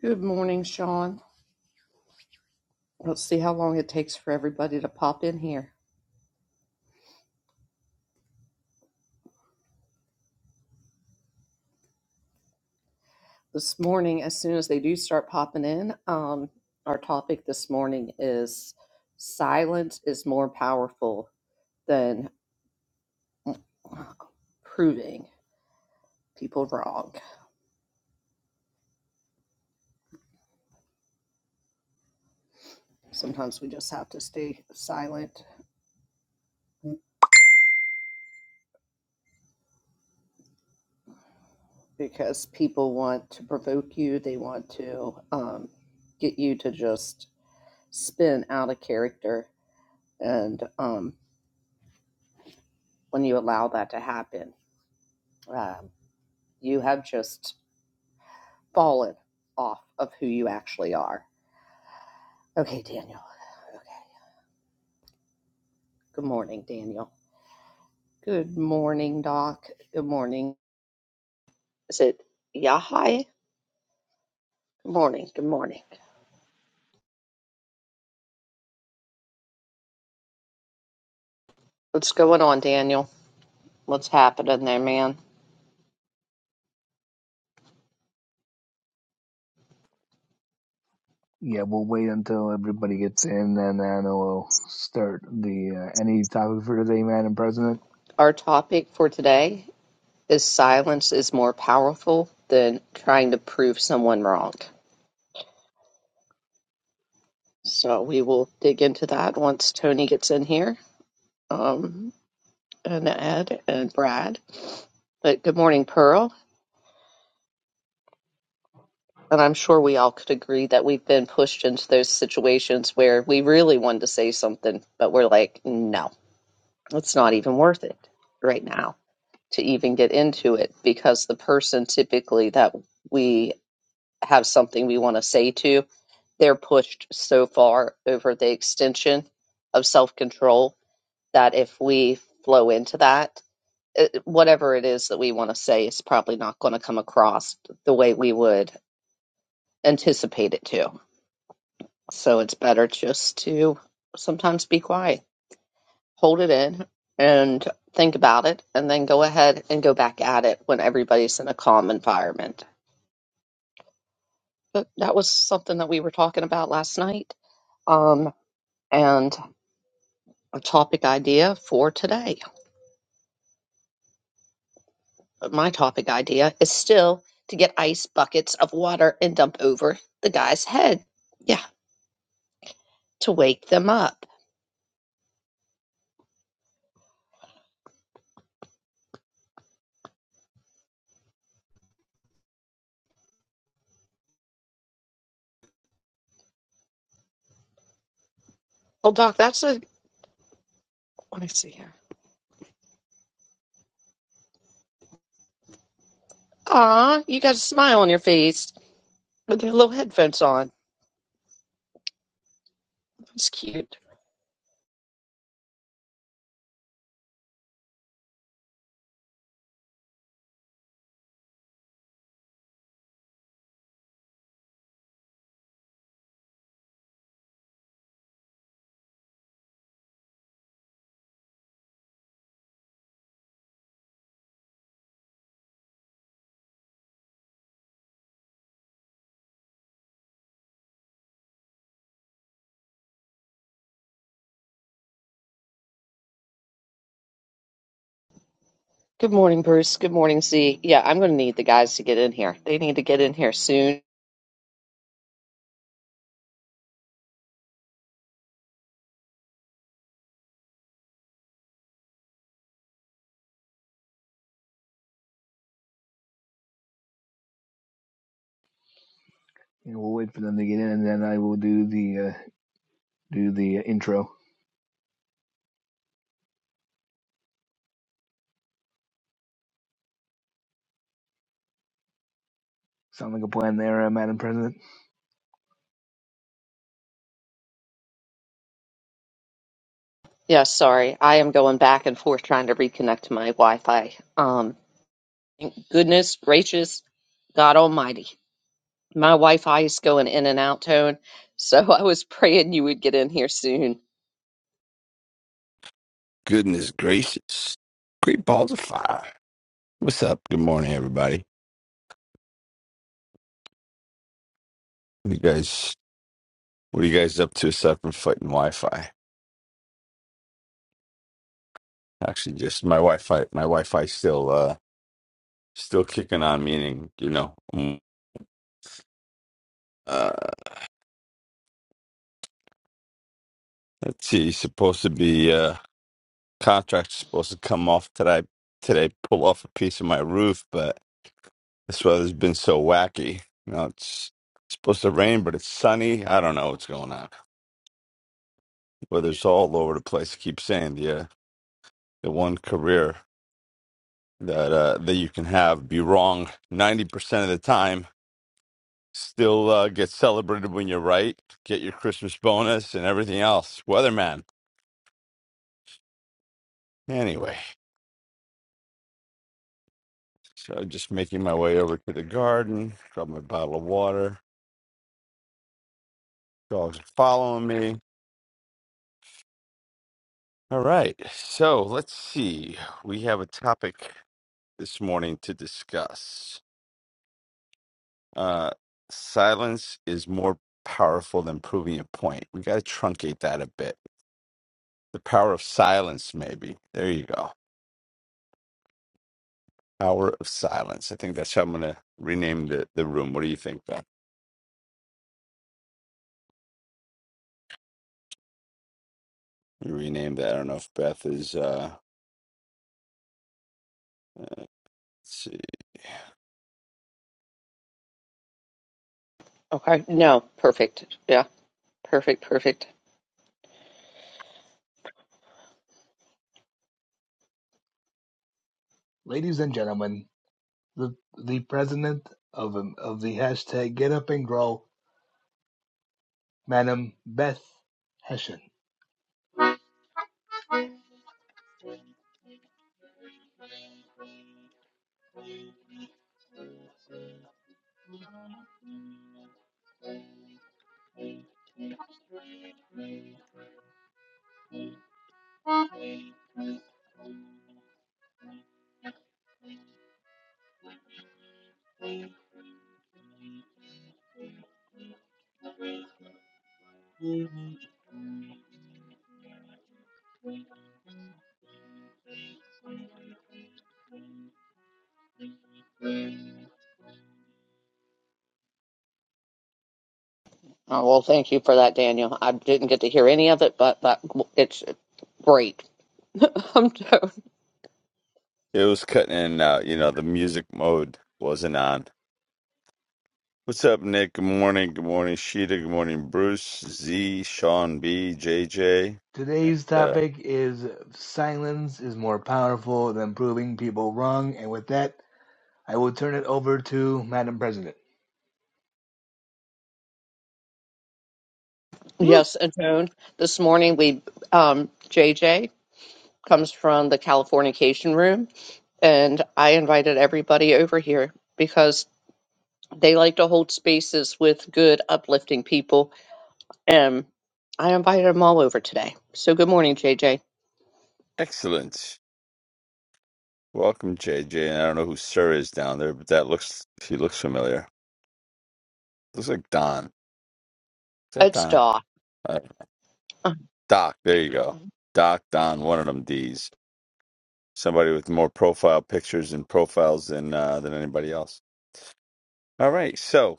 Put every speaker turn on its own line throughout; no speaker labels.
Good morning, Sean. Let's see how long it takes for everybody to pop in here. This morning, as soon as they do start popping in, um, our topic this morning is silence is more powerful than proving people wrong. Sometimes we just have to stay silent because people want to provoke you, they want to um, get you to just spin out of character. And um, when you allow that to happen, uh, You have just fallen off of who you actually are. Okay, Daniel. Okay. Good morning, Daniel. Good morning, Doc. Good morning. Is it Yahai? Good morning. Good morning. What's going on, Daniel? What's happening there, man?
Yeah, we'll wait until everybody gets in, and then we'll start the uh, any topic for today, Madam President.
Our topic for today is silence is more powerful than trying to prove someone wrong. So we will dig into that once Tony gets in here, um, and Ed and Brad. But good morning, Pearl. and I'm sure we all could agree that we've been pushed into those situations where we really wanted to say something, but we're like, no, it's not even worth it right now to even get into it because the person typically that we have something we want to say to, they're pushed so far over the extension of self control that if we flow into that, it, whatever it is that we want to say is probably not going to come across the way we would anticipate it to So it's better just to sometimes be quiet, hold it in, and think about it, and then go ahead and go back at it when everybody's in a calm environment. But that was something that we were talking about last night, um, and a topic idea for today. But My topic idea is still to get ice buckets of water and dump over the guy's head. Yeah, to wake them up. Well, Doc, that's a. Let me see here. Aw, you got a smile on your face. with their little headphones on. It's cute. Good morning, Bruce. Good morning, Z. Yeah, I'm going to need the guys to get in here. They need to get in here soon.
And we'll wait for them to get in, and then I will do the uh, do the intro. Sound like a plan there, uh, Madam President?
Yeah, sorry. I am going back and forth trying to reconnect to my Wi Fi. Um, thank goodness gracious, God Almighty. My Wi Fi is going in and out, Tone. So I was praying you would get in here soon.
Goodness gracious. Great balls of fire. What's up? Good morning, everybody. What you guys what are you guys up to aside from fighting Wi Fi? Actually just my Wi Fi my Wi Fi still uh still kicking on, meaning, you know, mm, uh let's see, supposed to be uh contract supposed to come off today today, pull off a piece of my roof, but this weather's been so wacky. You know, it's supposed to rain, but it's sunny. I don't know what's going on. Weather's all over the place. I keep saying yeah. the one career that uh, that you can have be wrong 90% of the time still uh, get celebrated when you're right get your christmas bonus and everything else weatherman anyway so just making my way over to the garden grab my bottle of water dogs are following me all right so let's see we have a topic this morning to discuss uh silence is more powerful than proving a point we got to truncate that a bit The power of silence, maybe. There you go. Power of silence. I think that's how I'm going to rename the, the room. What do you think, Beth? You rename that. I don't know if Beth is. Uh, let's see.
Okay. No, perfect. Yeah, perfect, perfect.
Ladies and gentlemen, the the president of um, of the hashtag Get Up and Grow, Madam Beth Hessian.
Oh, well, thank you for that, Daniel. I didn't get to hear any of it, but, but it's great. I'm
It was cutting in and out. You know, the music mode wasn't on. What's up, Nick? Good morning. Good morning, Sheeta. Good morning, Bruce, Z, Sean B. J. J.
Today's
Uh,
topic is silence is more powerful than proving people wrong, and with that, I will turn it over to Madam President.
woo,
Yes, and Joan, this morning we um JJ comes from the Californication room and I invited everybody over here because they like to hold spaces with good uplifting people and I invited them all over today. So good morning, JJ.
excellent. Welcome, J. J. And I don't know who Sir is down there, but that looks, she looks familiar. Looks like Don. Is that
It's
Don?
Daw.
Doc, there you go. Doc, Don, one of them D's. Somebody with more profile pictures and profiles than uh, than anybody else. All right, so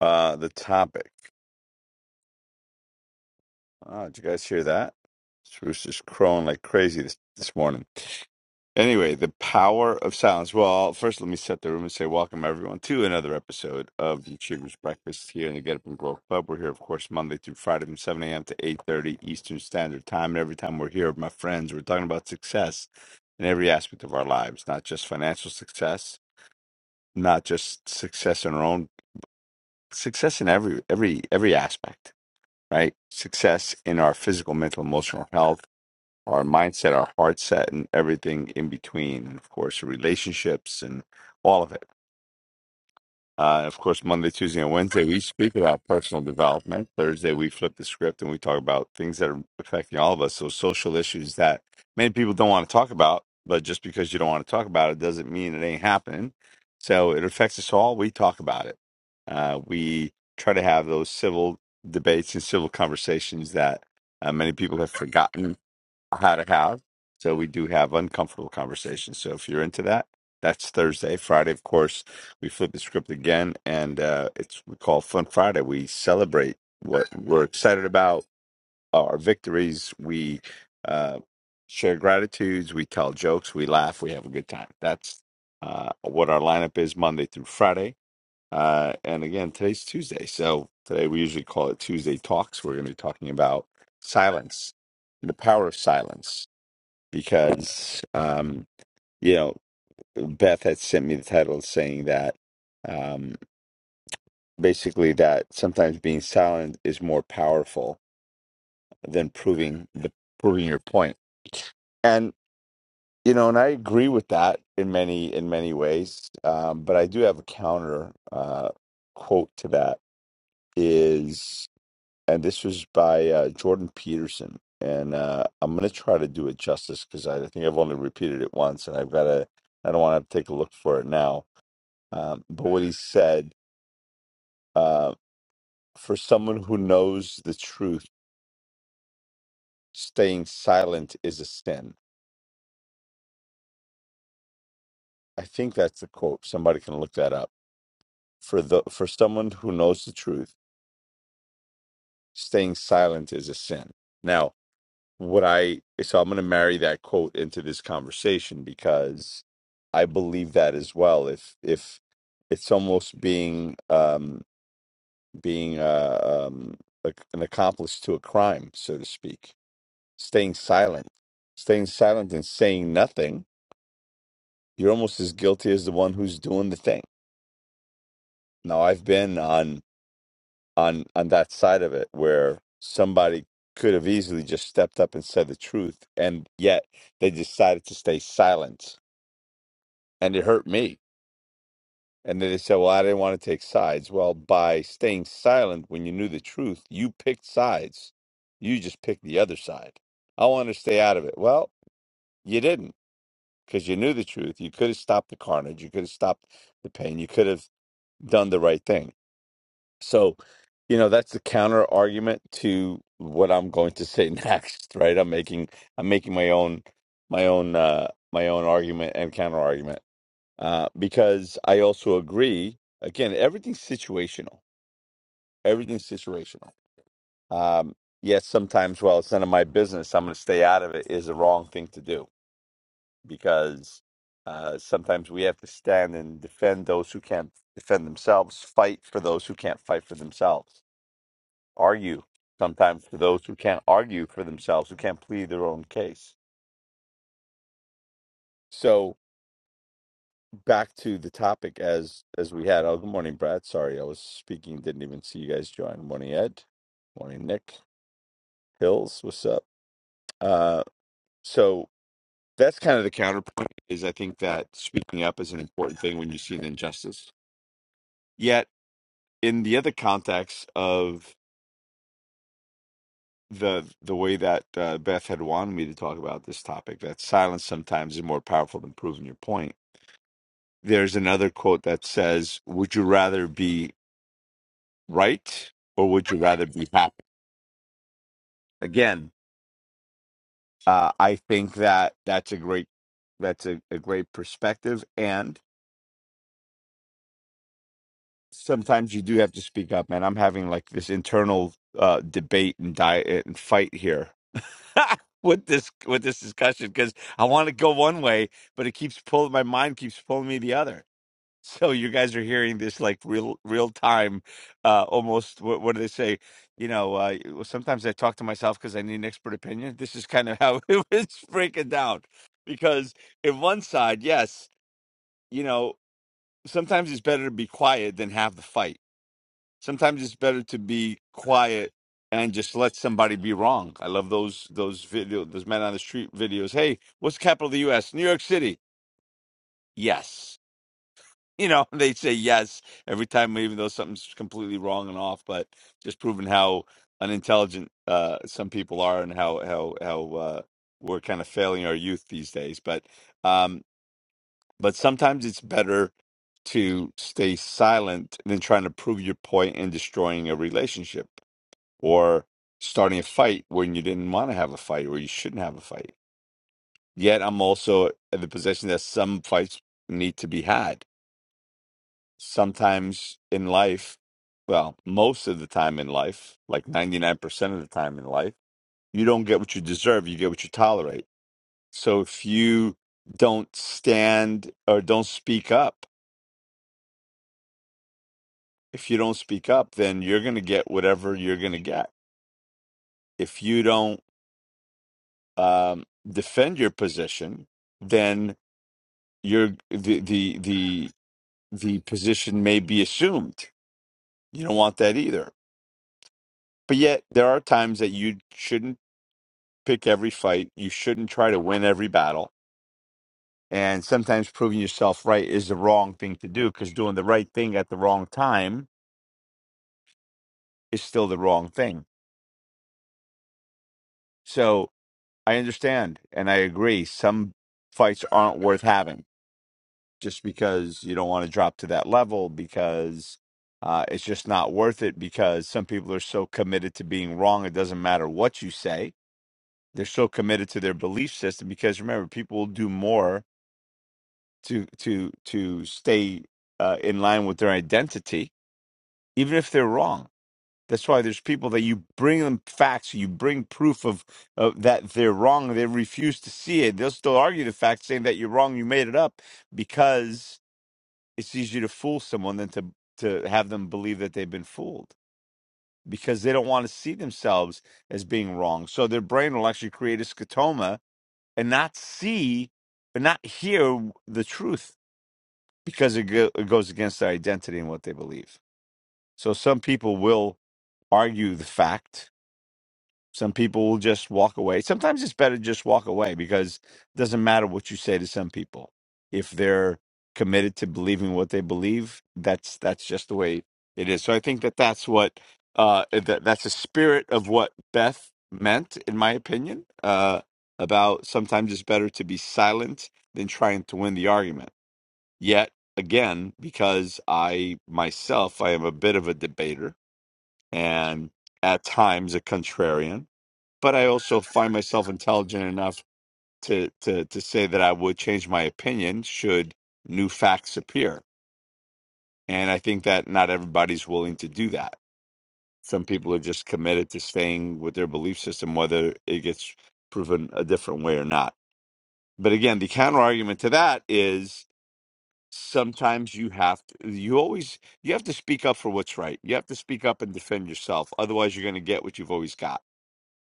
uh, the topic. Uh, did you guys hear that? This rooster's crowing like crazy this, this morning. Anyway, the power of silence. Well, first, let me set the room and say welcome everyone to another episode of the Achievers Breakfast here in the Get Up and Grow Club. We're here, of course, Monday through Friday from 7 a.m. to 8:30 Eastern Standard Time. And every time we're here, my friends, we're talking about success in every aspect of our lives, not just financial success, not just success in our own success in every every every aspect, right? Success in our physical, mental, emotional health our mindset, our heart set, and everything in between. And of course, relationships and all of it. Uh, of course, Monday, Tuesday, and Wednesday, we speak about personal development. Thursday, we flip the script and we talk about things that are affecting all of us. So, social issues that many people don't want to talk about, but just because you don't want to talk about it doesn't mean it ain't happening. So, it affects us all. We talk about it. Uh, we try to have those civil debates and civil conversations that uh, many people have forgotten how to have. So we do have uncomfortable conversations. So if you're into that, that's Thursday. Friday, of course, we flip the script again, and uh, it's we call Fun Friday. We celebrate what we're excited about, our victories. We uh, share gratitudes. We tell jokes. We laugh. We have a good time. That's uh, what our lineup is Monday through Friday. Uh, and again, today's Tuesday. So today we usually call it Tuesday Talks. We're going to be talking about silence, the power of silence because um, you know Beth had sent me the title saying that um, basically that sometimes being silent is more powerful than proving the proving your point. And you know, and I agree with that in many in many ways. Um, but I do have a counter uh, quote to that. Is and this was by uh, Jordan Peterson. And uh, I'm gonna try to do it justice because I think I've only repeated it once, and I've got to. I don't want to take a look for it now. Um, but what he said, uh, for someone who knows the truth, staying silent is a sin. I think that's the quote. Somebody can look that up. For the for someone who knows the truth, staying silent is a sin. Now, what I so I'm going to marry that quote into this conversation because I believe that as well. If if it's almost being um, being uh, um, like an accomplice to a crime, so to speak, staying silent, staying silent and saying nothing, you're almost as guilty as the one who's doing the thing. Now I've been on on on that side of it where somebody could have easily just stepped up and said the truth, and yet they decided to stay silent and it hurt me. And then they said, "Well, I didn't want to take sides." Well, by staying silent when you knew the truth, you picked sides. You just picked the other side. I want to stay out of it. Well, you didn't because you knew the truth. You could have stopped the carnage. You could have stopped the pain. You could have done the right thing. So, you know, that's the counter argument to what I'm going to say next. Right? I'm making I'm making my own my own uh, my own argument and counter argument uh, because I also agree. Again, everything's situational. Everything's situational. Um, yes, sometimes, well, it's none of my business. I'm going to stay out of it is the wrong thing to do because uh, sometimes we have to stand and defend those who can't defend themselves, fight for those who can't fight for themselves, argue sometimes for those who can't argue for themselves, who can't plead their own case. So, back to the topic as as we had. Oh, good morning, Brad. Sorry, I was speaking, didn't even see you guys join. Morning, Ed. Morning, Nick. Hills, what's up? Uh, so that's kind of the counterpoint. Is I think that speaking up is an important thing when you see an injustice. Yet, in the other context of the the way that uh, Beth had wanted me to talk about this topic, that silence sometimes is more powerful than proving your point. There's another quote that says, "Would you rather be?" right or would you rather be happy again uh, i think that that's a great that's a, a great perspective and sometimes you do have to speak up man i'm having like this internal uh, debate and diet and fight here with this with this discussion because i want to go one way but it keeps pulling my mind keeps pulling me the other So you guys are hearing this like real real time, uh, almost. What, what do they say? You know, uh, well, sometimes I talk to myself because I need an expert opinion. This is kind of how it was breaking down, because in one side, yes, you know, sometimes it's better to be quiet than have the fight. Sometimes it's better to be quiet and just let somebody be wrong. I love those those video those men on the street videos. Hey, what's the capital of the U.S.? New York City. Yes you know, they say yes every time, even though something's completely wrong and off. But just proving how unintelligent uh, some people are and how how how uh, we're kind of failing our youth these days. But um, but sometimes it's better to stay silent than trying to prove your point and destroying a relationship or starting a fight when you didn't want to have a fight or you shouldn't have a fight. Yet I'm also in the position that some fights need to be had sometimes in life, well, most of the time in life, like 99% of the time in life, you don't get what you deserve, you get what you tolerate. So if you don't stand or don't speak up, if you don't speak up, then you're going to get whatever you're going to get. If you don't um, defend your position, then you're the, the the the position may be assumed. You don't want that either. But yet, there are times that you shouldn't pick every fight. You shouldn't try to win every battle. And sometimes proving yourself right is the wrong thing to do because doing the right thing at the wrong time is still the wrong thing. So I understand and I agree. Some fights aren't worth having just because you don't want to drop to that level because uh, it's just not worth it because some people are so committed to being wrong. It doesn't matter what you say. They're so committed to their belief system because remember, people will do more to to to stay uh, in line with their identity, even if they're wrong. That's why there's people that you bring them facts, you bring proof of, of that they're wrong. They refuse to see it. They'll still argue the fact, saying that you're wrong, you made it up, because it's easier to fool someone than to to have them believe that they've been fooled because they don't want to see themselves as being wrong. So their brain will actually create a scotoma and not see, but not hear the truth because it, go, it goes against their identity and what they believe. So some people will argue the fact. Some people will just walk away. Sometimes it's better to just walk away because it doesn't matter what you say to some people. If they're committed to believing what they believe, that's that's just the way it is. So I think that that's what uh, eh, that that's the spirit of what Beth meant, in my opinion, uh, about sometimes it's better to be silent than trying to win the argument Yet again, because I myself, I am a bit of a debater and at times a contrarian, but I also find myself intelligent enough to to to say that I would change my opinion should new facts appear. And I think that not everybody's willing to do that. Some people are just committed to staying with their belief system, whether it gets proven a different way or not. But again, the counter argument to that is sometimes you have to you always you have to speak up for what's right you have to speak up and defend yourself otherwise you're going to get what you've always got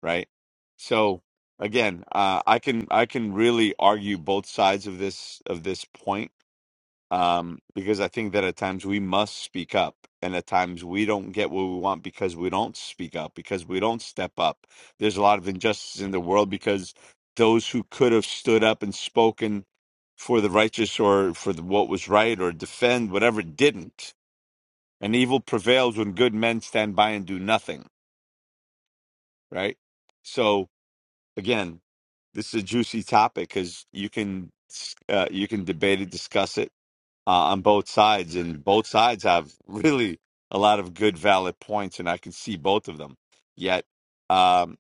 right so again uh, i can i can really argue both sides of this of this point um, because I think that at times we must speak up, and at times we don't get what we want because we don't speak up, because we don't step up. There's a lot of injustice in the world because those who could have stood up and spoken for the righteous or for the, what was right or defend whatever didn't. And evil prevails when good men stand by and do nothing, right? So again, this is a juicy topic because you can uh, you can debate it, discuss it uh, on both sides, and both sides have really a lot of good, valid points, and I can see both of them. Yet, um,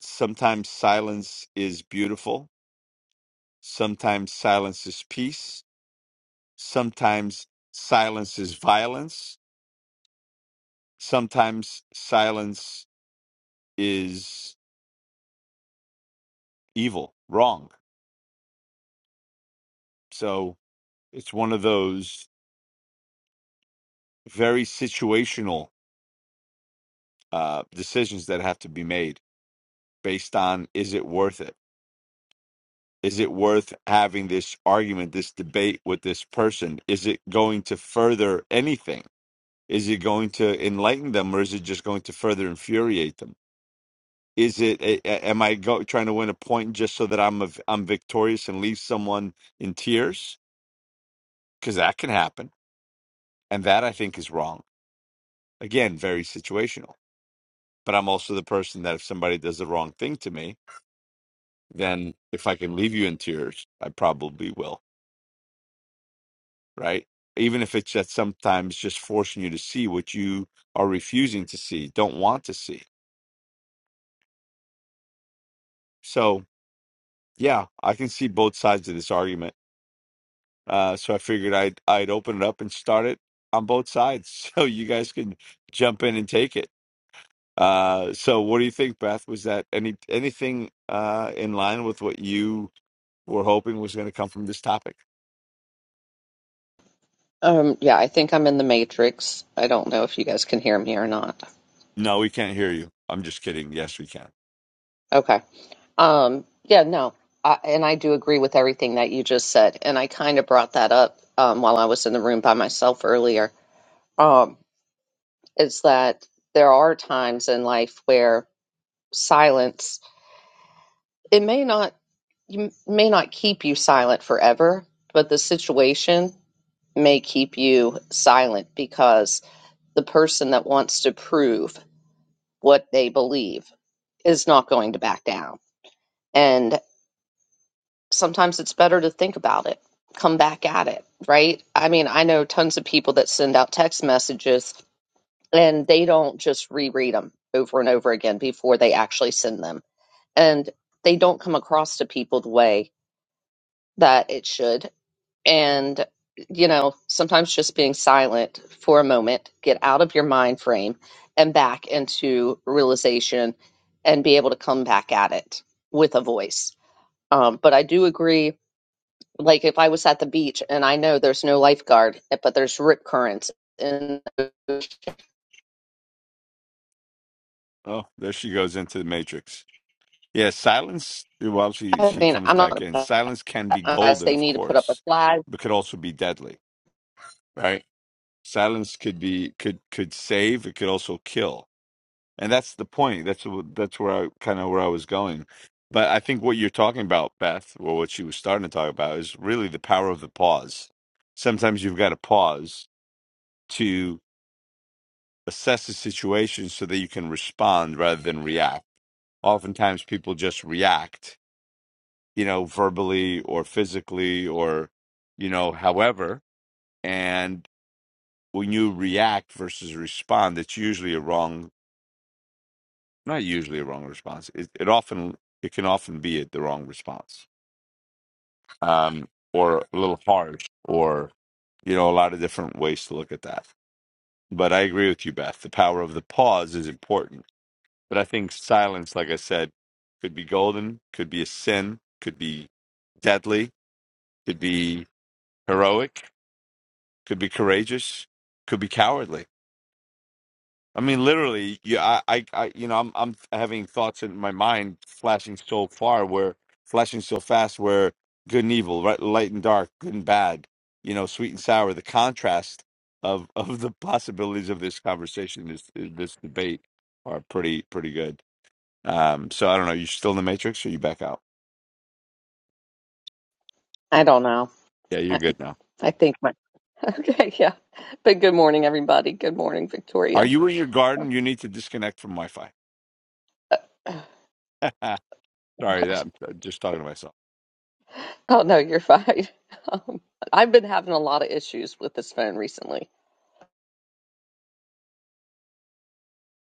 sometimes silence is beautiful, sometimes silence is peace, sometimes silence is violence, sometimes silence is evil, wrong. So it's one of those very situational uh, decisions that have to be made based on is it worth it is it worth having this argument, this debate with this person? Is it going to further anything? Is it going to enlighten them, or is it just going to further infuriate them? Is it? a- a- Am I go, trying to win a point just so that I'm a, I'm victorious and leave someone in tears? Because that can happen, and that I think is wrong. Again, very situational. But I'm also the person that if somebody does the wrong thing to me, then if I can leave you in tears, I probably will. right? Even if it's that sometimes just forcing you to see what you are refusing to see, don't want to see. So yeah, I can see both sides of this argument. Uh, so I figured I'd I'd open it up and start it on both sides, so you guys can jump in and take it. Uh, so what do you think, Beth? Was that any anything uh, in line with what you were hoping was going to come from this topic?
Um yeah, I think I'm in the Matrix. I don't know if you guys can hear me or not.
No, we can't hear you. I'm just kidding. Yes, we can.
Okay. Um, yeah, no, I, and I do agree with everything that you just said, and I kind of brought that up um, while I was in the room by myself earlier. Um, is that there are times in life where silence it may not you may not keep you silent forever, but the situation may keep you silent because the person that wants to prove what they believe is not going to back down. sometimes it's better to think about it, come back at it, right? I mean, I know tons of people that send out text messages and they don't just reread them over and over again before they actually send them. And they don't come across to people the way that it should. And, you know, sometimes just being silent for a moment, get out of your mind frame and back into realization and be able to come back at it with a voice. Um, but I do agree like if I was at the beach and I know there's no lifeguard, but there's rip currents, and
Oh, there she goes into the matrix. Yeah, silence. Well, she
I
she
mean,
comes
I'm not
back in.
about
Silence can
that
be
unless
golden,
they
of
need to put up a
course,
flag.
but could also be deadly, right? Silence could be could could save. It could also kill, and that's the point. That's wh- that's where I kind of where I was going. But I think what you're talking about, Beth, or what she was starting to talk about, is really the power of the pause. Sometimes you've got to pause to assess the situation so that you can respond rather than react. Oftentimes, people just react you know, verbally or physically or, you know, however. And when you react versus respond, it's usually a wrong, not usually a wrong response. It, it often, it can often be the wrong response um, or a little harsh or, you know, a lot of different ways to look at that. But I agree with you, Beth. The power of the pause is important. But I think silence, like I said, could be golden, could be a sin, could be deadly, could be heroic could be courageous, could be cowardly. I mean, literally, yeah, I, I, I you know, I'm, I'm having thoughts in my mind flashing so far, where flashing so fast, where good and evil, right, light and dark, good and bad, you know, sweet and sour. The contrast of of the possibilities of this conversation, this this debate, are pretty pretty good. Um, so I don't know. You still in the matrix, or you back out?
I don't know.
Yeah, you're
I,
good now.
I think my okay, yeah. But good morning, everybody. Good morning,
Are
Victoria.
you in your garden? You need to disconnect from Wi-Fi. Sorry, that I'm uh, just talking to myself.
Oh no, you're fine. Um, I've been having a lot of issues with this phone recently.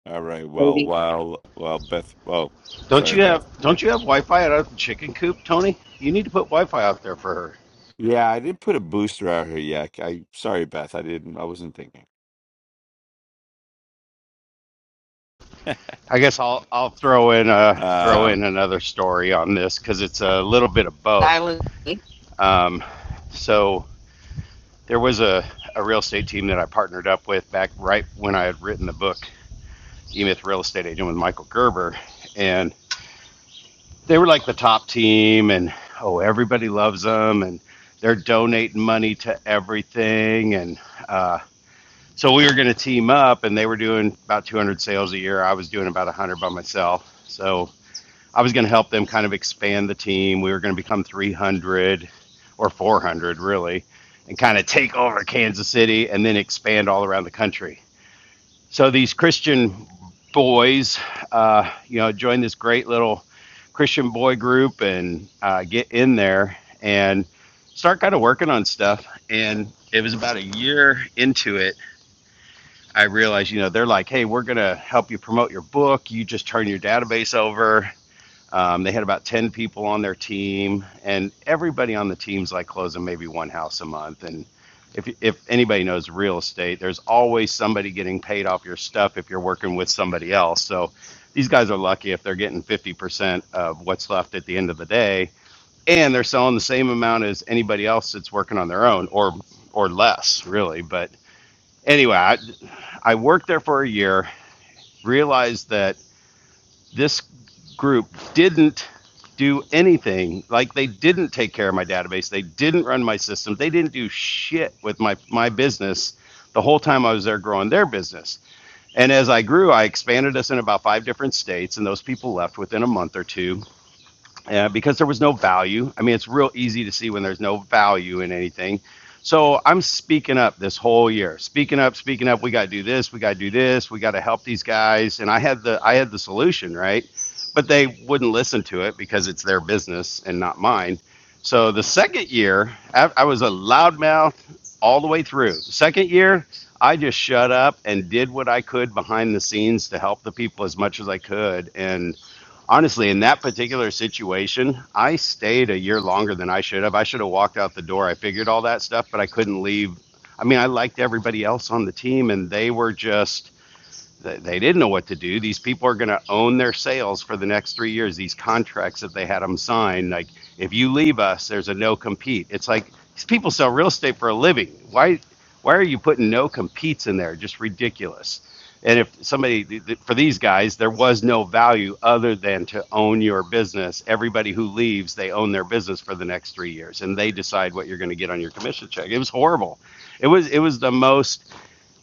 All right. Well,
Maybe
while while Beth, oh,
Don't
sorry,
you have
Beth.
Don't you have Wi-Fi out of the chicken coop, Tony? You need to put Wi-Fi out there for her.
Yeah, I didn't put a booster out here yet. I sorry, Beth. I didn't. I wasn't thinking.
I guess I'll I'll throw in a throw
Uh,
in another story on this because it's a little bit of both. Um, so there was a, a real estate team that I partnered up with back right when I had written the book, E-Myth Real Estate Agent with Michael Gerber, and they were like the top team, and oh everybody loves them, and they're donating money to everything, and uh, so we were going to team up, and they were doing about 200 sales a year. I was doing about 100 by myself. So I was going to help them kind of expand the team. We were going to become 300 or 400, really, and kind of take over Kansas City and then expand all around the country. So these Christian boys, uh, you know, joined this great little Christian boy group and uh, get in there and start kind of working on stuff. And it was about a year into it I realized, you know, they're like, hey, we're going to help you promote your book. You just turn your database over. Um, they had about 10 people on their team, and everybody on the team's like closing maybe one house a month. And if, if anybody knows real estate, there's always somebody getting paid off your stuff if you're working with somebody else. So these guys are lucky if they're getting 50% of what's left at the end of the day, and they're selling the same amount as anybody else that's working on their own or or less, really. But anyway, I, I worked there for a year, realized that this group didn't do anything. Like they didn't take care of my database, they didn't run my system, they didn't do shit with my my business the whole time I was there growing their business. And as I grew, I expanded us in about five different states, and those people left within a month or two yeah, because there was no value. I mean, it's real easy to see when there's no value in anything. So I'm speaking up this whole year, speaking up, speaking up. We got to do this. We got to do this. We got to help these guys. And I had the I had the solution, right? But they wouldn't listen to it because it's their business and not mine. So the second year, I, was a loudmouth all the way through. The second year, I just shut up and did what I could behind the scenes to help the people as much as I could, and honestly, in that particular situation, I stayed a year longer than I should have. I should have walked out the door. I figured all that stuff, but I couldn't leave. I mean, I liked everybody else on the team, and they were just they, didn't know what to do. These people are going to own their sales for the next three years. These contracts that they had them sign, like if you leave us, there's a no compete. It's like these people sell real estate for a living. Why, why are you putting no competes in there? Just ridiculous. And if somebody for these guys, there was no value other than to own your business. Everybody who leaves, they own their business for the next three years, and they decide what you're going to get on your commission check. It was horrible. It was it was the most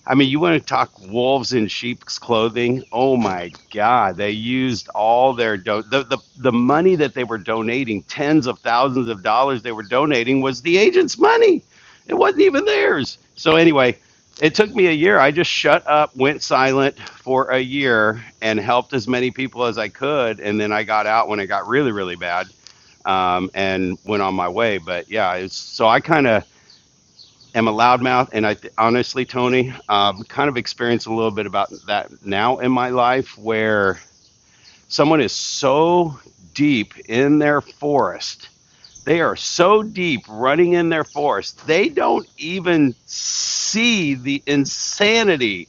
I mean, you want to talk wolves in sheep's clothing? Oh my God! They used all their do- the, the the money that they were donating, tens of thousands of dollars they were donating was the agent's money. It wasn't even theirs. So anyway, it took me a year. I just shut up, went silent for a year, and helped as many people as I could. And then I got out when it got really, really bad, um, and went on my way. But yeah, it's, so I kind of am a loudmouth, and I th- honestly, Tony, um, kind of experience a little bit about that now in my life, where someone is so deep in their forest, they are so deep running in their forest, they don't even see the insanity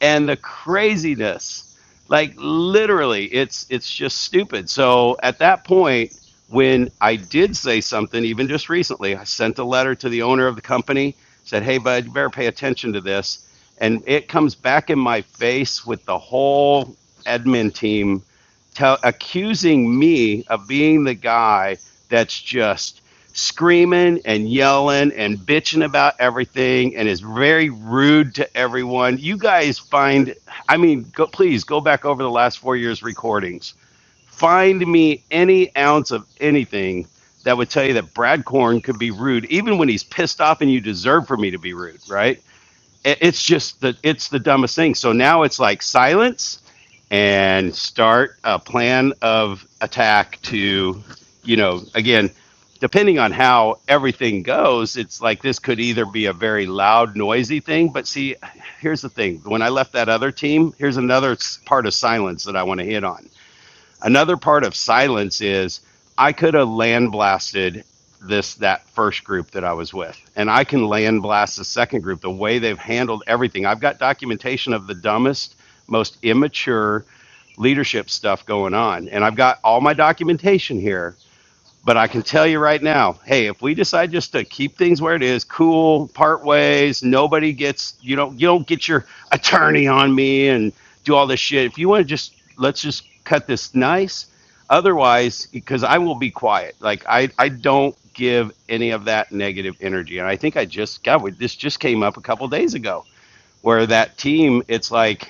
and the craziness like literally it's it's just stupid so at that point when i did say something even just recently i sent a letter to the owner of the company said hey bud you better pay attention to this and it comes back in my face with the whole admin team tell accusing me of being the guy that's just screaming and yelling and bitching about everything and is very rude to everyone. You guys find, I mean, go, please go back over the last four years' recordings. Find me any ounce of anything that would tell you that Brad Korn could be rude, even when he's pissed off and you deserve for me to be rude, right? it's just the it's the dumbest thing. So now it's like silence and start a plan of attack to, you know, again, depending on how everything goes, it's like this could either be a very loud, noisy thing. But see, here's the thing: when I left that other team, here's another part of silence that I want to hit on Another part of silence is I could have land blasted this that first group that I was with, and I can land blast the second group. The way they've handled everything, I've got documentation of the dumbest, most immature leadership stuff going on, and I've got all my documentation here but I can tell you right now, hey, if we decide just to keep things where it is, cool, part ways, nobody gets you don't you don't get your attorney on me and do all this shit. If you want to just let's just cut this nice. Otherwise, because I will be quiet. Like I I don't give any of that negative energy. And I think I just God, we, this just came up a couple days ago where that team, it's like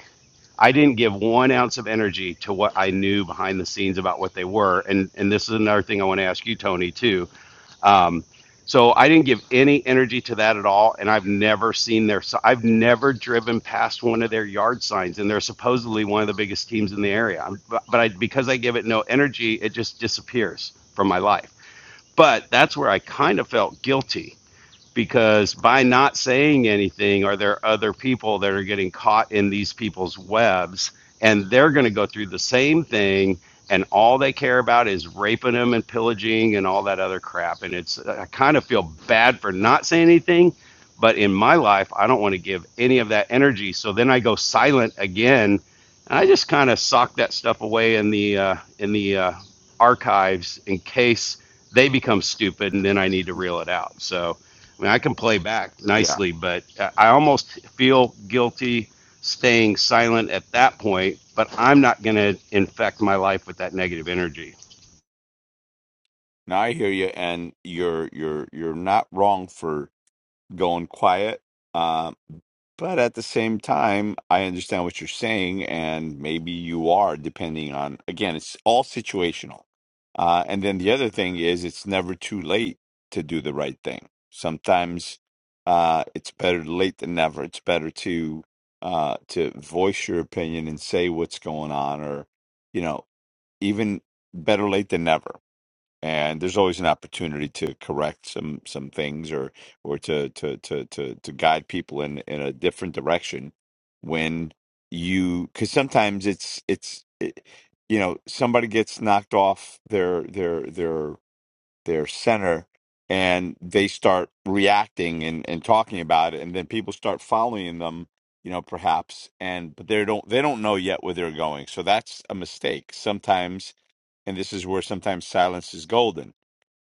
I didn't give one ounce of energy to what I knew behind the scenes about what they were. And and this is another thing I want to ask you, Tony, too. Um, so I didn't give any energy to that at all, and I've never seen their. So I've never driven past one of their yard signs, and they're supposedly one of the biggest teams in the area. but but I, because I give it no energy, it just disappears from my life. But that's where I kind of felt guilty because by not saying anything, are there other people that are getting caught in these people's webs? And they're going to go through the same thing, and all they care about is raping them and pillaging and all that other crap. And it's, I kind of feel bad for not saying anything, but in my life, I don't want to give any of that energy. So then I go silent again, and I just kind of sock that stuff away in the uh, in the uh, archives in case they become stupid, and then I need to reel it out. So I mean, I can play back
yeah.
nicely, but I almost feel guilty staying silent at that point. But I'm not going to infect my life with that negative energy.
Now I hear you, and you're you're you're not wrong for going quiet. Um, But at the same time, I understand what you're saying, and maybe you are, depending on, again, it's all situational. Uh, and then the other thing is, it's never too late to do the right thing. Sometimes uh, it's better late than never. It's better to uh, to voice your opinion and say what's going on, or you know, even better late than never and there's always an opportunity to correct some some things or or to to to to to guide people in in a different direction when you because sometimes it's it's it, you know somebody gets knocked off their their their their center and they start reacting and and talking about it and then people start following them you know perhaps and but they don't they don't know yet where they're going so that's a mistake sometimes and this is where sometimes silence is golden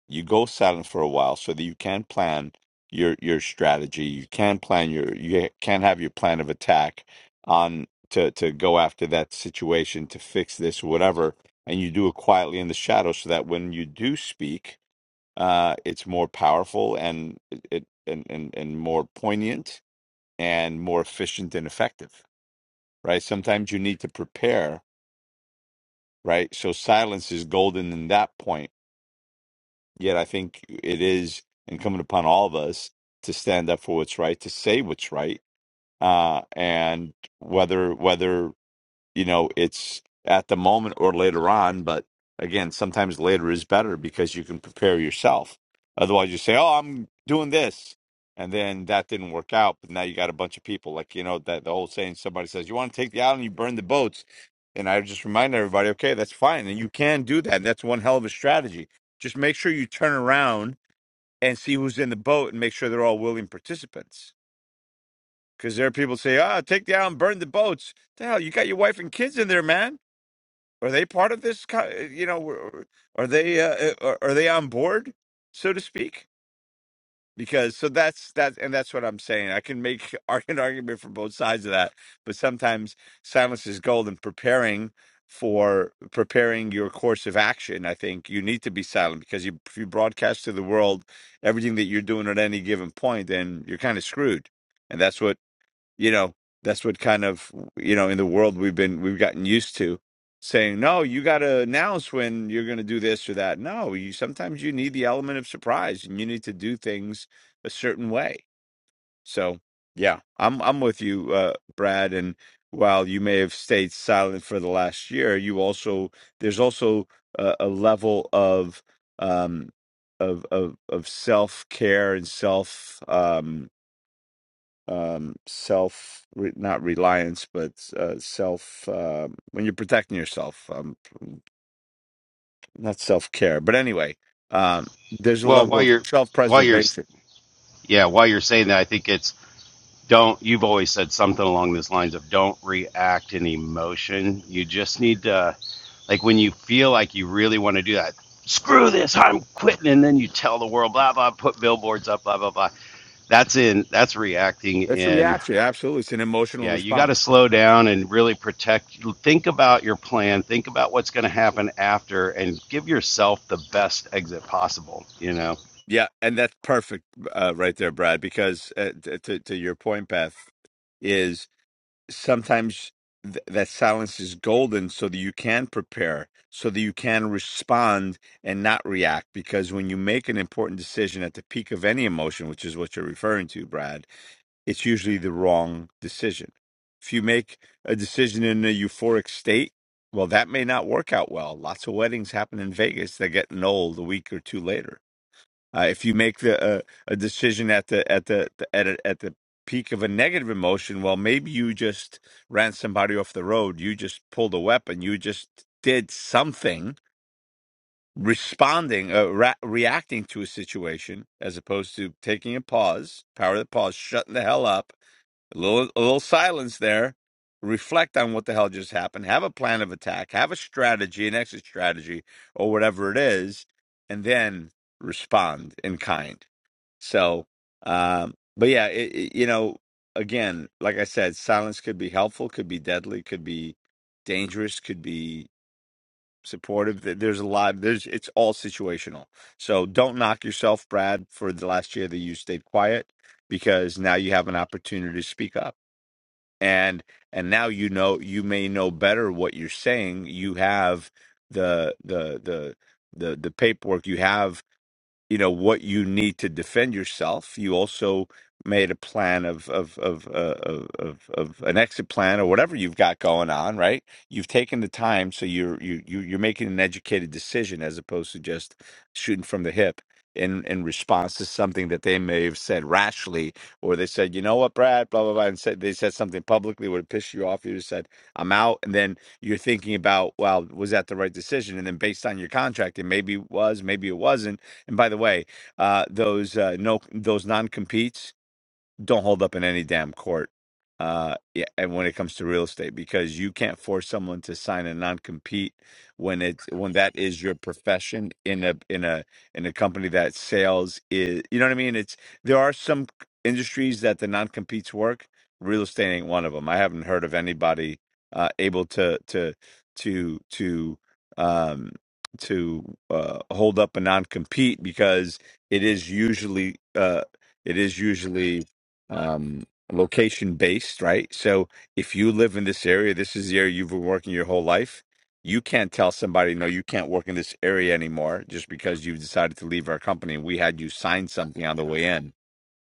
you go silent for a while so that you can plan your your strategy you can plan your you can have your plan of attack on to to go after that situation to fix this or whatever and you do it quietly in the shadows so that when you do speak uh it's more powerful and it it- and and, and more poignant and more efficient and effective right sometimes you need to prepare right so silence is golden in that point Yet I think it is incumbent upon all of us to stand up for what's right, to say what's right, uh, and whether whether you know it's at the moment or later on but again sometimes later is better because you can prepare yourself otherwise you say oh i'm doing this and then that didn't work out but now you got a bunch of people like you know that the old saying somebody says you want to take the island you burn the boats and i just remind everybody okay that's fine and you can do that and that's one hell of a strategy just make sure you turn around and see who's in the boat and make sure they're all willing participants because there are people say ah take the island burn the boats the hell you got your wife and kids in there man are they part of this? co- You know, are they uh, are are they on board, so to speak? Because so that's that, and that's what I'm saying. I can make ar- an argument for both sides of that, but sometimes silence is gold. And preparing for preparing your course of action, I think you need to be silent because you, if you broadcast to the world everything that you're doing at any given point, then you're kind of screwed. And that's what you know that's what kind of you know in the world we've been we've gotten used to saying no you got to announce when you're going to do this or that no you sometimes you need the element of surprise and you need to do things a certain way so yeah i'm i'm with you uh Brad and while you may have stayed silent for the last year you also there's also a, a level of um of of of self care and self um um, self re, not reliance, but uh, self uh, when you're protecting yourself, um, not self care. But anyway, um, there's a
Well,
level
while
of
you're,
self
while you're,
preservation.
yeah, while you're saying that, I think it's don't. You've always said something along these lines of don't react in emotion. You just need to, like, when you feel like you really want to do that. Screw this! I'm quitting, and then you tell the world, blah blah. Put billboards up, blah blah blah. That's in. That's reacting
It's a
in
reaction. Absolutely, it's an emotional
Yeah, you got to
response.
slow down and really protect. Think about your plan. Think about what's going to happen after, and give yourself the best exit possible. You know,
Yeah, and that's perfect uh, right there, Brad. Because uh, t- to to your point, Beth, is sometimes th- that silence is golden so that you can prepare so that you can respond and not react because when you make an important decision at the peak of any emotion which is what you're referring to Brad it's usually the wrong decision if you make a decision in a euphoric state well that may not work out well lots of weddings happen in Vegas that get annulled a week or two later uh, if you make the uh, a decision at the at the, the at a, at the peak of a negative emotion, well, maybe you just ran somebody off the road. You just pulled a weapon. You just did something responding, uh, ra- reacting to a situation, as opposed to taking a pause, power of the pause, shutting the hell up, a little a little silence there. Reflect on what the hell just happened. Have a plan of attack. Have a strategy, an exit strategy, or whatever it is, and then respond in kind so, um, but yeah, it, it- you know, again, like I said, silence could be helpful, could be deadly, could be dangerous, could be supportive. There- There's a lot. There's it's all situational. So don't knock yourself, Brad, for the last year that you stayed quiet, because now you have an opportunity to speak up, and and now you know you may know better what you're saying. You have the the the the the paperwork. You have you know what you need to defend yourself. You also made a plan of of of uh, of, of of an exit plan or whatever you've got going on, right? You've taken the time, so you're you you you're making an educated decision as opposed to just shooting from the hip in in response to something that they may have said rashly, or they said, you know what, Brad, blah blah blah, and said they said something publicly would have pissed you off. You just said, I'm out, and then you're thinking about, well, was that the right decision? And then based on your contract, it maybe was, maybe it wasn't and by the way, uh, those uh, no those non competes don't hold up in any damn court. Uh, yeah, and when it comes to real estate, because you can't force someone to sign a non-compete when it's when that is your profession in a in a in a company that sales is. You know what I mean? It's there are some industries that the non-competes work. Real estate ain't one of them. I haven't heard of anybody uh, able to to to to um to uh, hold up a non-compete because it is usually uh it is usually um, location based, right? So if you live in this area, this is the area you've been working your whole life. You can't tell somebody, no, you can't work in this area anymore just because you've decided to leave our company. and We had you sign something on the way in.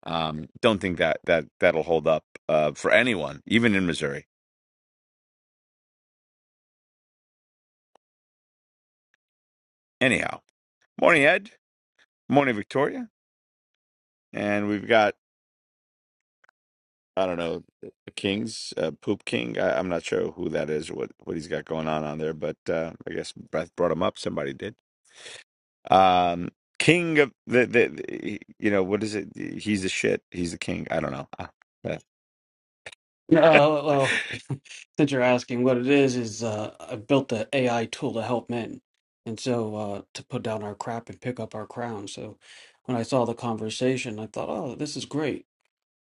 Um, don't think that that that'll hold up uh, for anyone, even in Missouri. Anyhow, morning Ed, morning Victoria, and we've got I don't know Kings uh, Poop King. I, I'm not sure who that is or what what he's got going on on there, but uh, I guess Beth brought him up. Somebody did. Um, king of the, the, the- you know, what is it? He's the shit. He's the king. I don't know.
Yeah, Uh, well, since you're asking, what it is is uh, I built the AI tool to help men, and so uh, to put down our crap and pick up our crown. So when I saw the conversation, I thought, oh, this is great.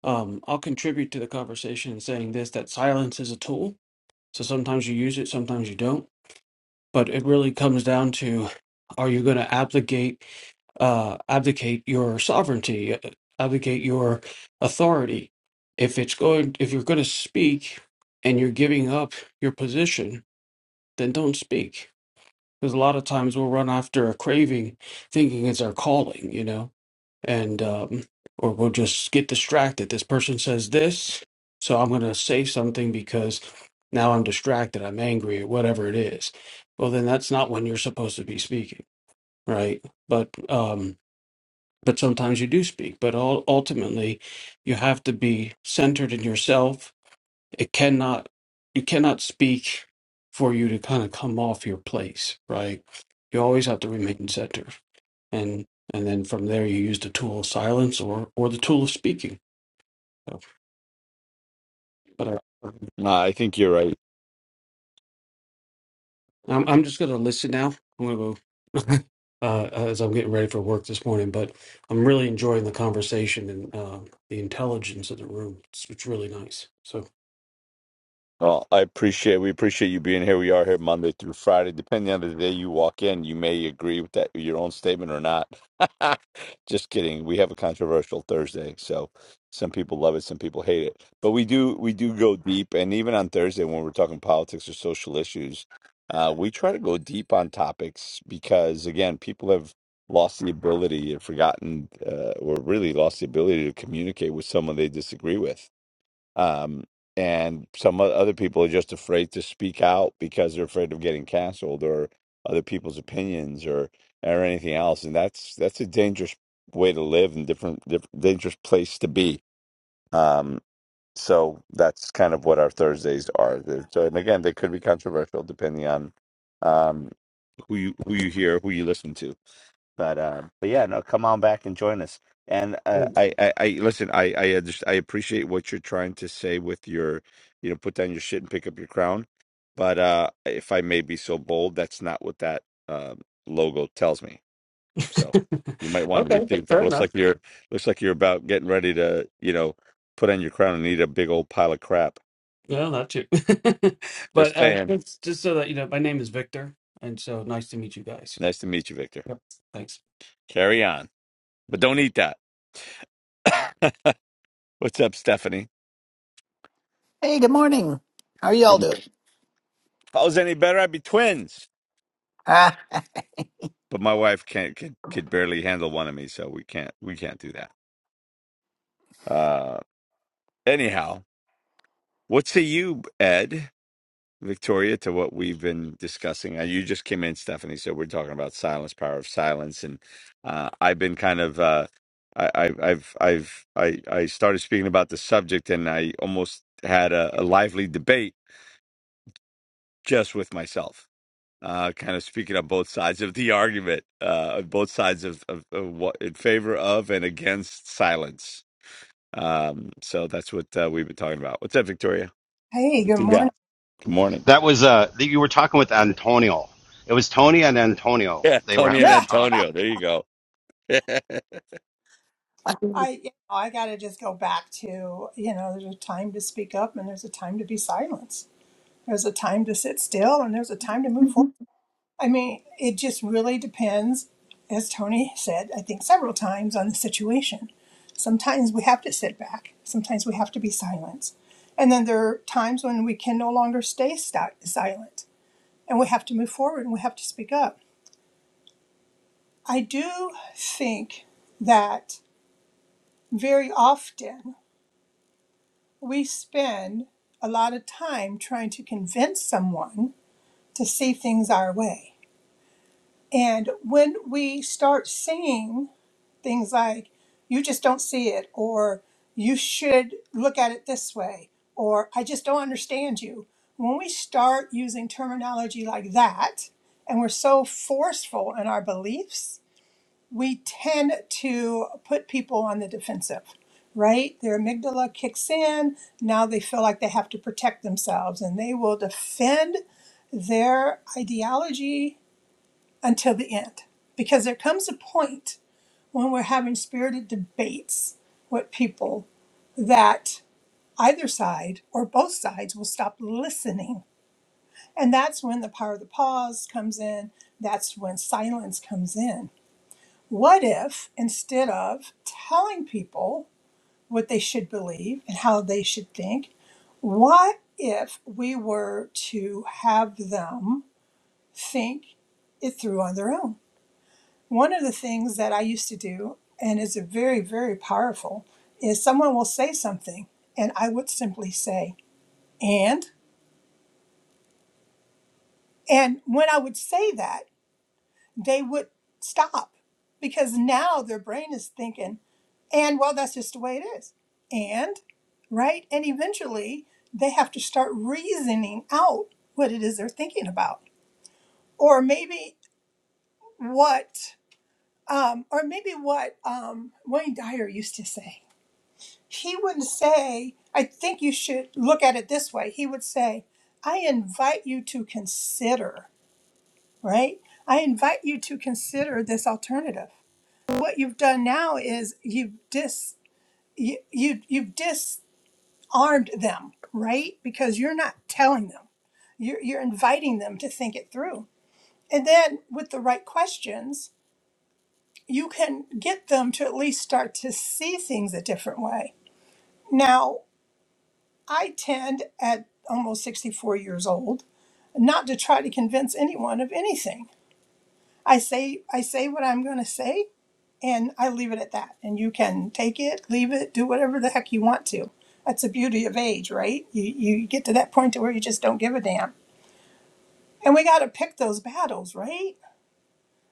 Um, I'll contribute to the conversation in saying this: that silence is a tool. So sometimes you use it, sometimes you don't. But it really comes down to: Are you going to obligate? uh, abdicate your sovereignty, uh, abdicate your authority. If it's going, if you're going to speak and you're giving up your position, then don't speak. Because a lot of times we'll run after a craving, thinking it's our calling, you know, and um, or we'll just get distracted. This person says this, so I'm going to say something because now I'm distracted, I'm angry, or whatever it is. Well, then that's not when you're supposed to be speaking, right? But um, but sometimes you do speak. But all, ultimately, you have to be centered in yourself. It cannot, you cannot speak for you to kind of come off your place, right? You always have to remain centered, and and then from there you use the tool of silence or or the tool of speaking. So, but I,
No, I think you're right.
I'm I'm just gonna listen now. I'm gonna go uh, as I'm getting ready for work this morning, but I'm really enjoying the conversation and uh, the intelligence of the room. It's, it's really nice. So.
Well, I appreciate we appreciate you being here. We are here Monday through Friday. Depending on the day you walk in, you may agree with that your own statement or not. Just kidding. We have a controversial Thursday, so some people love it, some people hate it. But we do we do go deep, and even on Thursday when we're talking politics or social issues, uh, we try to go deep on topics because again, people have lost the ability, have forgotten, uh, or really lost the ability to communicate with someone they disagree with um, and some o- other people are just afraid to speak out because they're afraid of getting canceled or other people's opinions or or anything else. And that's that's a dangerous way to live and different, different dangerous place to be. Um, so that's kind of what our Thursdays are. They're- So, and again, they could be controversial depending on um, who you who you hear, who you listen to but uh, but yeah, no, come on back and join us. And uh, I, I, I listen. I, I, just, I appreciate what you're trying to say with your, you know, put down your shit and pick up your crown. But uh, if I may be so bold, that's not what that um logo tells me. So you might want to
okay, fa-
rethink that.
fair
Looks
enough.
like you're, looks like you're about getting ready to, you know, put on your crown and eat a big old pile of crap.
No, not you.
Just
but uh,
saying.
just, just so that you know, my name is Victor, and so nice to meet you guys.
Nice to meet you, Victor.
Yep, thanks.
Carry on, but don't eat that. What's up, Stephanie?
Hey, good morning. How are y'all
If
doing?
I was any better, I'd be twins.
Ah,
but my wife can't could, could barely handle one of me, so we can't we can't do that. Uh, anyhow, what say you, Ed, Victoria, to what we've been discussing? Uh, you just came in, Stephanie, so we're talking about silence, power of silence, and uh, I've been kind of uh, I, I, I've I've I I started speaking about the subject, and I almost had a, a lively debate just with myself uh, kind of speaking on both sides of the argument, uh, on both sides of, of, of what in favor of and against silence. Um, so that's what uh, we've been talking about. What's up, Victoria?
Hey, good
What you
morning.
got? Good morning.
that was uh, you were talking with Antonio. It was Tony and Antonio.
Yeah,
They were
Tony and
having a
Yeah,
talk.
Antonio. There you go.
I,
I you know, I gotta just go back to, you know, there's a time to speak up and there's a time to be silenced. There's a time to sit still and there's a time to move forward. I mean, it just really depends, as Tony said, I think several times on the situation. Sometimes we have to sit back. Sometimes we have to be silenced. And then there are times when we can no longer stay sti- silent and we have to move forward and we have to speak up. I do think that very often we spend a lot of time trying to convince someone to see things our way. And when we start seeing things like, you just don't see it, or you should look at it this way, or I just don't understand you, when we start using terminology like that, and we're so forceful in our beliefs, we tend to put people on the defensive, right? Their amygdala kicks in. Now they feel like they have to protect themselves and they will defend their ideology until the end. Because there comes a point when we're having spirited debates with people that either side or both sides will stop listening. And that's when the power of the pause comes in. That's when silence comes in what if, instead of telling people what they should believe and how they should think, what if we were to have them think it through on their own? One of the things that I used to do, and is very, very powerful, is someone will say something, and I would simply say, and? And when I would say that, they would stop because now their brain is thinking, And well, that's just the way it is. And, right? And eventually they have to start reasoning out what it is they're thinking about. Or maybe what, um, or maybe what um, Wayne Dyer used to say. He wouldn't say, I think you should look at it this way. He would say, I invite you to consider, right? I invite you to consider this alternative. What you've done now is you've dis you, you you've dis armed them, right? Because you're not telling them. You're, you're inviting them to think it through. And then with the right questions, you can get them to at least start to see things a different way. Now, I tend at almost 64 years old not to try to convince anyone of anything. I say I say what I'm going to say and I leave it at that. And you can take it, leave it, do whatever the heck you want to. That's the beauty of age, right? You you get to that point to where you just don't give a damn And we got to pick those battles, right?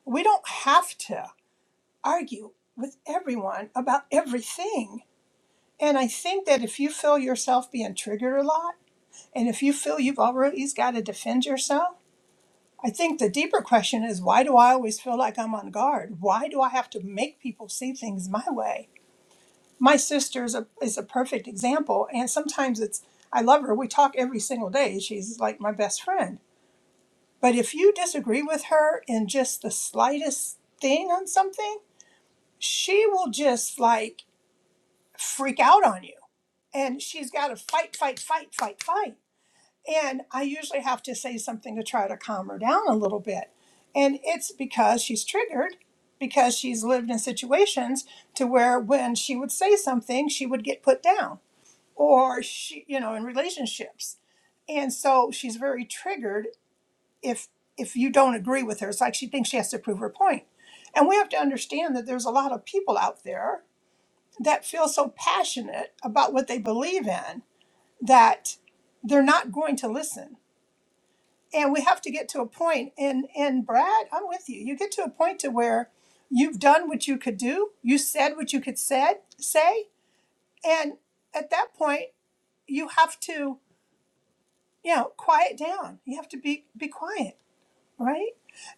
We don't have to argue with everyone about everything. And I think that if you feel yourself being triggered a lot, and if you feel you've always got to defend yourself, I think the deeper question is why do I always feel like I'm on guard? Why do I have to make people see things my way? My sister is a, is a perfect example. And sometimes it's, I love her. We talk every single day. She's like my best friend But if you disagree with her in just the slightest thing on something, she will just like freak out on you. And she's got to fight, fight, fight, fight, fight. And I usually have to say something to try to calm her down a little bit. And it's because she's triggered, because she's lived in situations to where when she would say something, she would get put down or she, you know, in relationships. And so she's very triggered if if you don't agree with her it's like she thinks she has to prove her point and we have to understand that there's a lot of people out there that feel so passionate about what they believe in that they're not going to listen and we have to get to a point and and brad i'm with you you get to a point to where you've done what you could do you said what you could said say and at that point you have to you know quiet down you have to be be quiet right?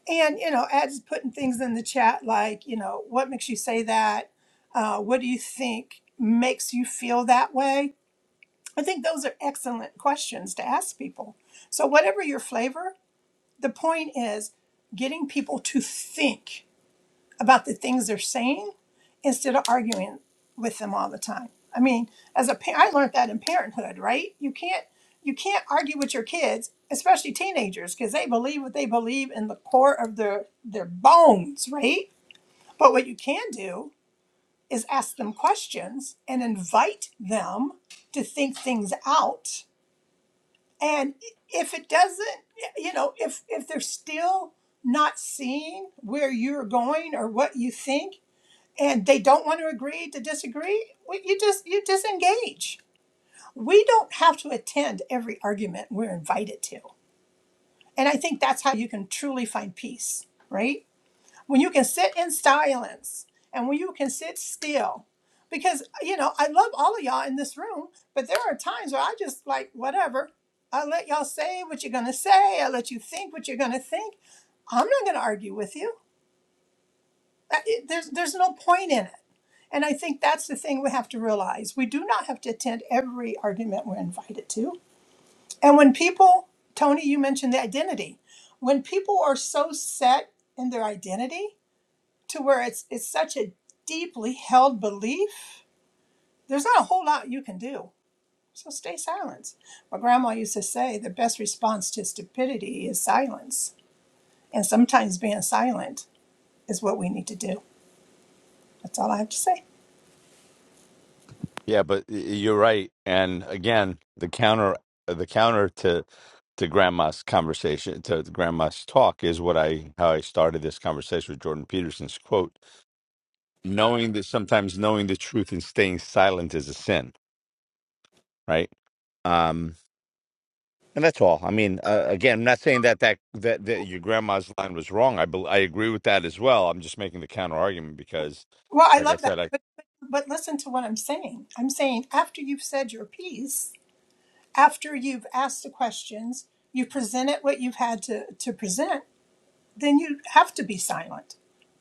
And you know, Ed's putting things in the chat like, you know, what makes you say that? Uh, what do you think makes you feel that way? I think those are excellent questions to ask people. So whatever your flavor, the point is getting people to think about the things they're saying instead of arguing with them all the time. I mean, as a pa- I learned that in parenthood, right? You can't you can't argue with your kids, especially teenagers, because they believe what they believe in the core of their their bones, right? But what you can do is ask them questions and invite them to think things out. And if it doesn't, you know, if if they're still not seeing where you're going or what you think and they don't want to agree to disagree, well, you just you disengage. We don't have to attend every argument we're invited to. And I think that's how you can truly find peace, right? When you can sit in silence and when you can sit still. Because you know, I love all of y'all in this room, but there are times where I just like whatever. I let y'all say what you're gonna say. I let you think what you're gonna think. I'm not gonna argue with you. That- it- There's, there's no point in it. And I think that's the thing we have to realize. We do not have to attend every argument we're invited to. And when people, Tony, you mentioned the identity. When people are so set in their identity to where it's it's such a deeply held belief, there's not a whole lot you can do. So stay silent. My grandma used to say the best response to stupidity is silence. And sometimes being silent is what we need to do. That's all I have to say.
Yeah, but y- you're right. And again, the counter uh, the counter to to grandma's conversation to grandma's talk is what I how I started this conversation with Jordan Peterson's quote, knowing that sometimes knowing the truth and staying silent is a sin. right? Um, and that's all. I mean, uh, again, I'm not saying that, that that that your grandma's line was wrong. I bel I agree with that as well. I'm just making the counter argument because,
Well, I
like I
love that.
said, I
But, but, but listen to what I'm saying. I'm saying after you've said your piece, after you've asked the questions, you presented what you've had to, to present, then you have to be silent.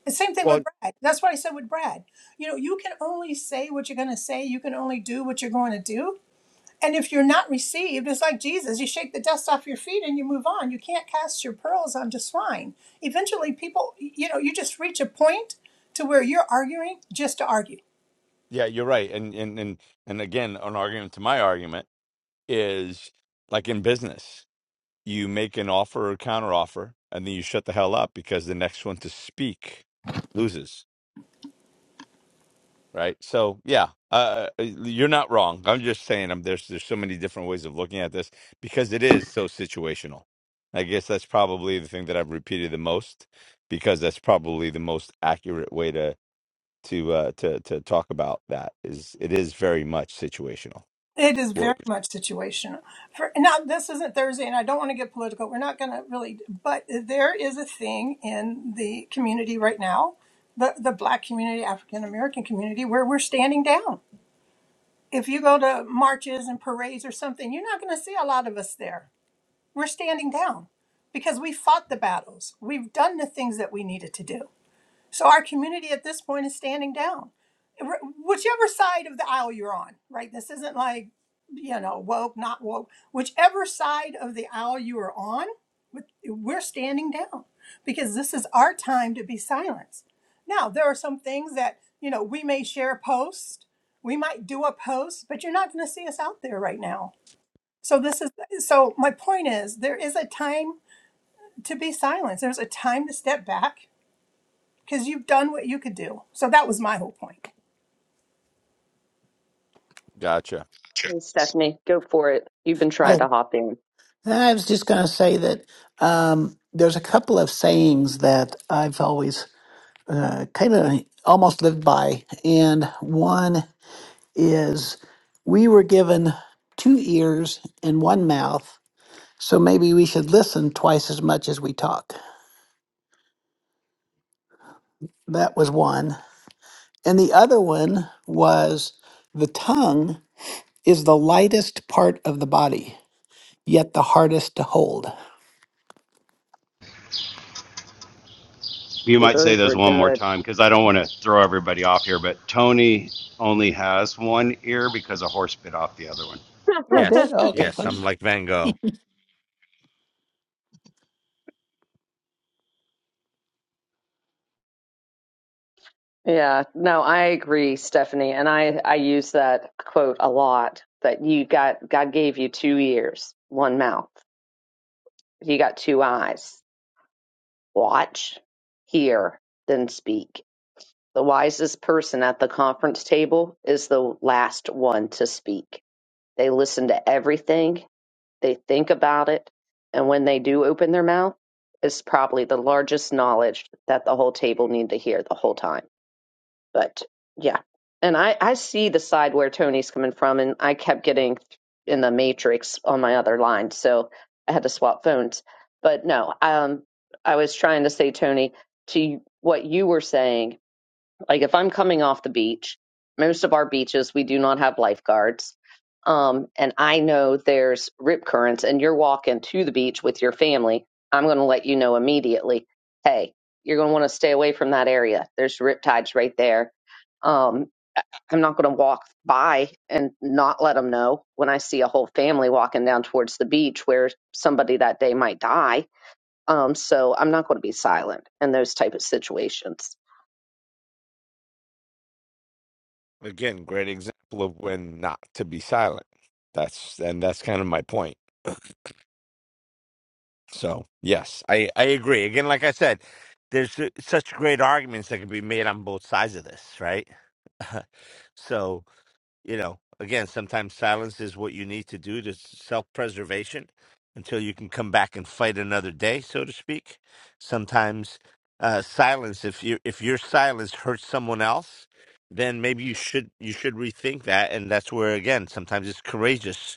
The same thing with
well,
Brad. That's what I said with Brad. You know, you can only say what you're going to say, you can only do what you're going to do. And if you're not received, it's like Jesus. You shake the dust off your feet and you move on. You can't cast your pearls onto swine. Eventually, people, you know, you just reach a point to where you're arguing just to argue
yeah, you're right. And and and and again, an argument to my argument is like in business, you make an offer or counter offer, and then you shut the hell up because the next one to speak loses right? So yeah, uh, you're not wrong. I'm just saying, I'm there's there's so many different ways of looking at this because it is so situational. I guess that's probably the thing that I've repeated the most because that's probably the most accurate way to to uh, to to talk about that. Is it is very much situational.
It is
Well,
very much situational. For now, this isn't Thursday, and I don't want to get political. We're not going to really, but there is a thing in the community right now, the the Black community, African American community, where we're standing down. If you go to marches and parades or something, you're not going to see a lot of us there. We're standing down because we fought the battles. We've done the things that we needed to do. So our community at this point is standing down, Wh- whichever side of the aisle you're on, right? This isn't like, you know, woke, not woke. Whichever side of the aisle you are on, with- we're standing down because this is our time to be silenced. Now, there are some things that, you know, we may share a post, we might do a post, but you're not going to see us out there right now. So this is so my point is there is a time to be silenced. There's a time to step back because you've done what you could do. So that was my whole point.
gotcha.
Hey, Stephanie, go for it. You've been trying
I,
to hop in.
I was just going to say that um, there's a couple of sayings that I've always uh, kind of almost lived by. And one is, We were given two ears and one mouth, so maybe we should listen twice as much as we talk. That was one. And the other one was, The tongue is the lightest part of the body, yet the hardest to hold.
You
Well,
might say
those
those
were
one more
good.
time because I don't want to throw everybody off here. But Tony only has one ear because a horse bit off the other one.
Oh, I did.
Yes,
Oh, okay,
yes.
funny.
I'm like Van Gogh
Yeah, no, I agree, Stephanie, and I I use that quote a lot. That you got God gave you two ears, one mouth. You got two eyes. Watch, hear, then speak. The wisest person at the conference table is the last one to speak. They listen to everything They think about it. And when they do open their mouth, it's probably the largest knowledge that the whole table need to hear the whole time. But yeah. And I, I see the side where Tony's coming from, and I kept getting in the matrix on my other line. So I had to swap phones. But no, um, I was trying to say, Tony, to what you were saying like if I'm coming off the beach, most of our beaches we do not have lifeguards. Um, and I know there's rip currents and you're walking to the beach with your family, I'm going to let you know immediately, hey, you're going to want to stay away from that area. There's rip tides right there. Um, I'm not going to walk by and not let them know when I see a whole family walking down towards the beach where somebody that day might die. Um, so I'm not going to be silent in those type of situations.
again. Great example of when not to be silent. That's and that's kind of my point. So yes, I I agree. Again, like I said, there's uh, such great arguments that can be made on both sides of this, right? so you know, again, sometimes silence is what you need to do to self-preservation until you can come back and fight another day, so to speak. Sometimes uh, silence, if you if your silence hurts someone else. Then maybe you should you should rethink that, and that's where again sometimes it's courageous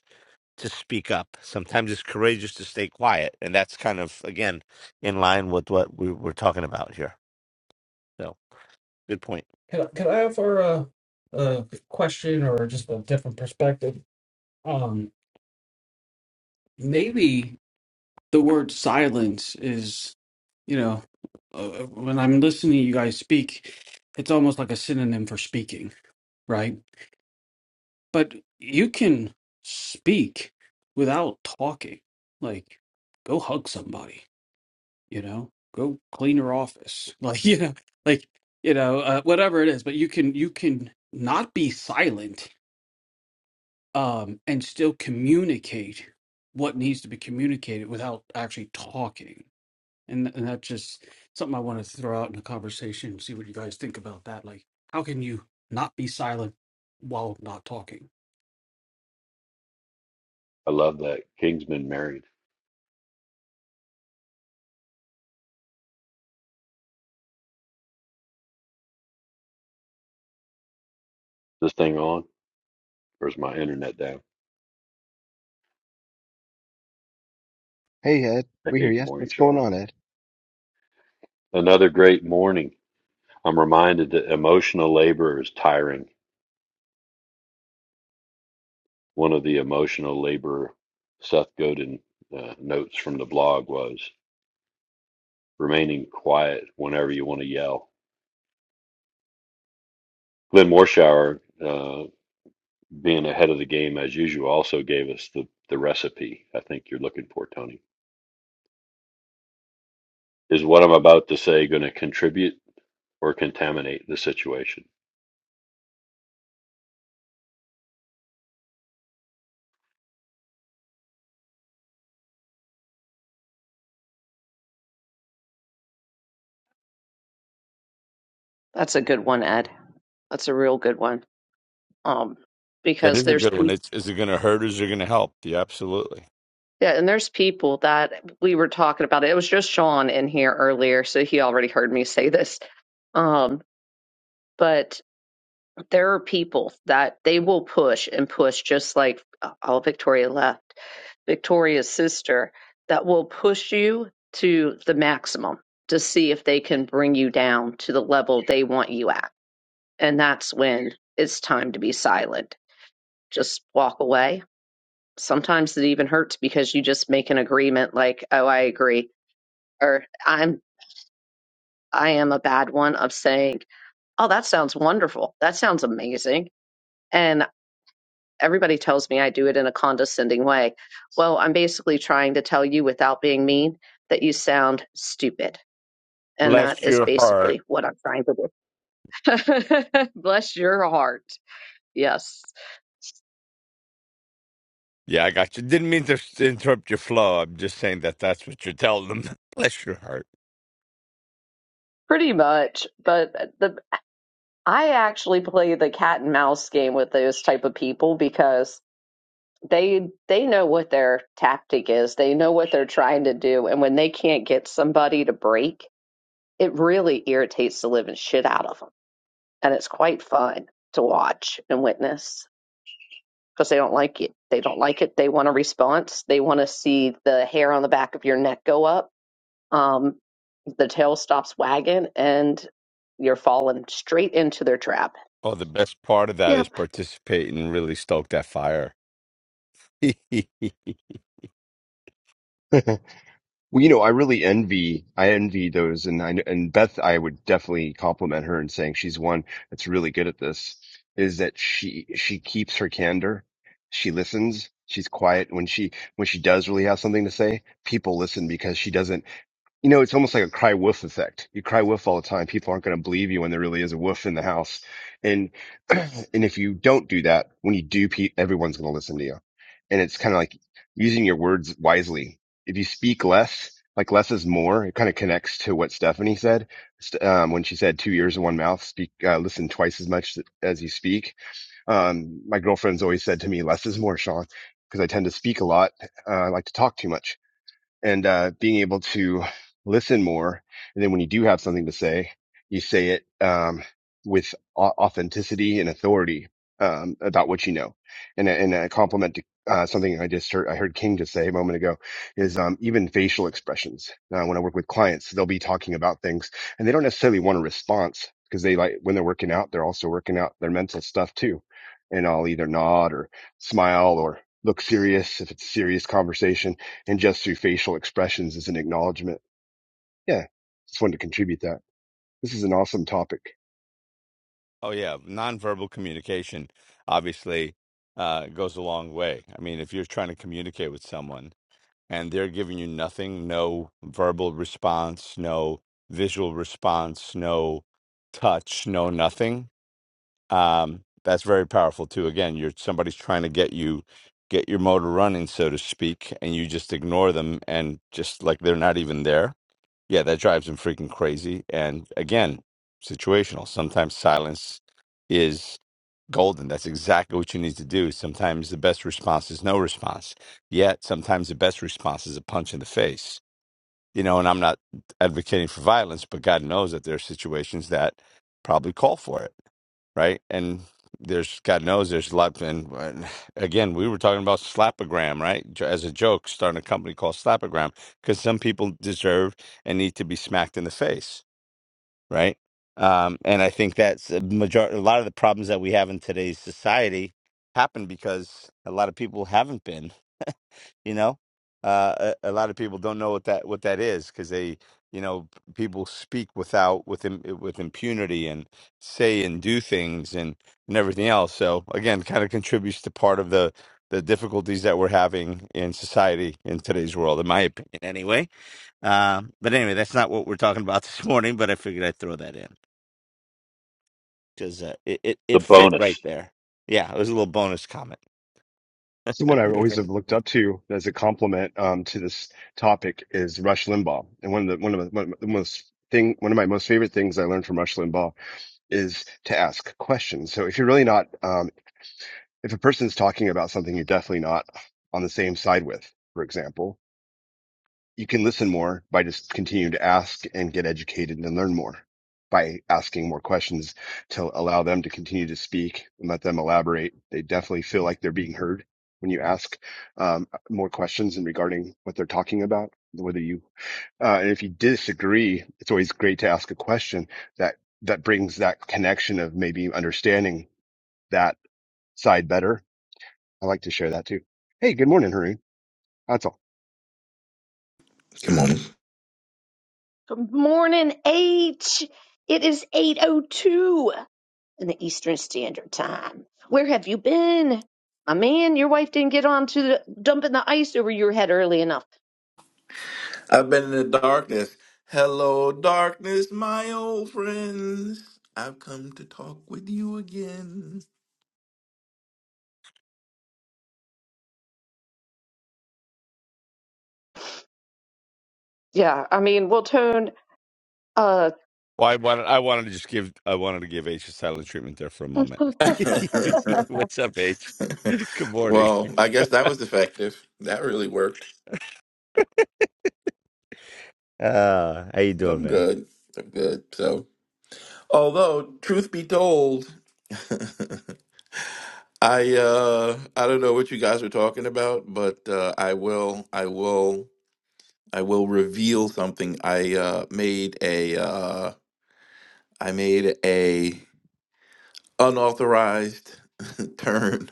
to speak up. Sometimes it's courageous to stay quiet, and that's kind of again in line with what we were talking about here. So, good point.
Can I, can I offer a, a question or just a different perspective? Um, maybe the word silence is, you know, uh, when I'm listening to you guys speak, it's almost like a synonym for speaking, right? But you can speak without talking. Like, go hug somebody you know go clean her office like you know like you know uh, whatever it is but you can you can not be silent um and still communicate what needs to be communicated without actually talking and and that's just something i want to throw out in the conversation see what you guys think about that like how can you not be silent while not talking
I love that. Kingsman married. Is this thing on? Or is my internet down?
Hey Ed, we hear
Hey, good
you.
morning,
What's going
Sean.
on,
Another great morning. I'm reminded that emotional labor is tiring. One of the emotional labor Seth Godin uh, notes from the blog was remaining quiet whenever you want to yell. Glenn Morshower, uh, being ahead of the game as usual, also gave us the, the recipe I think you're looking for, Tony. Is what I'm about to say going to contribute or contaminate the situation?
That's a good one, Ed. That's a real good one. Um,
That
because
is a
there's
good one. It's, is it going to hurt or is it going to help? Yeah, absolutely.
yeah, and there's people that we were talking about. It was just Sean in here earlier, so he already heard me say this. Um, but there are people that they will push and push, just like uh, oh, Victoria left, Victoria's sister, that will push you to the maximum to see if they can bring you down to the level they want you at. And that's when it's time to be silent. Just walk away sometimes it even hurts because you just make an agreement like oh i agree or i'm i am a bad one of saying oh that sounds wonderful that sounds amazing and everybody tells me i do it in a condescending way well i'm basically trying to tell you without being mean that you sound stupid and that
Bless
is
your heart.
basically what i'm trying to do bless your heart yes
Yeah, I got you. Didn't mean to s- interrupt your flow. I'm just saying that that's what you're telling them. Bless your heart.
pretty much but uh, the I actually play the cat and mouse game with those type of people because they they know what their tactic is. They know what they're trying to do, and when they can't get somebody to break, it really irritates the living shit out of them. And it's quite fun to watch and witness because they don't like it. They don't like it. They want a response. They want to see the hair on the back of your neck go up. Um, the tail stops wagging, and you're falling straight into their trap.
Oh, the best part of that is
Yep.
participating and really stoke that fire.
Ed? Well, you know, I really envy, I envy those, and I and Beth, I would definitely compliment her in saying she's one that's really good at this. Is that she she keeps her candor, she listens, she's quiet when she when she does really have something to say. People listen because she doesn't. you know, it's almost like a cry wolf effect. You cry wolf all the time. People aren't going to believe you when there really is a wolf in the house. And, and if you don't do that, when you do, pe- everyone's going to listen to you. And it's kind of like using your words wisely. If you speak less, like less is more, it kind of connects to what Stephanie said. St- Um, when she said two ears and one mouth, speak, uh, listen twice as much as you speak. Um, my girlfriend's always said to me, less is more, Sean, because I tend to speak a lot. Uh, I like to talk too much and uh, being able to listen more. And then when you do have something to say, you say it um, with au- authenticity and authority um, about what you know. And a, and a compliment to uh, something I just heard, I heard King just say a moment ago is um, even facial expressions. Uh, when I work with clients, they'll be talking about things and they don't necessarily want a response because they like when they're working out, they're also working out their mental stuff too. And I'll either nod or smile or look serious if it's a serious conversation and just through facial expressions as an acknowledgement. Yeah, just wanted to contribute that. This is an awesome topic.
oh yeah, nonverbal communication obviously uh, goes a long way. I mean, if you're trying to communicate with someone. and they're giving you nothing no verbal response no visual response no touch no nothing um, that's very powerful too again you're somebody's trying to get you get your motor running so to speak and you just ignore them and just like they're not even there yeah that drives them freaking crazy and again situational sometimes silence is golden. That's exactly what you need to do. Sometimes the best response is no response. Yet sometimes the best response is a punch in the face. You know, and I'm not advocating for violence, but God knows that there are situations that probably call for it, right? And there's God knows there's a lot. And and again, we were talking about slapogram, right? J- As a joke, starting a company called Slapogram because some people deserve and need to be smacked in the face right? Um, and I think that's a major. A lot of the problems that we have in today's society happen because a lot of people haven't been. You know, uh, a, a lot of people don't know what that what that is because they, you know, people speak without with im- with impunity and say and do things and and everything else. So again, kind of contributes to part of the the difficulties that we're having in society in today's world, in my opinion, anyway. Uh, but anyway, that's not what we're talking about this morning. But I figured I'd throw that in because uh, it, it
The
it fit right
bonus.
there. Yeah, it was a little bonus comment.
Someone I always have looked up to as a compliment um, to this topic is Rush Limbaugh, and one of the one of the, one of the most thing one of my most favorite things I learned from Rush Limbaugh is to ask questions. So if you're really not, um, if a person's talking about something you're definitely not on the same side with, for example, You can listen more by just continuing to ask and get educated and learn more by asking more questions to allow them to continue to speak and let them elaborate. They definitely feel like they're being heard when you ask um, more questions and regarding what they're talking about, whether you, uh, and if you disagree, it's always great to ask a question that, that brings that connection of maybe understanding that side better. I like to share that too. Hey, good morning, Haroon. That's all.
Good morning.
Good morning, H. It is eight oh two. in the Eastern Standard Time. Where have you been? My man, your wife didn't get on to the, dumping the ice over your head early enough.
I've been in the darkness. Hello, darkness, my old friends. I've come to talk with you again.
Yeah, I mean, we'll turn, uh,
Well, I wanted I wanted to just give I wanted to give H a silent treatment there for a moment. What's up, H? Good morning.
well, I guess that was effective. That really worked.
Uh, how you doing,
I'm
man?
good. I'm good. So, although truth be told, I uh I don't know what you guys are talking about, but uh, I will I will I will reveal something. I uh made a uh I made a unauthorized turn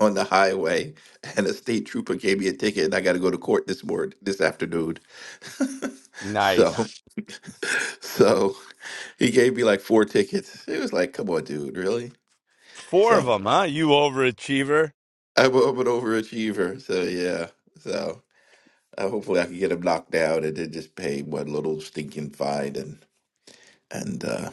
on the highway, and a state trooper gave me a ticket, and I got to go to court this morning, this afternoon. so,
Nice.
so he gave me like four tickets. It was like, come on, dude, really?
Four of
So
them, huh? You overachiever.
I'm, a- I'm an overachiever. So yeah, so uh, hopefully I can get him knocked down and then just pay one little stinking fine and and. uh,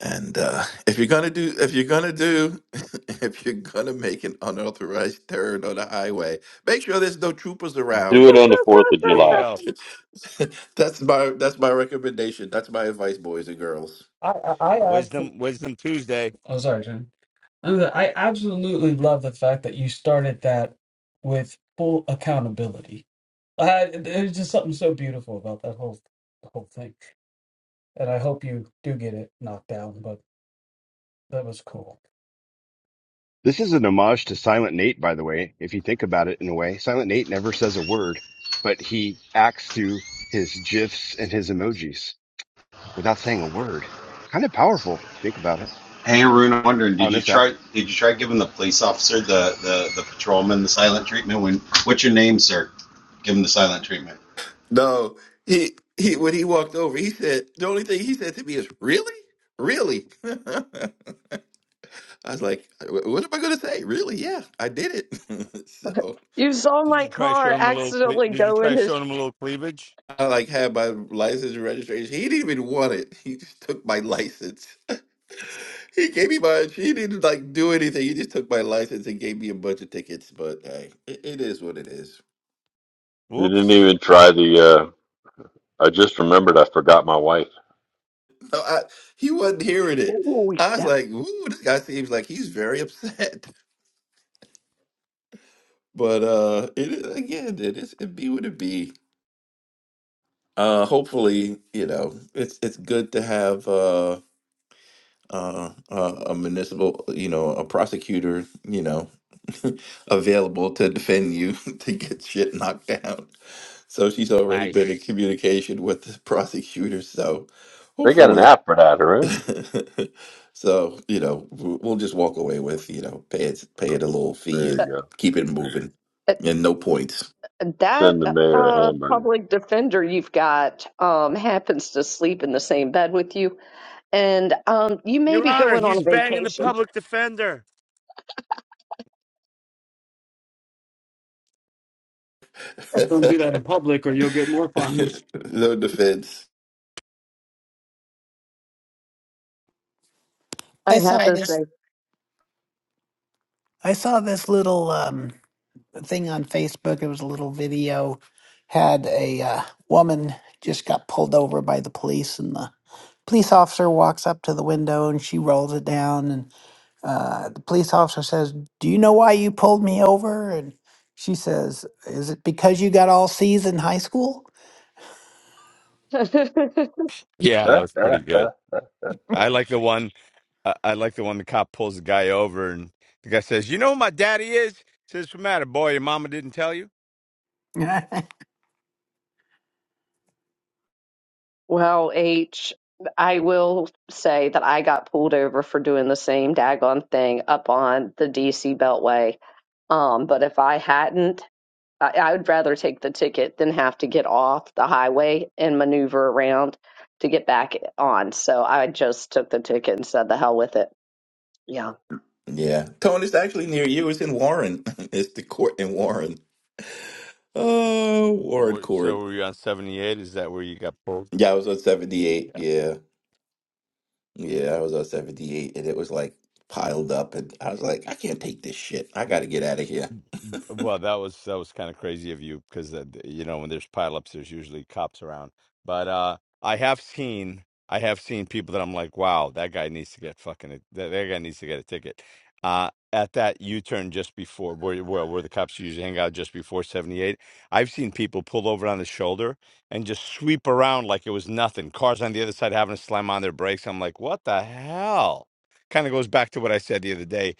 And uh, if you're gonna do, if you're gonna do, if you're gonna make an unauthorized turn on the highway, make sure there's no troopers
Do
around.
it on the Fourth of
There you
July.
go.
that's my that's my recommendation. That's my advice, boys and girls.
I I, I abso-
Wisdom Wisdom Tuesday.
oh sorry, Jen. I absolutely love the fact that you started that with full accountability. I, there's just something so beautiful about that whole whole thing, and I hope you do get it knocked down. But that was cool.
This is an homage to Silent Nate, by the way, if you think about it in a way. Silent Nate never says a word, but he acts through his GIFs and his emojis without saying a word. Kind of powerful. Think about it
Hey Arun, I'm wondering,
on
did you
this app.
try did you try giving the police officer the the, the patrolman the silent treatment? When what's your name, sir? Give him the silent treatment.
No, he he when he walked over, he said the only thing he said to me is, "Really, really." I was like, "Uh, "Wh- "What am I gonna say? Really? Yeah, I did it." so
you saw
Did
my
you try
car
showing them a little cle-
accidentally
did you
go
try
into,
showing them a little cleavage?
I like had my license and registration. He didn't even want it. He just took my license. He gave me my. He didn't like do anything. He just took my license and gave me a bunch of tickets. But hey, it, it is what it is.
You didn't
Whoops.
even try the. Uh, I just remembered. I forgot my wife.
No, I, he wasn't hearing it.
oh,
I was
that,
like, "Ooh, this guy seems like he's very upset." But uh, it is- again, it is it be what it be. Uh, hopefully, you know, it's it's good to have. uh, uh, uh, a municipal, you know, a prosecutor, you know, available to defend you to get shit knocked down. So she's already
Nice.
been in communication with the prosecutor. So
They got an
hopefully,
app for that, Haroon.
so you know, w- we'll just walk away with you know, pay it, pay it a little fee
There
and
you go.
keep it moving,
that, Uh,
and no points,
uh,
Send the
that,
mayor a
uh,
hamburger.
public defender you've got, um, happens to sleep in the same bed with you. And um, you may
Your
be
Honor,
going on a
he's banging the
vacation,
public defender.
Just don't do that in public, or you'll get more fines.
no defense.
I
I saw
have to
this.
say.
I saw this little um, thing on Facebook. It was a little video. Had a uh, woman just got pulled over by the police, and the police officer walks up to the window and she rolls it down. And uh, the police officer says, "Do you know why you pulled me over?" And she says, "Is it because you got all C's in high school?"
Yeah, that was pretty good. I like the one. I, I like the one the cop pulls the guy over, and the guy says, "You know who my daddy is." Says, "What's the matter, boy? Your mama didn't tell you."
well, H, I will say that I got pulled over for doing the same daggone thing up on the DC Beltway. Um, but if I hadn't, I, I would rather take the ticket than have to get off the highway and maneuver around to get back on. So I just took the ticket and said, the hell with it. Yeah.
Yeah, Tony, it's actually near you. It's in Warren. It's the court in Warren. Oh,
The
Warren
wor- So
Court.
were you on seventy eight? Is that where you got pulled?
Yeah, I was on 78. Yeah. Yeah, I was on 78 and it was like piled up and I was like, I can't take this shit. I got to get out of here.
Well, that was that was kind of crazy of you because you know when there's pileups, there's usually cops around. But uh, I have seen I have seen people that I'm like, wow, that guy needs to get fucking that, that guy needs to get a ticket. Uh, at that U-turn just before where, where where the cops usually hang out just before 78, I've seen people pull over on the shoulder and just sweep around like it was nothing. Cars on the other side having to slam on their brakes. I'm like, what the hell? Kind of goes back to what I said the other day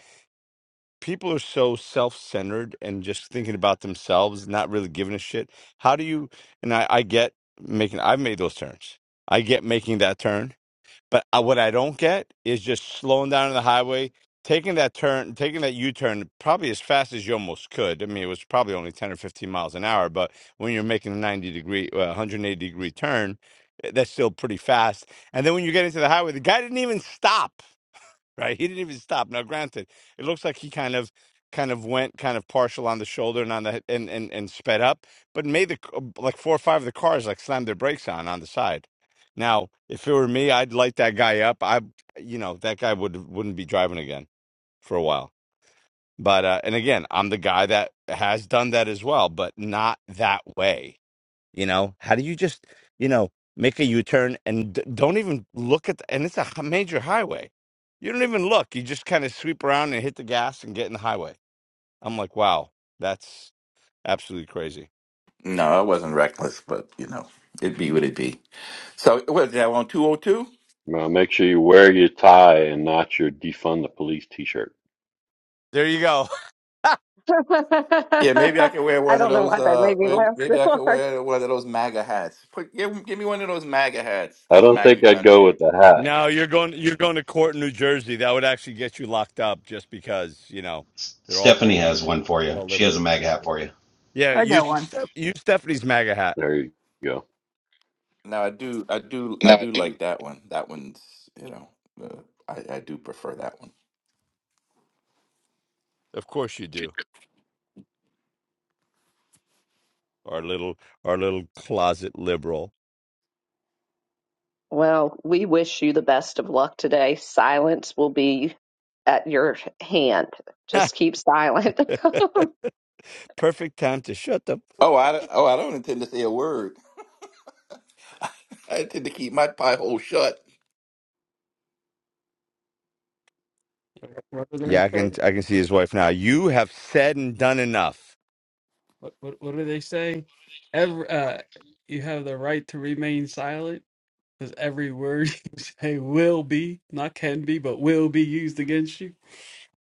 people are so self-centered and just thinking about themselves not really giving a shit how do you and i, I get making i've made those turns i get making that turn but I, what i don't get is just slowing down on the highway taking that turn taking that u-turn probably as fast as you almost could i mean it was probably only 10 or 15 miles an hour but when you're making a 90 degree uh, 180 degree turn eh, that's still pretty fast and then when you get into the highway the guy didn't even stop right? He didn't even stop. Now, granted, it looks like he kind of kind of went kind of partial on the shoulder and on the and and, and sped up, but made the c- like four or five of the cars like slammed their brakes on on the side. Now, if it were me, I'd light that guy up. I, you know, that guy would wouldn't be driving again for a while. But uh, and again, I'm the guy that has done that as well, but not that way you know, how do you just, you know, make a U turn and d- don't even look at the, and it's a h- major highway. You don't even look. You just kind of sweep around and hit the gas and get in the highway. I'm like, wow, that's absolutely crazy.
No, I wasn't reckless, but you know, it be what it be. So, what is that on 202?
now make sure you wear your tie and not your defund the police T-shirt.
There you go.
Yeah, maybe I
I
can wear one of
don't know
those
why that
uh
made me
may-
laugh so
maybe I
hard.
can wear one of those MAGA hats. Put give, give me one of those MAGA hats.
I
That's
don't
MAGA
think I'd go
country.
with the hat.
No, you're going you're going to court in New Jersey. That would actually get you locked up just because, you know,
S-
they're all
Stephanie
freaking
has one for
they're
you.
all
She has
liberal.
a mag hat for you.
Yeah, you Steph- use Stephanie's MAGA hat.
There you go.
Now, I do I do I
No, I
do
do.
like that one. That one's, you know, uh, I I do prefer that one.
Of course you do. Our little our little closet liberal.
Well, we wish you the best of luck today. Silence will be at your hand. Just keep silent.
perfect time to shut up.
Oh, I, oh, I don't intend to say a word. I intend to keep my pie hole shut.
What do they
Yeah, I can
say?
I can see his wife now. You have said and done enough.
What what, what do they say? Every uh, you have the right to remain silent because every word you say will be, not can be, but will be used against you.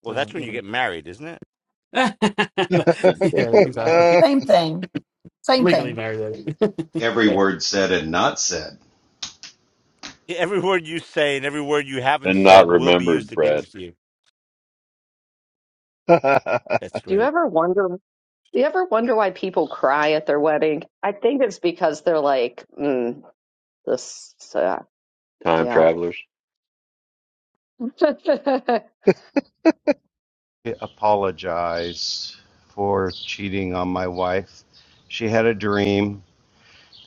Well, that's
So
when
you
you
know.
get married, isn't it?
Let's
yeah,
live
exactly.
out
Same thing. Same
Legally
thing.
married.
Every word said and not said.
Yeah, Every word you say and every word you haven't
and not
said will be used
remembered, Brad.
against you. That's
do you
great.
ever wonder? Do you ever wonder why people cry at their wedding? I think it's because they're like, mm, this, uh,
Time
yeah.
travelers.
I apologized for cheating on my wife. She had a dream,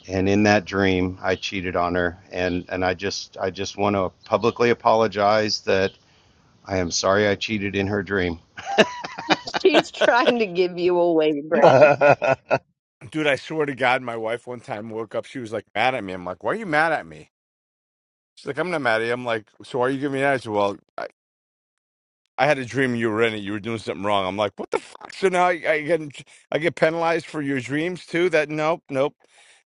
and in that dream, I cheated on her. And, and I just I just want to publicly apologize that I am sorry I cheated in her dream.
She's trying to give you away, Brad.
Dude, I swear to God, my wife one time woke up. She was like mad at me. I'm like, why are you mad at me? She's like, I'm not mad at you. I'm like, so why are you giving me that? I said, well, I, I had a dream you were in it. You were doing something wrong. I'm like, what the fuck? So now I, I get I get penalized for your dreams too? That nope, nope,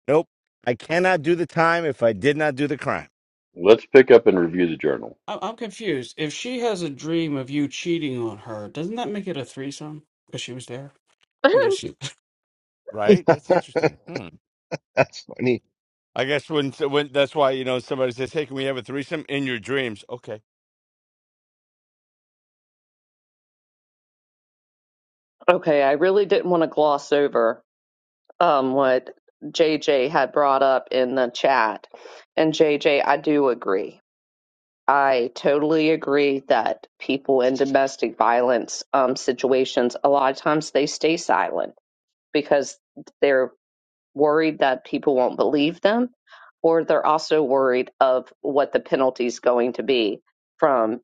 nope. I cannot do the time if I did not do the crime.
Let's pick up and review the journal. Of
I'm I'm confused. If she has a dream of you cheating on her, doesn't that make it a threesome? Because she was there. I'm just
Right? That's interesting. Hmm.
That's funny.
I guess when so, when that's why you know somebody says, "Hey, can we have a threesome in your dreams?" Okay.
okay, I really didn't want to gloss over um, what JJ had brought up in the chat. And JJ, I do agree I totally agree that people in domestic violence um, situations, a lot of times they stay silent because they're worried that people won't believe them, or they're also worried of what the penalty is going to be from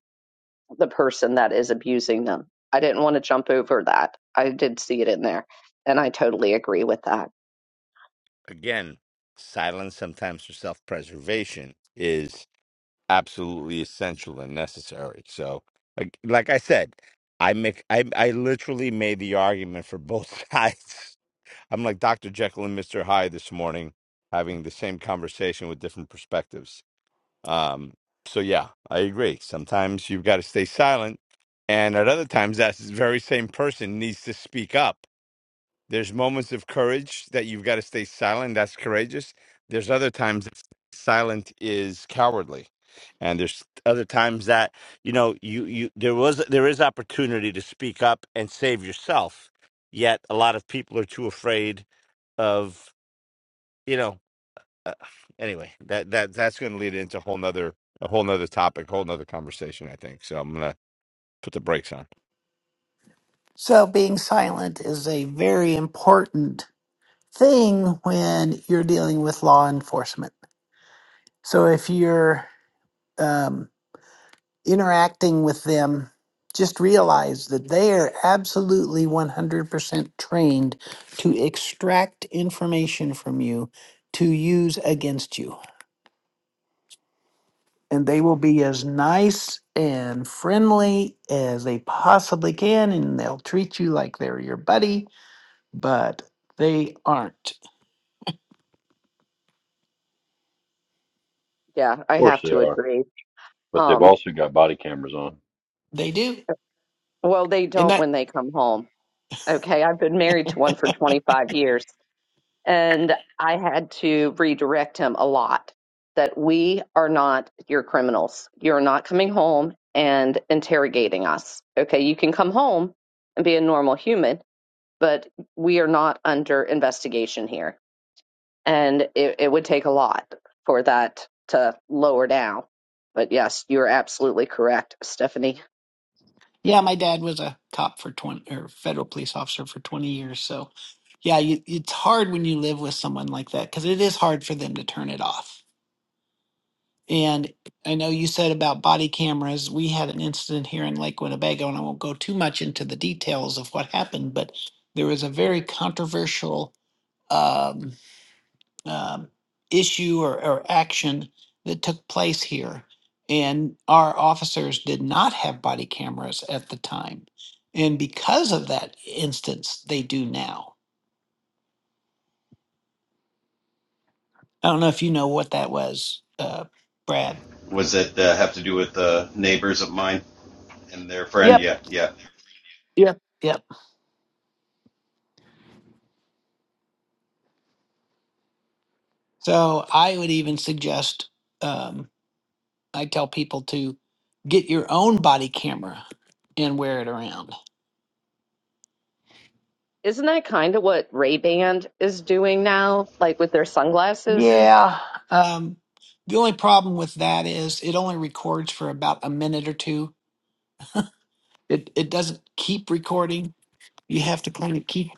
the person that is abusing them. I didn't want to jump over that. I did see it in there, and I totally agree with that.
Again, silence sometimes for self-preservation is absolutely essential and necessary. So, like, like I said, I make I I literally made the argument for both sides. I'm like Dr. Jekyll and Mr. Hyde this morning, having the same conversation with different perspectives. Um, so yeah, I agree. Sometimes you've got to stay silent, and at other times, that very same person needs to speak up. There's moments of courage that you've got to stay silent. That's courageous. There's other times that silent is cowardly, and there's other times that you know you you there was there is opportunity to speak up and save yourself. Yet a lot of people are too afraid of you know uh, anyway, that that that's going to lead into a whole nother a whole nother topic, whole nother conversation. I think so. I'm gonna put the brakes on.
So being silent is a very important thing when you're dealing with law enforcement. So if you're um, interacting with them, just realize that they are absolutely 100% trained to extract information from you to use against you. And they will be as nice and friendly as they possibly can, and they'll treat you like they're your buddy, but they aren't.
Yeah, I
course
have
they
to
are,
agree.
but they've
Um,
also got body cameras on.
They do.
well, they
and
don't
that.
when they come home. Okay, I've been married to one for 25 years. And I had to redirect him a lot that we are not your criminals. You're not coming home and interrogating us. Okay, you can come home and be a normal human, but we are not under investigation here. And it, it would take a lot for that to lower down. But yes, you're absolutely correct, Stephanie.
Yeah, my dad was a cop for 20 or federal police officer for 20 years. So, yeah, you, it's hard when you live with someone like that because it is hard for them to turn it off. And I know you said about body cameras. We had an incident here in Lake Winnebago, and I won't go too much into the details of what happened, but there was a very controversial. Um, um, issue or, or action that took place here. And our officers did not have body cameras at the time. And because of that instance, they do now. I don't know if you know what that was, uh, Brad.
Was it uh, have to do with uh, neighbors of mine and their friend?
Yep.
Yeah, yeah.
Yep. Yep. So I would even suggest, um, I tell people to get your own body camera and wear it around
Isn't that kind of what Ray Band is doing now, like with their sunglasses?
Yeah. Um, the only problem with that is it only records for about a minute or two. It it doesn't keep recording. You have to kind of keep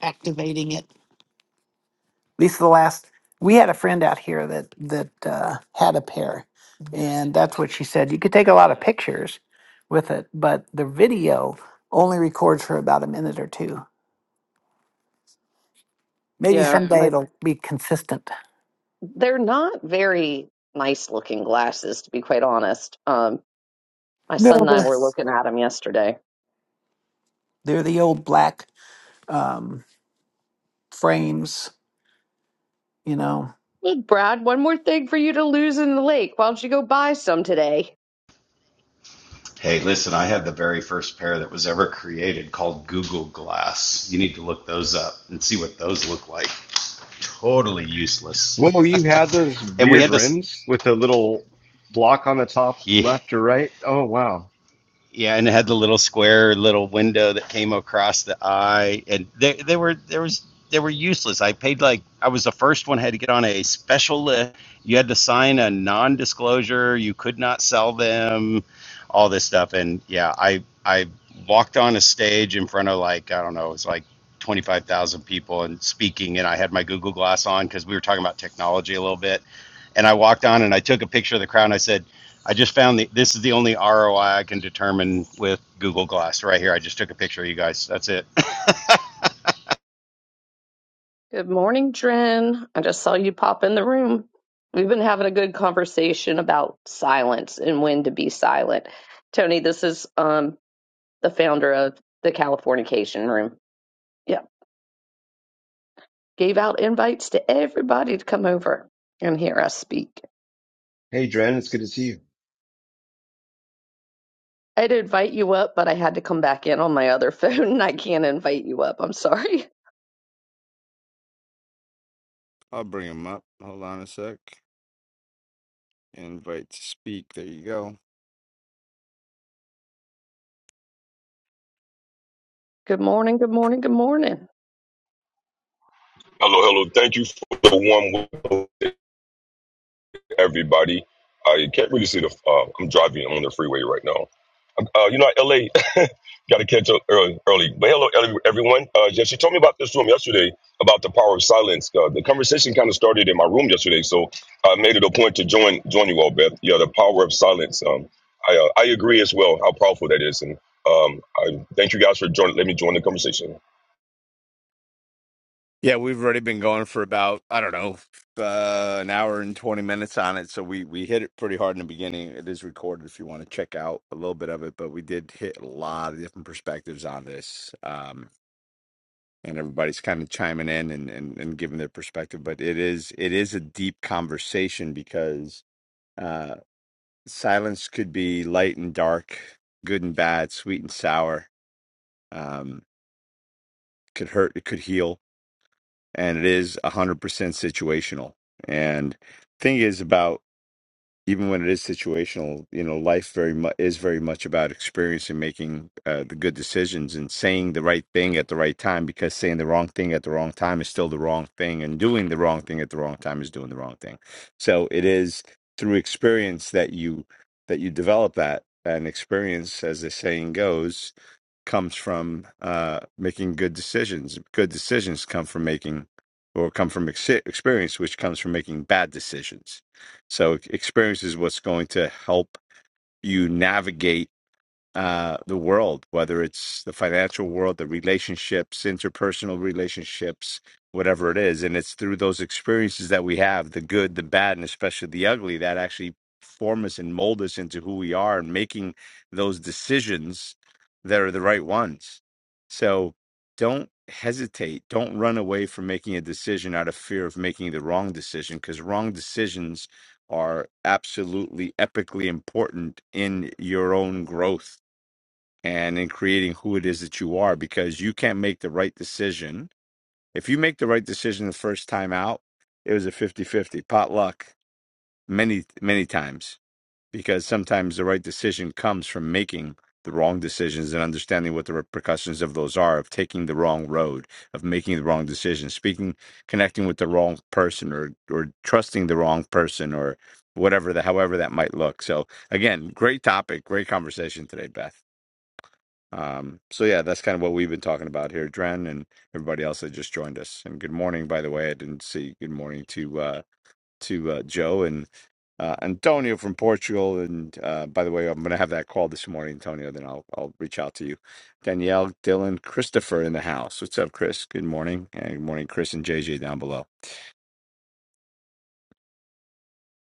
activating it. At least the last we had a friend out here that that uh, had a pair, and that's what she said. You could take a lot of pictures with it, but the video only records for about a minute or two. Maybe
Yeah,
someday
my
it'll be consistent.
They're not very nice looking glasses, to be quite honest. Um, my
No,
son and I
they're
were looking at them yesterday.
they're the old black um, frames, you know.
Hey, Brad, one more thing for you to lose in the lake. Why don't you go buy some today?
Hey, listen, I had the very first pair that was ever created called Google Glass. You need to look those up and see what those look like. Totally useless.
Whoa, you had those
and we
weird
had this.
rims with the little block on the top
Yeah,
left or right? Oh, wow.
yeah, and it had the little square little window that came across the eye, and they they were there was they were useless. I paid like I was the first one had to get on a special list. You had to sign a non-disclosure. You could not sell them, all this stuff. And yeah, I I walked on a stage in front of like I don't know, it was like twenty five thousand people and speaking, and I had my Google Glass on because we were talking about technology a little bit and I walked on and I took a picture of the crowd and I said, I just found the, this is the only ROI I I can determine with Google Glass right here. I just took a picture of you guys. That's it.
Good morning, Dren. I just saw you pop in the room. We've been having a good conversation about silence and when to be silent. Tony, this is um, the founder of the Californication Room. Yeah, gave out invites to everybody to come over and hear us speak.
Hey, Dren, it's good to see
I'd invite you up, but I had to come back in on my other phone and I can't invite you up. I'm sorry.
Oh, Bill.
Good morning, good morning, good morning.
Hello, hello. Thank you for the warm welcome, everybody. I can't really see the. Uh, I'm driving on the freeway right now. Uh, you know, LA got to catch up early, early. But hello, ele- everyone. Uh, yeah, she told me about this room yesterday about the power of silence. Uh, the conversation kind of started in my room yesterday, so I made it a point to join join you all, Beth. Yeah, the power of silence. Um, I uh, I agree as well how powerful that is, and um, I thank you guys for joining. Let me join the conversation.
Yeah, we've already been going for about I don't know uh, an hour and twenty minutes on it. So we we hit it pretty hard in the beginning. It is recorded if you want to check out a little bit of it, but we did hit a lot of different perspectives on this. Um, and everybody's kind of chiming in and, and, and giving their perspective, but it is it is a deep conversation because uh, silence could be light and dark, good and bad, sweet and sour. Um, could hurt, it could heal, and it a is a hundred percent situational. And thing is about even when it is situational, you know, life very much is very much about experience and making uh, the good decisions and saying the right thing at the right time. Because saying the wrong thing at the wrong time is still the wrong thing, and doing the wrong thing at the wrong time is doing the wrong thing. So it is through experience that you that you develop that and experience, as the saying goes comes from uh, making good decisions. Good decisions come from making, or come from ex- experience, which comes from making bad decisions. So experience is what's going to help you navigate uh, the world, whether it's the financial world, the relationships, interpersonal relationships, whatever it is. And it's through those experiences that we have, the good, the bad, and especially the ugly, that actually form us and mold us into who we are and making those decisions that are the right ones. So don't hesitate. Don't run away from making a decision out of fear of making the wrong decision because wrong decisions are absolutely epically important in your own growth and in creating who it is that you are because you can't make the right decision. If you make the right decision the first time out, it was a fifty-fifty pot luck many, many times because sometimes the right decision comes from making the wrong decisions and understanding what the repercussions of those are of taking the wrong road, of making the wrong decision, speaking, connecting with the wrong person or, or trusting the wrong person or whatever the however that might look. So again, great topic, great conversation today, Beth. Um, so yeah, that's kind of what we've been talking about here, Dren, and everybody else that just joined us. And good morning, by the way. I didn't see good morning to uh, to uh, Joe and uh, Antonio from Portugal. And uh, by the way, I'm going to have that call this morning, Antonio. Then I'll I'll reach out to you. Danielle, Dylan, Christopher in the house. What's up, Chris? Good morning, and good morning, Chris and JJ down below.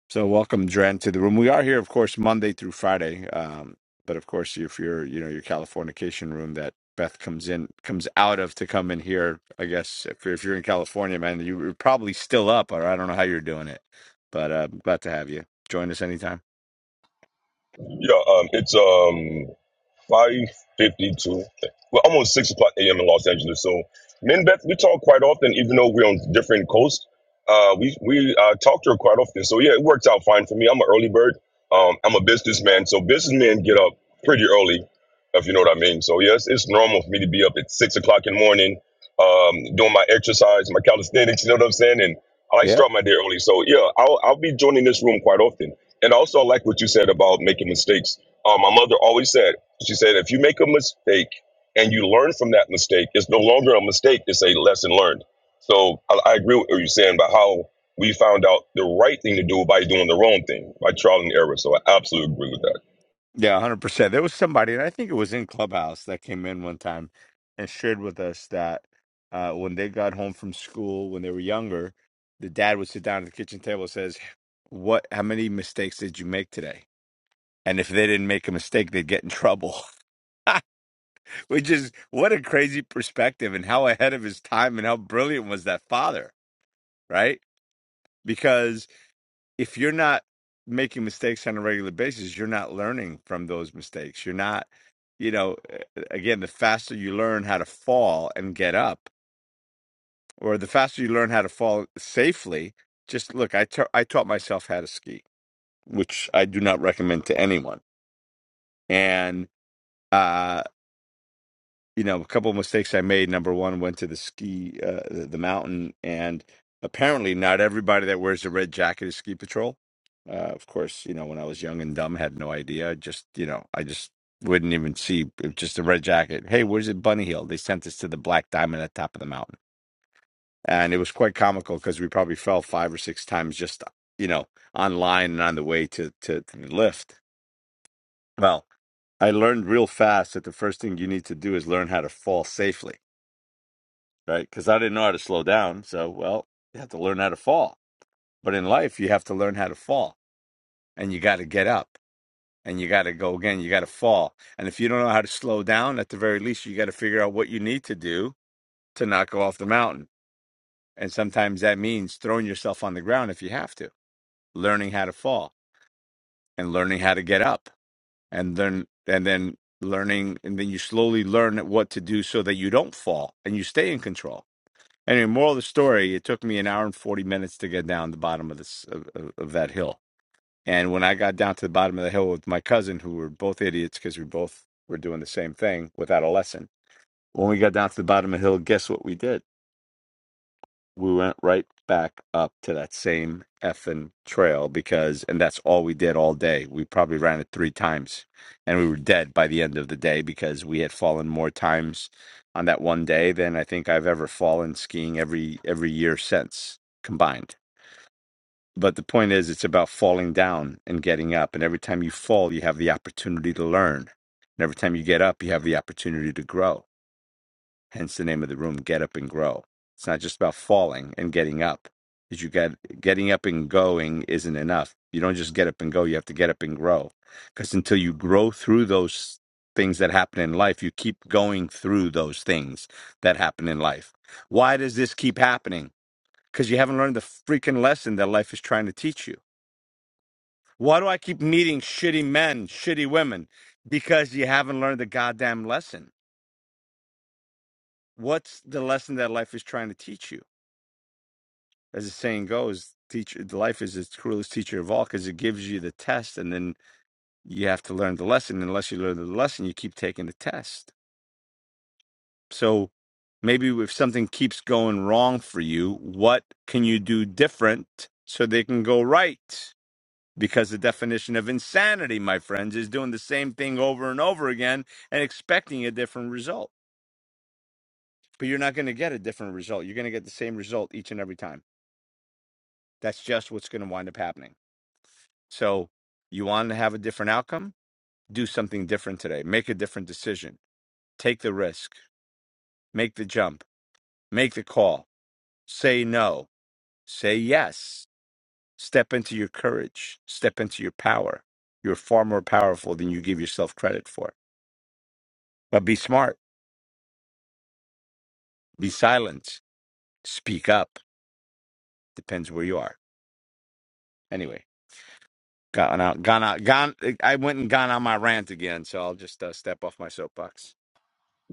So welcome, Dren, to the room. We are here, of course, Monday through Friday. Um, but of course, if you're, you know, your Californication room that Beth comes in, comes out of to come in here, I guess if you're, if you're in California, man, you- you're probably still up, or I don't know how you're doing it. But uh, glad to have you. Join us anytime.
Yeah, um, it's um, 5.52. We're almost 6 o'clock a.m. in Los Angeles. So, me and Beth, we talk quite often, even though we're on different coasts. Uh, we we uh, talk to her quite often. So, yeah, it works out fine for me. I'm an early bird. Um, I'm a businessman. So, businessmen get up pretty early, if you know what I mean. So, yes, it's normal for me to be up at 6 o'clock in the morning um, doing my exercise, my calisthenics, you know what I'm saying? And I like to start my day early. So, yeah, I'll, I'll be joining this room quite often. And also, I like what you said about making mistakes. Uh, my mother always said, she said, if you make a mistake and you learn from that mistake, it's no longer a mistake. It's a lesson learned. So I, I agree with what you're saying about how we found out the right thing to do by doing the wrong thing by trial and error. So I absolutely agree with that.
Yeah, one hundred percent. There was somebody, and I think it was in Clubhouse that came in one time and shared with us that uh, when they got home from school when they were younger, the dad would sit down at the kitchen table and says, "What? How many mistakes did you make today?" And if they didn't make a mistake, they'd get in trouble. Which is what a crazy perspective, and how ahead of his time, and how brilliant was that father, right? Because if you're not making mistakes on a regular basis, you're not learning from those mistakes. You're not, you know, uh, again, the faster you learn how to fall and get up, or the faster you learn how to fall safely, just look, I ta- I taught myself how to ski, which I do not recommend to anyone. And uh, you know, a couple of mistakes I made. Number one, went to the ski, uh, the, the mountain, and apparently not everybody that wears the red jacket is ski patrol. Uh, of course, you know, when I was young and dumb, had no idea. Just, you know, I just wouldn't even see it- just the red jacket. Hey, where's it Bunny Hill? They sent us to the Black Diamond at the top of the mountain. And it was quite comical because we probably fell five or six times just, you know, online and on the way to, to, to the lift. Well, I learned real fast that the first thing you need to do is learn how to fall safely right? Because I didn't know how to slow down. So, well, you have to learn how to fall. But in life, you have to learn how to fall and you got to get up and you got to go again. You got to fall. And if you don't know how to slow down, at the very least, you got to figure out what you need to do to not go off the mountain. And sometimes that means throwing yourself on the ground if you have to, learning how to fall and learning how to get up and then, and then learning. And then you slowly learn what to do so that you don't fall and you stay in control Anyway, moral of the story: It took me an hour and forty minutes to get down the bottom of this of, of, of that hill. And when I got down to the bottom of the hill with my cousin, who were both idiots because we both were doing the same thing without a lesson. When we got down to the bottom of the hill, guess what we did? we went right back up to that same effing trail because and that's all we did all day we probably ran it three times and we were dead by the end of the day because we had fallen more times on that one day than i think i've ever fallen skiing every every year since combined but the point is it's about falling down and getting up and every time you fall you have the opportunity to learn and every time you get up you have the opportunity to grow hence the name of the room get up and grow it's not just about falling and getting up because you got getting up and going isn't enough you don't just get up and go you have to get up and grow because until you grow through those things that happen in life you keep going through those things that happen in life why does this keep happening because you haven't learned the freaking lesson that life is trying to teach you why do i keep meeting shitty men shitty women because you haven't learned the goddamn lesson what's the lesson that life is trying to teach you as the saying goes, teacher life is its cruelest teacher of all because it gives you the test, and then you have to learn the lesson. Unless you learn the lesson, you keep taking the test. So maybe if something keeps going wrong for you, what can you do different so they can go right? Because the definition of insanity, my friends, is doing the same thing over and over again and expecting a different result. But you're not going to get a different result. You're going to get the same result each and every time. That's just what's going to wind up happening. So you want to have a different outcome? Do something different today. Make a different decision. Take the risk. Make the jump. Make the call. Say no. Say yes. Step into your courage. Step into your power. You're far more powerful than you give yourself credit for. But be smart. Be silent. Speak up. Depends where you are. Anyway, gone out, gone out, gone. I went and gone on my rant again, so I'll just uh, step off my soapbox.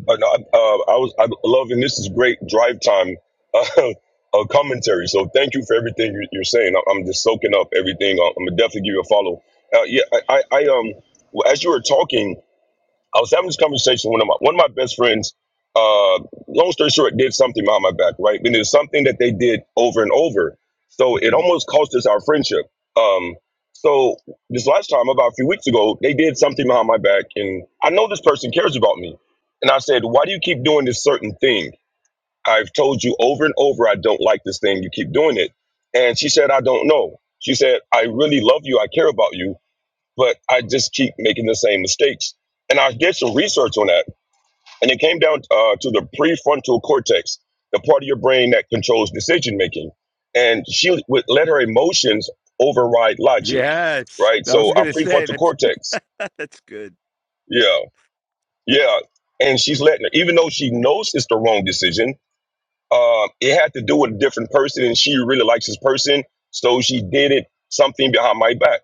Uh, no, I, uh, I was I love and this is great drive time uh, uh, commentary. So thank you for everything you- you're saying. I- I'm just soaking up everything. Uh, I'm gonna definitely give you a follow. Uh, yeah, I, I, I um well, as you were talking. I was having this conversation with one of my one of my best friends. Uh, long story short, did something behind my back, right? And it was something that they did over and over, so it almost cost us our friendship. Um, so this last time, about a few weeks ago, they did something behind my back, and I know this person cares about me. And I said, "Why do you keep doing this certain thing? I've told you over and over I don't like this thing. You keep doing it." And she said, "I don't know." She said, "I really love you. I care about you." but I just keep making the same mistakes. And I did some research on that, and it came down uh, to the prefrontal cortex, the part of your brain that controls decision making. And she would let her emotions override logic,
Yes.
right?
I was
So our
going to say
prefrontal
that's
cortex,
that's good.
yeah, yeah. And she's letting her, even though she knows it's the wrong decision, um, it had to do with a different person, and she really likes this person, so she did it something behind my back.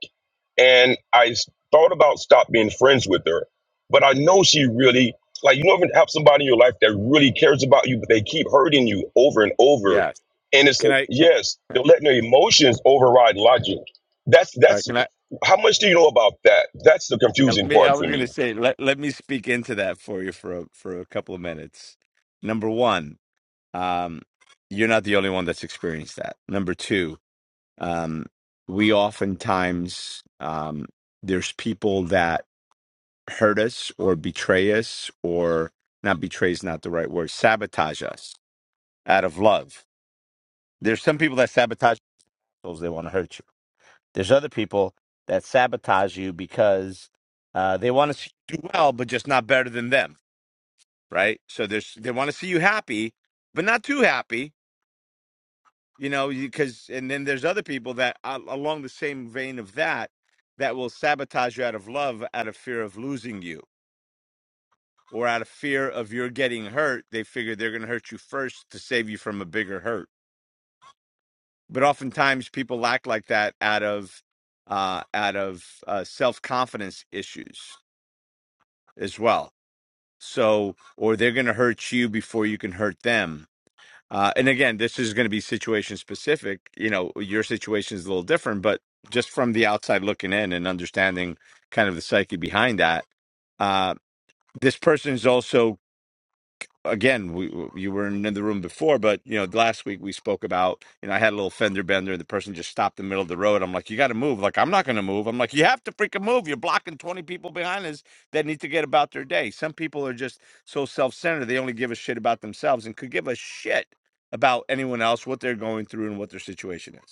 And I s- thought about stop being friends with her, but I know she really like you never have somebody in your life that really cares about you, but they keep hurting you over and over.
Yes.
And it's
Can
a,
I? Can
yes,
All
they're letting their emotions override logic. That's
right.
that's
can I
how much do you know about that? That's the
Yeah, let
confusing
me I
part for
was going to
me.
say let let me speak into that for you for a, for a couple of minutes. Number 1, um you're not the only one that's experienced that. Number 2, um we oftentimes um there's people that hurt us or betray us or not betray is not the right word, sabotage us out of love. There's some people that sabotage themselves, they want to hurt you. There's other people that sabotage you because uh, they want to see you do well, but just not better than them, right? So there's they want to see you happy, but not too happy, you know. Because and then there's other people that uh, along the same vein of that that will sabotage you out of love, out of fear of losing you, or out of fear of your getting hurt. They figure they're going to hurt you first to save you from a bigger hurt. But oftentimes people act like that out of uh, out of uh, self confidence issues. as well. So, or they're going to hurt you before you can hurt them. Uh, and again, this is going to be situation specific. You know, your situation is a little different, but just from the outside looking in and understanding kind of the psyche behind that, uh, this person is also again, we, you were in the room before, but you know, last week we spoke about, you know, I had a little fender bender. The person just stopped in the middle of the road. I'm like, you got to move. Like, I'm not going to move. I'm like, you have to freaking move. You're blocking 20 people behind us that need to get about their day. Some people are just so self centered, they only give a shit about themselves and could give a shit about anyone else, what they're going through, and what their situation is.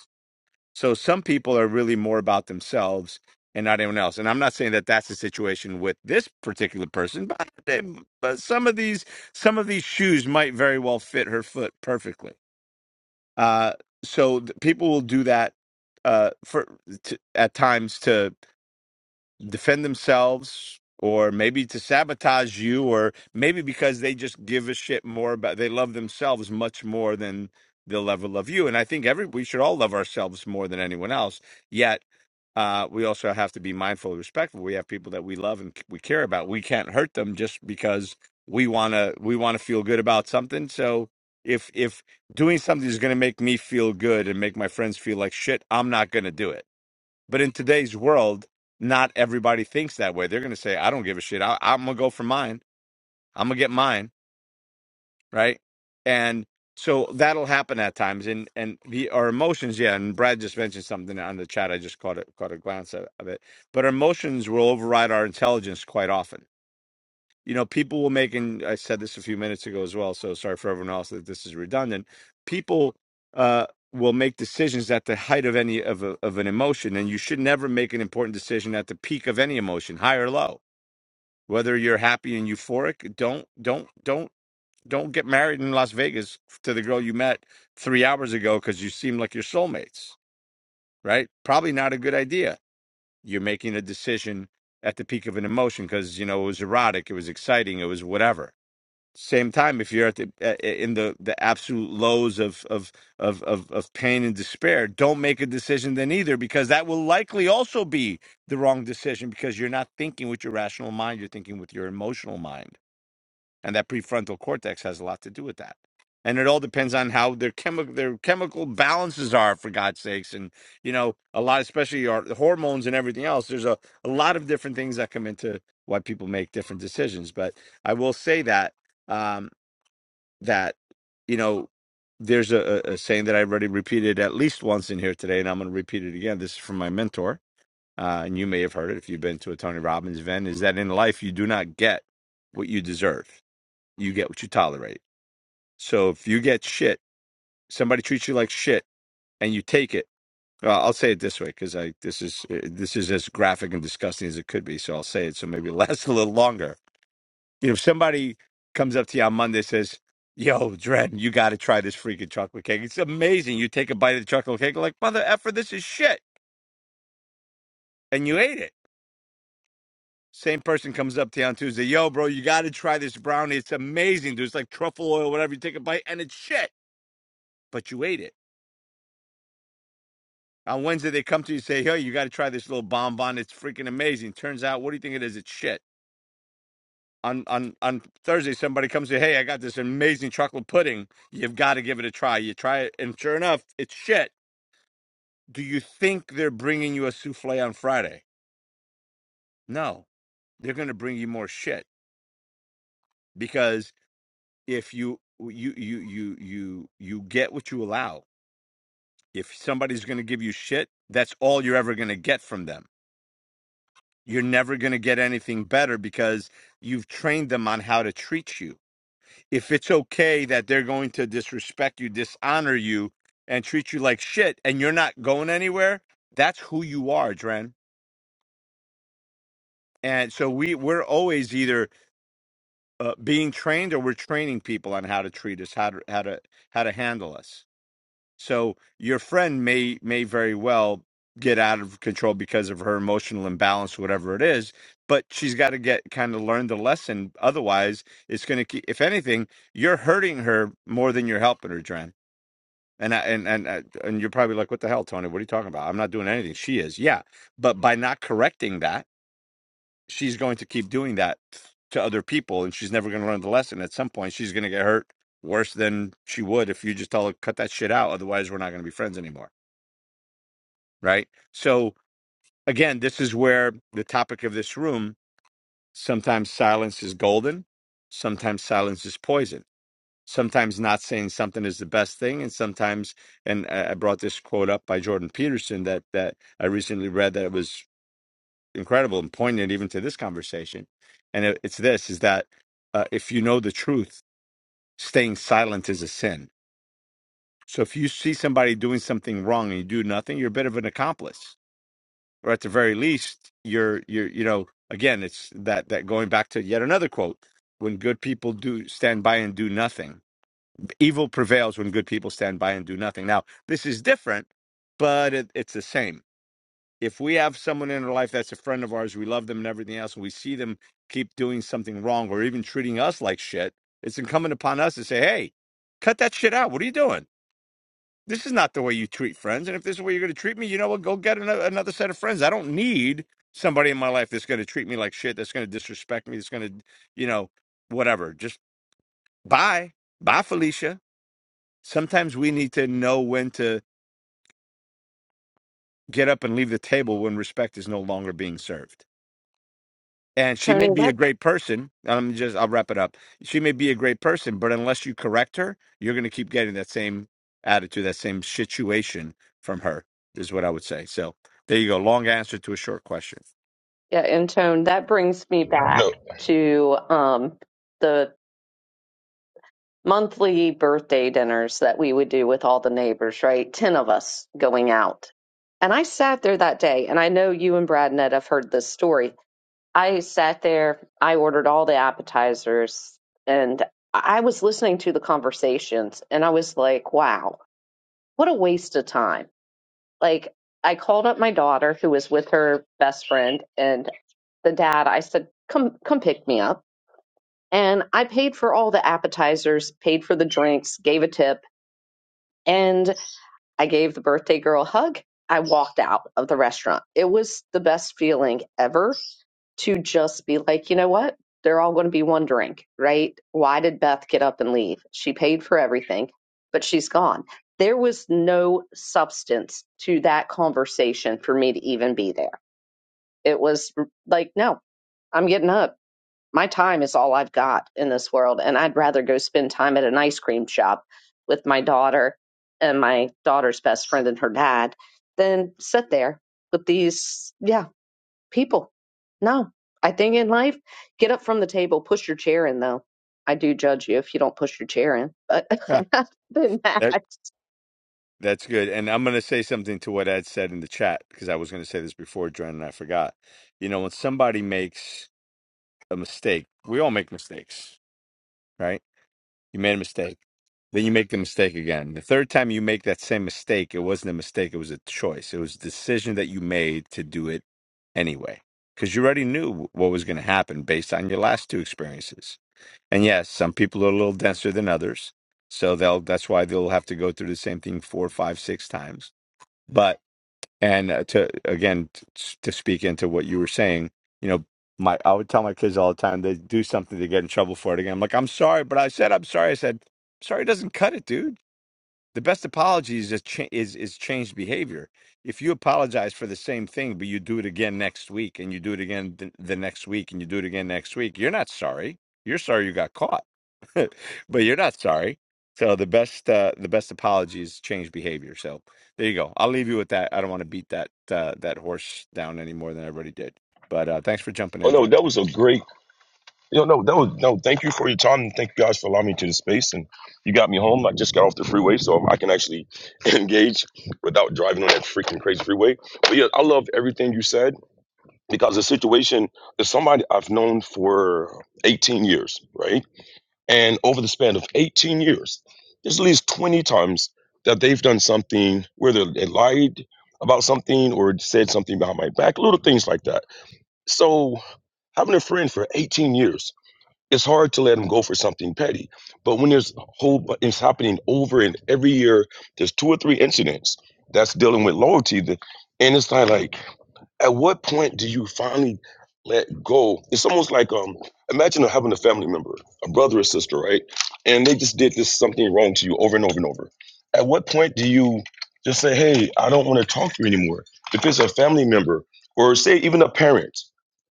So some people are really more about themselves and not anyone else. And I'm not saying that that's the situation with this particular person, but, they, but some of these some of these shoes might very well fit her foot perfectly. Uh, so th- people will do that uh, for to, at times to defend themselves. Or maybe to sabotage you, or maybe because they just give a shit more about they love themselves much more than they'll ever love you. And I think every we should all love ourselves more than anyone else. Yet uh, we also have to be mindful and respectful. We have people that we love and we care about. We can't hurt them just because we wanna we wanna feel good about something. So if if doing something is gonna make me feel good and make my friends feel like shit, I'm not gonna do it. But in today's world, not everybody thinks that way. They're gonna say, I don't give a shit. I, I'm gonna go for mine. I'm gonna get mine right? And so that'll happen at times, and and the, our emotions, yeah. And Brad just mentioned something on the chat. I just caught it, caught a glance of, of it. But our emotions will override our intelligence quite often. You know, people will make, and I said this a few minutes ago as well. So sorry for everyone else that this is redundant. People uh, will make decisions at the height of any of a, of an emotion, and you should never make an important decision at the peak of any emotion, high or low. Whether you're happy and euphoric, don't don't don't don't get married in Las Vegas to the girl you met three hours ago because you seem like your soulmates, right? Probably not a good idea. You're making a decision at the peak of an emotion because you know it was erotic, it was exciting, it was whatever. Same time, if you're at the uh, in the the absolute lows of of of of, of pain and despair, don't make a decision then either because that will likely also be the wrong decision because you're not thinking with your rational mind, you're thinking with your emotional mind and that prefrontal cortex has a lot to do with that and it all depends on how their chemical their chemical balances are for god's sakes and you know a lot especially our the hormones and everything else there's a, a lot of different things that come into why people make different decisions but i will say that um that you know there's a, a a saying that i already repeated at least once in here today and i'm going to repeat it again this is from my mentor uh, and you may have heard it if you've been to a tony robbins event is that in life you do not get what you deserve you get what you tolerate. So if you get shit, somebody treats you like shit, and you take it. Well, I'll say it this way because I this is uh, this is as graphic and disgusting as it could be. So I'll say it so maybe it lasts a little longer. You know, if somebody comes up to you on Monday and says, "Yo, Dren, you got to try this freaking chocolate cake. It's amazing." You take a bite of the chocolate cake, you're like mother effer, this is shit, and you ate it. Same person comes up to you on Tuesday, "Yo, bro, you got to try this brownie. It's amazing. dude. It's like truffle oil, whatever. You take a bite, and it's shit, but you ate it." On Wednesday, they come to you and say, "Hey, you got to try this little bonbon. It's freaking amazing." Turns out, what do you think it is? It's shit. On on on Thursday, somebody comes to, "Hey, I got this amazing chocolate pudding. You've got to give it a try." You try it, and sure enough, it's shit. Do you think they're bringing you a souffle on Friday? No, they're going to bring you more shit because if you you you you you you get what you allow. If somebody's going to give you shit, that's all you're ever going to get from them you're never going to get anything better because you've trained them on how to treat you. If it's okay that they're going to disrespect you, dishonor you, and treat you like shit, and you're not going anywhere, that's who you are, Dren. And so we we're always either uh, being trained or we're training people on how to treat us, how to how to how to handle us. So your friend may may very well get out of control because of her emotional imbalance, whatever it is. But she's got to get kind of learn the lesson. Otherwise, it's going to keep. If anything, you're hurting her more than you're helping her, Dren. And I, and and I- and you're probably like, what the hell, Tony? What are you talking about? I'm not doing anything. She is, yeah. But by not correcting that, she's going to keep doing that to other people, and she's never going to learn the lesson. At some point, she's going to get hurt worse than she would if you just tell her cut that shit out. Otherwise, we're not going to be friends anymore right? So again, this is where the topic of this room sometimes silence is golden, sometimes silence is poison. Sometimes not saying something is the best thing, and sometimes, and I I brought this quote up by Jordan Peterson that that I recently read that it was incredible and poignant even to this conversation. And it, it's this: is that uh, if you know the truth, staying silent is a sin. So if you see somebody doing something wrong and you do nothing, you're a bit of an accomplice or at the very least you're you're you know again it's that that going back to yet another quote when good people do stand by and do nothing evil prevails when good people stand by and do nothing now this is different but it, it's the same if we have someone in our life that's a friend of ours we love them and everything else and we see them keep doing something wrong or even treating us like shit it's incumbent upon us to say hey cut that shit out what are you doing this is not the way you treat friends. And if this is the way you're going to treat me, you know what? Go get another, another set of friends. I don't need somebody in my life that's going to treat me like shit, that's going to disrespect me, that's going to, you know, whatever. Just bye. Bye, Felicia. Sometimes we need to know when to get up and leave the table when respect is no longer being served. and she
Tony,
may be
that
a great person. I'm just I'll wrap it up. She may be a great person, but unless you correct her, you're going to keep getting that same attitude, that same situation from her. Is what I would say. So there you go. Long answer to a short question.
yeah, and Tone, that brings me back
No,
to um the monthly birthday dinners that we would do with all the neighbors, right? Ten of us going out. And I sat there that day, and I know you and Brad Ned have heard this story. I sat there, I ordered all the appetizers, and I was listening to the conversations, and I was like, wow what a waste of time. Like, I called up my daughter who was with her best friend and the dad. I said, come, come pick me up. And I paid for all the appetizers, paid for the drinks, gave a tip, and I gave the birthday girl a hug. I walked out of the restaurant. It was the best feeling ever to just be like, you know what? They're all going to be wondering, right? Why did Beth get up and leave? She paid for everything, but she's gone. There was no substance to that conversation for me to even be there. It was like, no, I'm getting up. My time is all I've got in this world, and I'd rather go spend time at an ice cream shop with my daughter and my daughter's best friend and her dad than sit there with these. Yeah, people. No, I think in life, get up from the table, push your chair in though. I do judge you if you don't push your chair in, but
Yeah,
other than that,
that that's good. And I'm going to say something to what Ed said in the chat because I was going to say this before, Dren, and I forgot. You know, when somebody makes a mistake, we all make mistakes, right? You made a mistake. Then you make the mistake again. The third time you make that same mistake, it wasn't a mistake, it was a choice. It was a decision that you made to do it anyway. Because you already knew what was going to happen based on your last two experiences. And yes, some people are a little denser than others. So they'll that's why they'll have to go through the same thing four, five, six times. But and uh, to again t- s- to speak into what you were saying you know my i would tell my kids all the time they do something they get in trouble for it again i'm like i'm sorry but i said i'm sorry i said sorry doesn't cut it dude the best apology is just cha- is is changed behavior if you apologize for the same thing but you do it again next week and you do it again th- the next week and you do it again next week you're not sorry you're sorry you got caught but you're not sorry. So the best uh, the best apology is change behavior. So there you go. I'll leave you with that. I don't want to beat that uh, that horse down any more than I already did. But uh, thanks for jumping
oh
in,
no,
Dre.
that was a great You know, no, that was no. Thank you for your time, and thank you guys for allowing me to the space. And you got me home. I just got off the freeway, so I can actually engage without driving on that freaking crazy freeway. But yeah, I love everything you said because the situation is somebody I've known for 18 years, right? And over the span of 18 years, there's at least 20 times that they've done something where they lied about something or said something behind my back, little things like that. So having a friend for 18 years it's hard to let them go for something petty. But when there's a whole, bu- it's happening over and every year, there's two or three incidents that's dealing with loyalty. That, and it's not like at what point do you finally let go? It's almost like um, imagine having a family member, a brother or sister, right? And they just did this something wrong to you over and over and over. At what point do you just say, "Hey, I don't want to talk to you anymore"? If it's a family member, or say even a parent,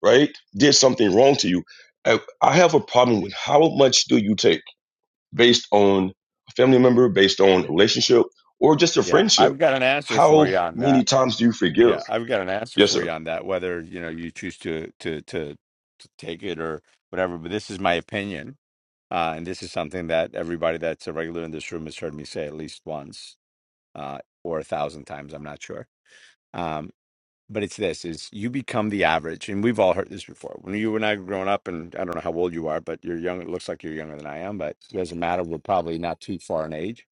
right, did something wrong to you. I I have a problem with how much do you take based on a family member, based on a relationship, or just a
Yeah,
friendship?
I've got an answer for
How
you on that.
many times do you forgive?
Yeah, I've got an answer
Yes,
for
sir.
you on that. Whether you know you choose to to to, to take it or whatever, but this is my opinion, uh, and this is something that everybody that's a regular in this room has heard me say at least once uh, or a thousand times. I'm not sure. Um, but it's this is you become the average and we've all heard this before when you and i were growing up and i don't know how old you are but you're young it looks like you're younger than i am but it doesn't matter we're probably not too far in age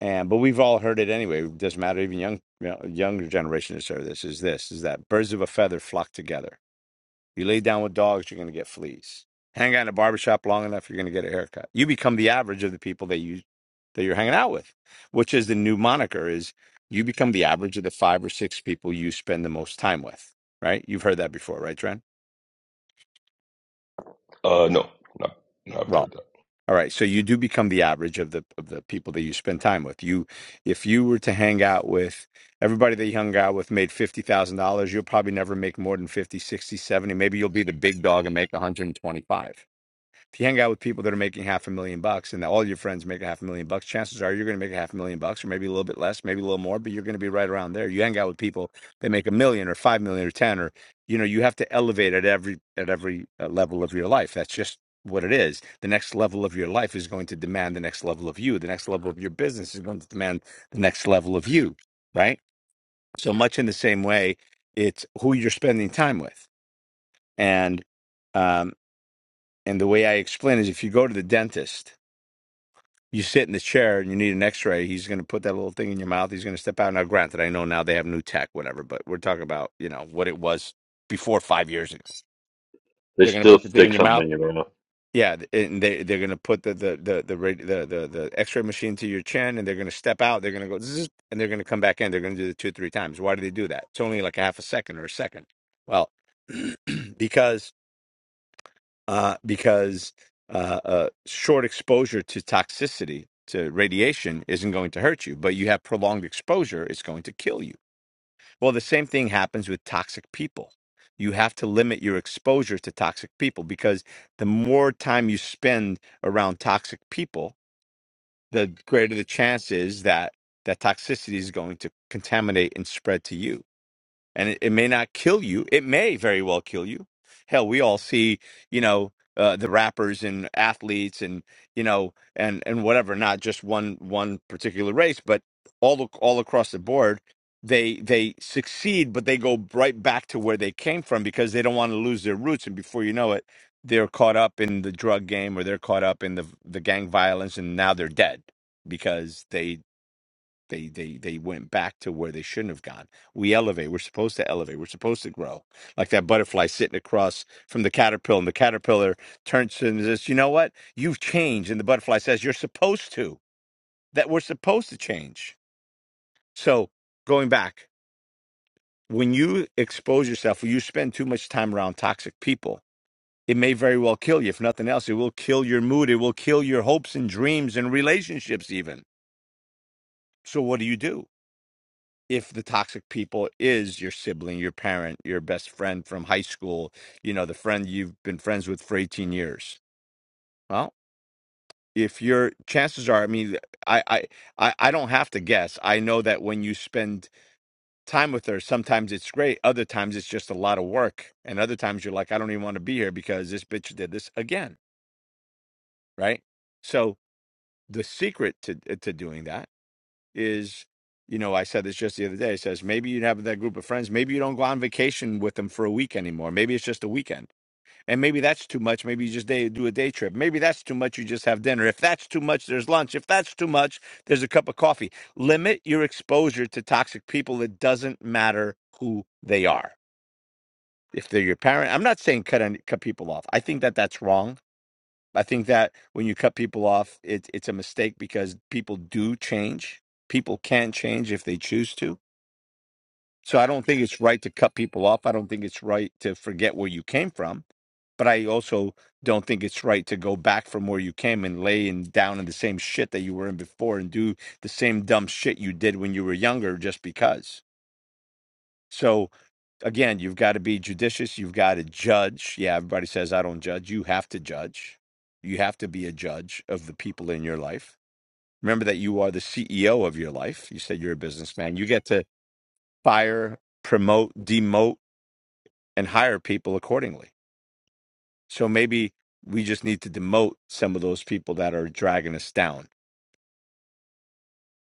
and but we've all heard it anyway it doesn't matter even young you know, younger generation has heard this is this is that birds of a feather flock together you lay down with dogs, you're going to get fleas. Hang out in a barbershop long enough, you're going to get a haircut. You become the average of the people that you that you're hanging out with, which is the new moniker is you become the average of the five or six people you spend the most time with, right? You've heard that before, right, Trent?
Uh, no, no, no, I've
Well,
heard that.
all right. So you do become the average of the of the people that you spend time with. You, if you were to hang out with everybody that you hung out with made fifty thousand dollars, you'll probably never make more than 50, 60, 70. Maybe you'll be the big dog and make 125 If you hang out with people that are making half a million bucks and all your friends make a half a million bucks, chances are you're going to make a half a million bucks or maybe a little bit less, maybe a little more, but you're going to be right around there. You hang out with people that make a million or 5 million or 10 or you know, you have to elevate at every at every uh, level of your life. That's just what it is. The next level of your life is going to demand the next level of you. The next level of your business is going to demand the next level of you, right? So much in the same way, it's who you're spending time with. And um and the way I explain is if you go to the dentist you sit in the chair and you need an x-ray he's going to put that little thing in your mouth he's going to step out now granted i know now they have new tech whatever but we're talking about you know what it was before five years ago
They
they're going to
still
put the thing in
stick
your
something
mouth
in your mouth.
yeah th- and they, they're going to put the the the the, radi- the the the x-ray machine to your chin and they're going to step out they're going to go zzz, and they're going to come back in they're going to do it two or three times why do they do that it's only like a half a second or a second well because uh, because uh, uh, short exposure to toxicity to radiation isn't going to hurt you, but you have prolonged exposure, it's going to kill you. Well, the same thing happens with toxic people. You have to limit your exposure to toxic people because the more time you spend around toxic people, the greater the chance is that that toxicity is going to contaminate and spread to you and it, it may not kill you. It may very well kill you. Hell, we all see, you know, uh, the rappers and athletes and you know and and whatever, not just one one particular race, but all ac- all across the board, they they succeed, but they go right back to where they came from because they don't want to lose their roots. And before you know it, they're caught up in the drug game or they're caught up in the the gang violence, and now they're dead because they they they they went back to where they shouldn't have gone. We elevate. We're supposed to elevate. We're supposed to grow. Like that butterfly sitting across from the caterpillar, and the caterpillar turns to him and says, "You know what? You've changed." And the butterfly says, "You're supposed to. That we're supposed to change." So going back, when you expose yourself, when you spend too much time around toxic people, it may very well kill you. If nothing else, it will kill your mood. It will kill your hopes and dreams and relationships, even. So what do you do? if the toxic people is your sibling, your parent, your best friend from high school, you know, the friend you've been friends with for 18 years. Well, if your chances are, I mean, I, I, I I don't have to guess. I know that when you spend time with her, sometimes it's great. Other times it's just a lot of work. And other times you're like, I don't even want to be here because this bitch did this again. Right. So the secret to, uh, to doing that is, you know, I said this just the other day. It says maybe you have that group of friends. Maybe you don't go on vacation with them for a week anymore. Maybe it's just a weekend, and maybe that's too much. Maybe you just day, do a day trip. Maybe that's too much. You just have dinner. If that's too much, there's lunch. If that's too much, there's a cup of coffee. Limit your exposure to toxic people. It doesn't matter who they are. If they're your parent, I'm not saying cut any, cut people off. I think that that's wrong. I think that when you cut people off, it, it's a mistake because people do change. People can change if they choose to. So I don't think it's right to cut people off. I don't think it's right to forget where you came from. But I also don't think it's right to go back from where you came and lay in down in the same shit that you were in before and do the same dumb shit you did when you were younger just because. So again, you've got to be judicious. You've got to judge. Yeah, everybody says I don't judge. You have to judge. You have to be a judge of the people in your life. Remember that you are the CEO of your life. You said you're a businessman. You get to fire, promote, demote, and hire people accordingly. So maybe we just need to demote some of those people that are dragging us down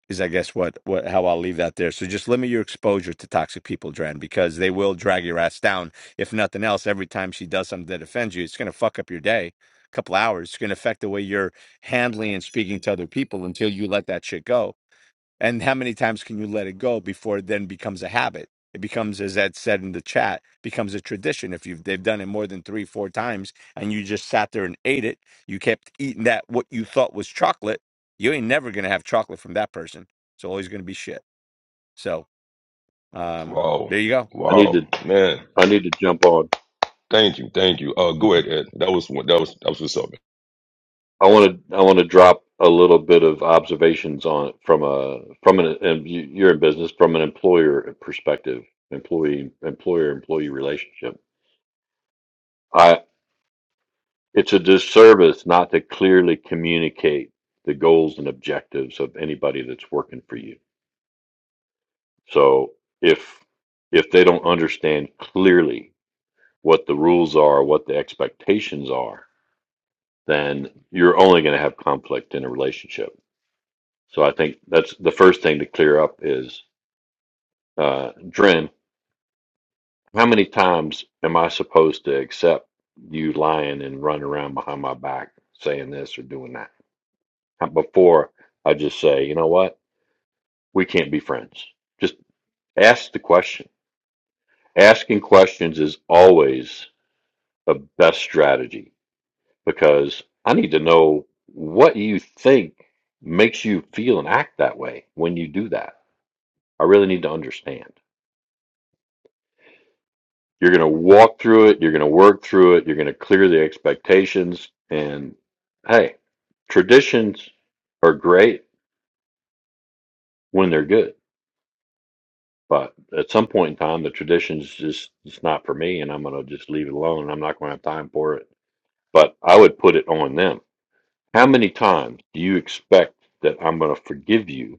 is I guess what what how I'll leave that there. So just limit your exposure to toxic people, Dren, because they will drag your ass down. If nothing else, every time she does something that offends you, it's gonna fuck up your day, a couple hours. It's gonna affect the way you're handling and speaking to other people until you let that shit go. And how many times can you let it go before it then becomes a habit? It becomes, as Ed said in the chat, becomes a tradition. If you've they've done it more than three, four times, and you just sat there and ate it, you kept eating that what you thought was chocolate. You ain't never gonna have chocolate from that person. It's always gonna be shit. So um,
Wow,
there you go.
I need
wow,
to
man.
I need to jump on.
Thank you, thank you. Uh, go ahead, Ed. That was one. That was that was what's up. man.
I want to I want to drop a little bit of observations on from a from an and you- you're in business from an employer perspective, employee employer employee relationship. I it's a disservice not to clearly communicate the goals and objectives of anybody that's working for you. So if if they don't understand clearly what the rules are, what the expectations are, then you're only going to have conflict in a relationship So I think that's the first thing to clear up is, uh, Dren, how many times am I supposed to accept you lying and running around behind my back saying this or doing that How- before I just say, you know what, we can't be friends? Just ask the question. Asking questions is always the best strategy because I need to know what you think makes you feel and act that way when you do that. I really need to understand. You're going to walk through it. You're going to work through it. You're going to clear the expectations. And hey, traditions are great when they're good. But at some point in time, the tradition's just it's not for me, and I'm going to just leave it alone. I'm not going to have time for it. But I would put it on them. How many times do you expect that I'm going to forgive you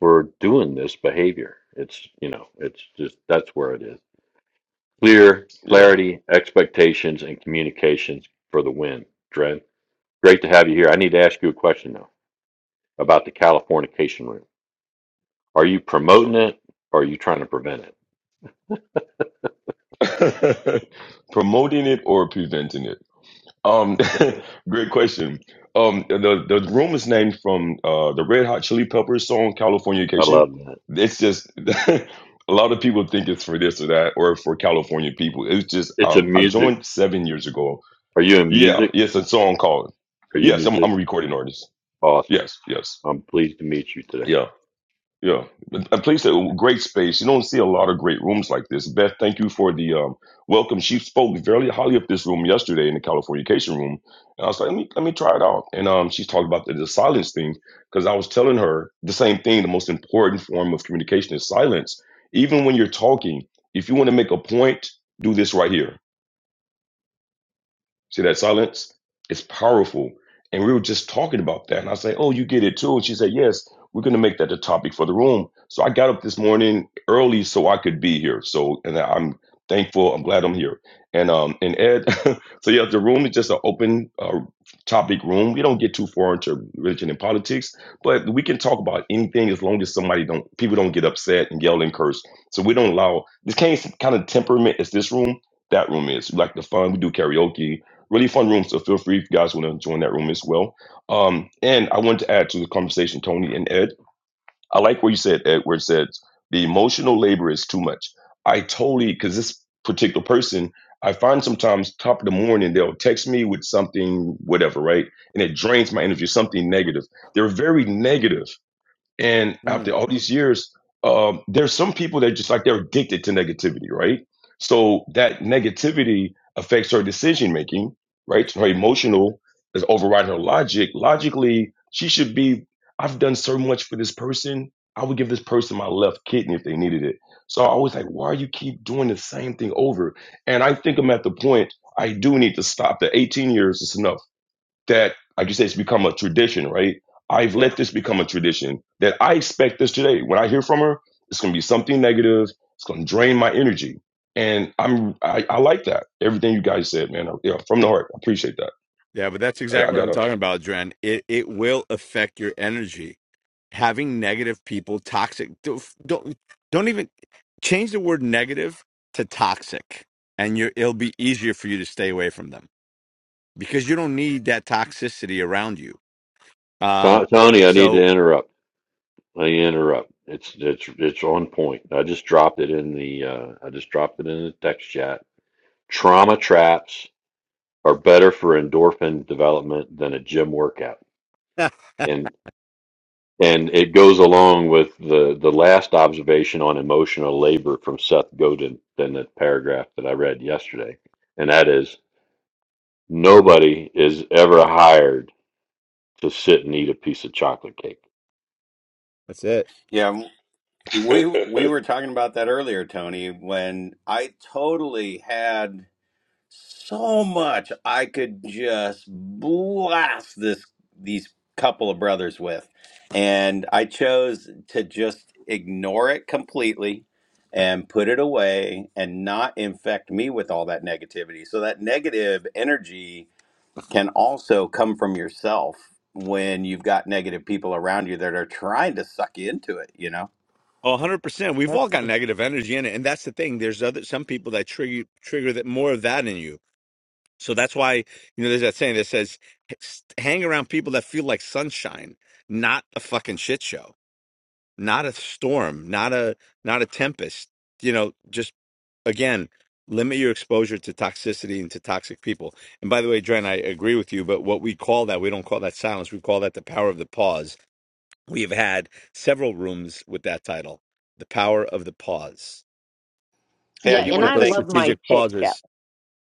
for doing this behavior? It's you know, it's just that's where it is. Clear,
Yeah,
clarity, expectations, and communications for the win. Dred, great to have you here. I need to ask you a question though about the Californication room. Are you
sure.
promoting it or are you trying to prevent it?
Promoting it or preventing it? Um, great question. Um, the the room is named from uh the Red Hot Chili Peppers song
I
"Californication."
love that.
It's just a lot of people think it's for this or that or for California people. It's just
It's a
um, I
music.
joined seven years ago.
Are you in
Yeah,
music?
it's a song called.
Are you a
Yes, I'm, I'm a
musician?
recording artist.
Awesome.
Yes, yes,
I'm pleased to meet you today.
yeah, yeah. But A place that great space. You don't see a lot of great rooms like this. Beth, thank you for the um, welcome. She spoke very highly of this room yesterday in the Californication room, and I was like, let me let me try it out. And um, she's talking about the, the silence thing because I was telling her the same thing. The most important form of communication is silence. Even when you're talking, if you want to make a point, do this right here See that silence? It's powerful. And we were just talking about that. And I say, Oh, you get it too. And she said, Yes, we're going to make that the topic for the room. So I got up this morning early so I could be here. So, and I'm thankful. I'm glad I'm here. And, um, and Ed, so yeah, the room is just an open uh, topic room. We don't get too far into religion and politics, but we can talk about anything as long as somebody don't, people don't get upset and yell and curse. So we don't allow this kind of kind of temperament is this room, that room is We like the fun. We do karaoke really fun room. So feel free if you guys want to join that room as well. Um, and I wanted to add to the conversation, Tony and Ed. I like what you said, Ed, where it said the emotional labor is too much. I totally because this particular person, I find sometimes top of the morning they'll text me with something, whatever, right? And it drains my energy, something negative. They're very negative and after
Mm.
all these years, um, there's some people that just like they're addicted to negativity, right? So that negativity affects her decision making, right? Her emotional is overriding her logic. Logically, she should be, I've done so much for this person. I would give this person my left kidney if they needed it. So I always like, why you keep doing the same thing over? And I think I'm at the point I do need to stop. The 18 years is enough that like you say it's become a tradition right i've let this become a tradition that i expect this today when i hear from her it's going to be something negative it's going to drain my energy and i'm I, I like that everything you guys said man I, yeah, from the heart i appreciate that
Yeah, but that's
i, I
exactly what I'm
gotta
talking about, Dren. It it will affect your energy. Having negative people, toxic. Don't don't don't even change the word negative to toxic, and you it'll be easier for you to stay away from them because you don't need that toxicity around you. Um,
To- Tony, I need to
so
interrupt. I need to interrupt. It's it's it's on point. I just dropped it in the uh, I just dropped it in the text chat. Trauma traps are better for endorphin development than a gym workout. And and it goes along with the the last observation on emotional labor from Seth Godin in that paragraph that I read yesterday. And that is nobody is ever hired to sit and eat a piece of chocolate cake.
That's it.
Yeah, we we were talking about that earlier, Tony, when I totally had. so much I could just blast this these couple of brothers with. And I chose to just ignore it completely and put it away and not infect me with all that negativity. So that negative energy can also come from yourself when you've got negative people around you that are trying to suck you into it, you know.
Oh, 100%. We've all
That's
got negative energy in it, and that's the thing. There's other some people that trigger trigger that more of that in you. So that's why, you know, there's that saying that says, hang around people that feel like sunshine, not a fucking shit show, not a storm, not a not a tempest. You know, just again, limit your exposure to toxicity and to toxic people. And by the way, Dren, I agree with you, but what we call that, we don't call that silence. We call that the power of the pause. We have had several rooms with that title, The Power of the Pause,
Hey,
yeah.
I
where you
do
And
want
put
to
I
those
thank
love my
strategic
chit chat.
pauses.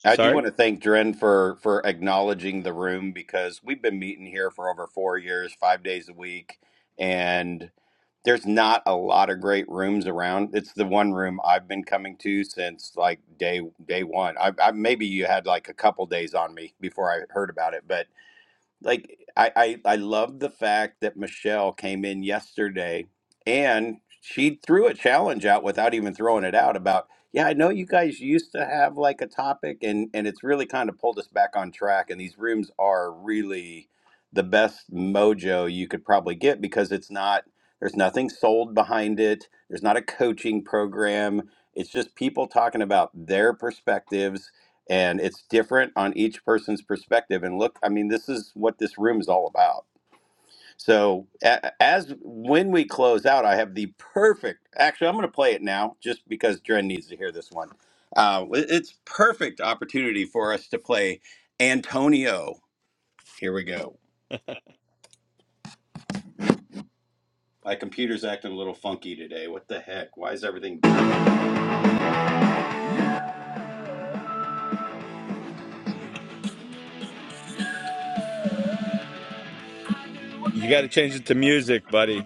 I do
Sorry?
want to thank Dren for for acknowledging the room because we've been meeting here for over four years, five days a week, and there's not a lot of great rooms around. It's the one room I've been coming to since like day day one. I, I maybe you had like a couple days on me before I heard about it, but like I, I I love the fact that Michelle came in yesterday and she threw a challenge out without even throwing it out about yeah I know you guys used to have like a topic and and it's really kind of pulled us back on track and these rooms are really the best mojo you could probably get because it's not there's nothing sold behind it there's not a coaching program it's just people talking about their perspectives and it's different on each person's perspective and look i mean this is what this room is all about so a- as when we close out i have the perfect actually i'm going to play it now just because dren needs to hear this one uh, it- it's perfect opportunity for us to play antonio here we go my computer's acting a little funky today what the heck why is everything oh
You got to change it to music, buddy.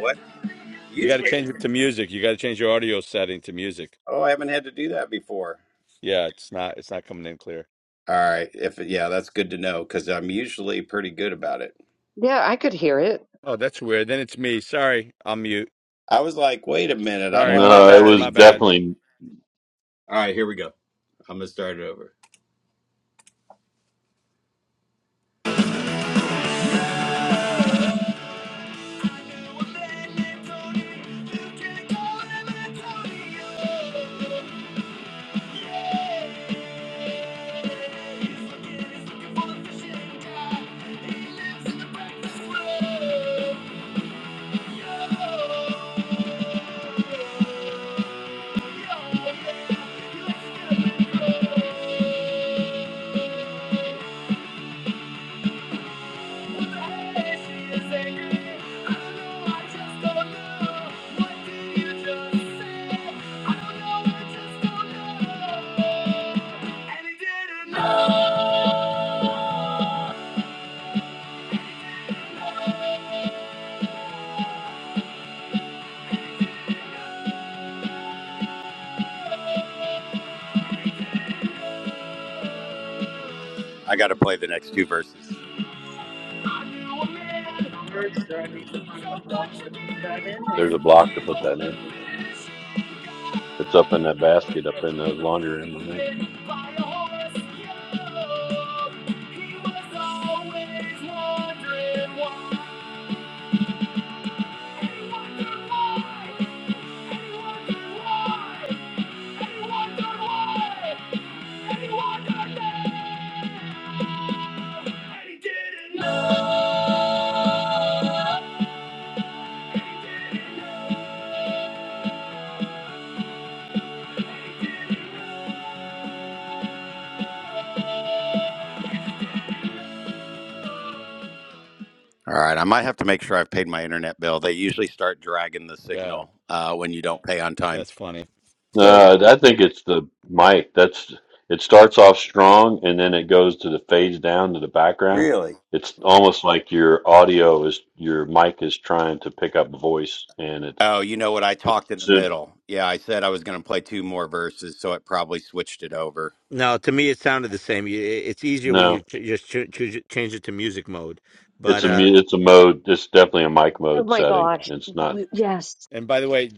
what
You got to
usually
change it to music. You got to change your audio setting to music.
oh i haven't had to do that before
Yeah, it's not it's not coming in clear.
all right if yeah that's good to know because i'm usually pretty good about it
Yeah, I could hear it.
Oh, that's weird. Then it's me. Sorry, I'm mute.
I was like, wait a minute, I don't
Sorry,
have
my
No,
any
it
bad,
was
my
setting change.
bad.
definitely
All right, here we go. I'm gonna start it over. I got to play the next two verses.
there's a there? block to put that in. It's up in that basket up in the laundry room. I think.
All right, I might have to make sure I've paid my internet bill. They usually start dragging the
Yeah,
signal uh, when you don't pay on time.
that's funny. So
Uh,
Oh,
I think it's the mic. That's it starts off strong and then it goes to the fades down to the background.
Really?
It's almost like your audio is your mic is trying to pick up voice and it's
Oh, you know what? I talked in the
it's a,
middle. Yeah, I said I was going to play two more verses, so it probably switched it over.
No, to me it sounded the same. You- It's easier when you
no,
ch- just ch- choose, change it to music mode. But
it's a
uh,
mu- it's a mode. It's definitely a mic
oh
mode
my
setting.
yeah.
gosh,
It's not
W- yes,
And by the way,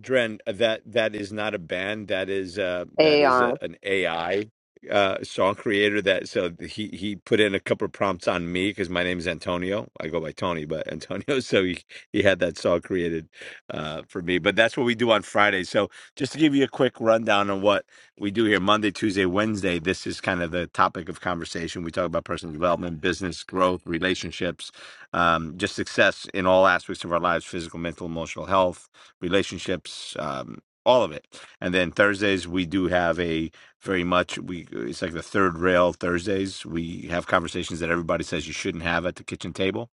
Dren, uh, that that is not a band. That is uh that is
AI,
a, an AI uh song creator that so he he put in a couple of prompts on me because my name is Antonio. I go by Tony, but Antonio, so he he had that song created uh for me. But that's what we do on Friday. So just to give you a quick rundown on what we do here Monday, Tuesday, Wednesday, this is kind of the topic of conversation. We talk about personal development, business growth, relationships um, just success in all aspects of our lives physical, mental, emotional health, relationships, um, all of it. And then Thursdays, we do have a very much, we it's like the third rail Thursdays. We have conversations that everybody says you shouldn't have at the kitchen table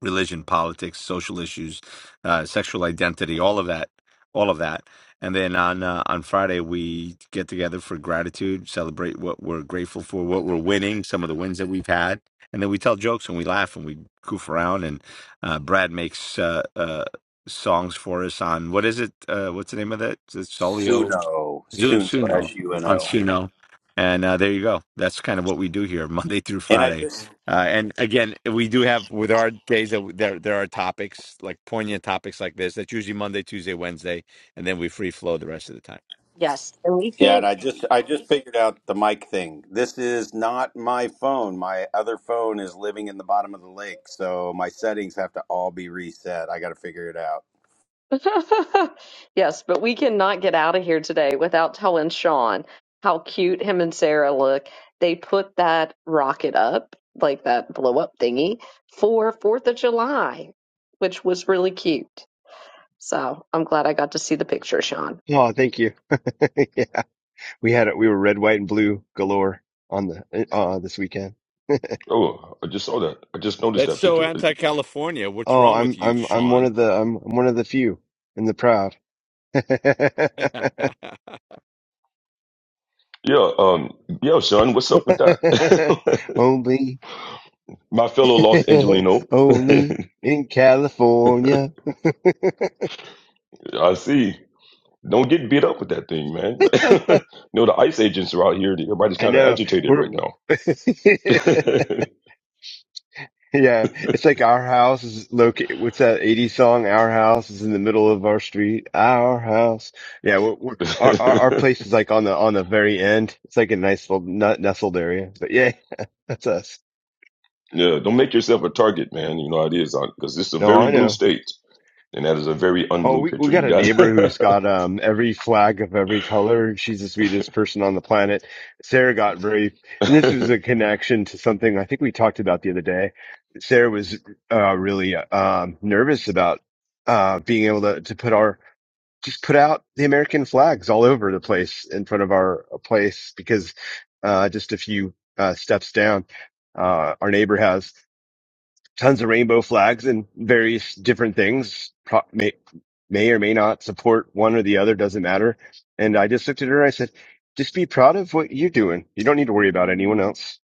religion, politics, social issues, uh, sexual identity, all of that, all of that. And then on uh, on Friday we get together for gratitude, celebrate what we're grateful for, what we're winning, some of the wins that we've had, and then we tell jokes and we laugh and we goof around. And uh, Brad makes uh, uh, songs for us on what is it? Uh, what's the name of that? Is it Solio?
Suno,
Zoom
Suno,
Suno
S U N
on
O.
Suno. And uh, there you go. That's kind of what we do here, Monday through
And I
Friday.
just,
Uh, and again, we do have with our days that there there are topics like poignant topics like this. That's usually Monday, Tuesday, Wednesday, and then we free flow the rest of the time.
yes. And we
yeah,
can't
and I just, I just figured out the mic thing. This is not my phone. My other phone is living in the bottom of the lake, so my settings have to all be reset. I got to figure it out.
Yes, but we cannot get out of here today without telling Sean how cute him and Sarah look. They put that rocket up, like that blow up thingy, for Fourth of July, which was really cute. So I'm glad I got to see the picture, Sean.
you. Oh, thank you. Yeah. We had it. We were red, white, and blue galore on the eh, uh this weekend.
oh i just saw that i just noticed
That's
that
so
picture
anti-California. What's
Oh,
wrong
I'm
with you,
I'm I'm one
Sean?
of the I'm, I'm one of the few and the proud.
and
yeah um yeah sean what's up with that
only,
my fellow los angelino
only in California.
i see Don't get beat up with that thing, man. you know, the ICE agents are out here. Everybody's
I
kind of
know
agitated right
we're.
now.
Yeah, it's like our house is located. What's that 80 song? Our house is in the middle of our street. Our house. Yeah, we're, we're our, our our place is like on the on the very end. It's like a nice little nut nestled area. But yeah, that's us.
yeah, don't make yourself a target, man. You know how it is, because this is a
No,
very
I
blue
know.
state, and that is a very
Oh,
unblue
we we
picture
got
you
a
got.
neighbor who's got um every flag of every color, and she's the sweetest person on the planet. Sarah got very, and this was a connection to something I think we talked about the other day. Sarah was uh really um nervous about uh being able to to put our just put out the American flags all over the place in front of our place because uh just a few uh steps down, uh our neighbor has tons of rainbow flags and various different things pro- may, may or may not support one or the other doesn't matter and i just looked at her and i said just be proud of what you're doing you don't need to worry about anyone else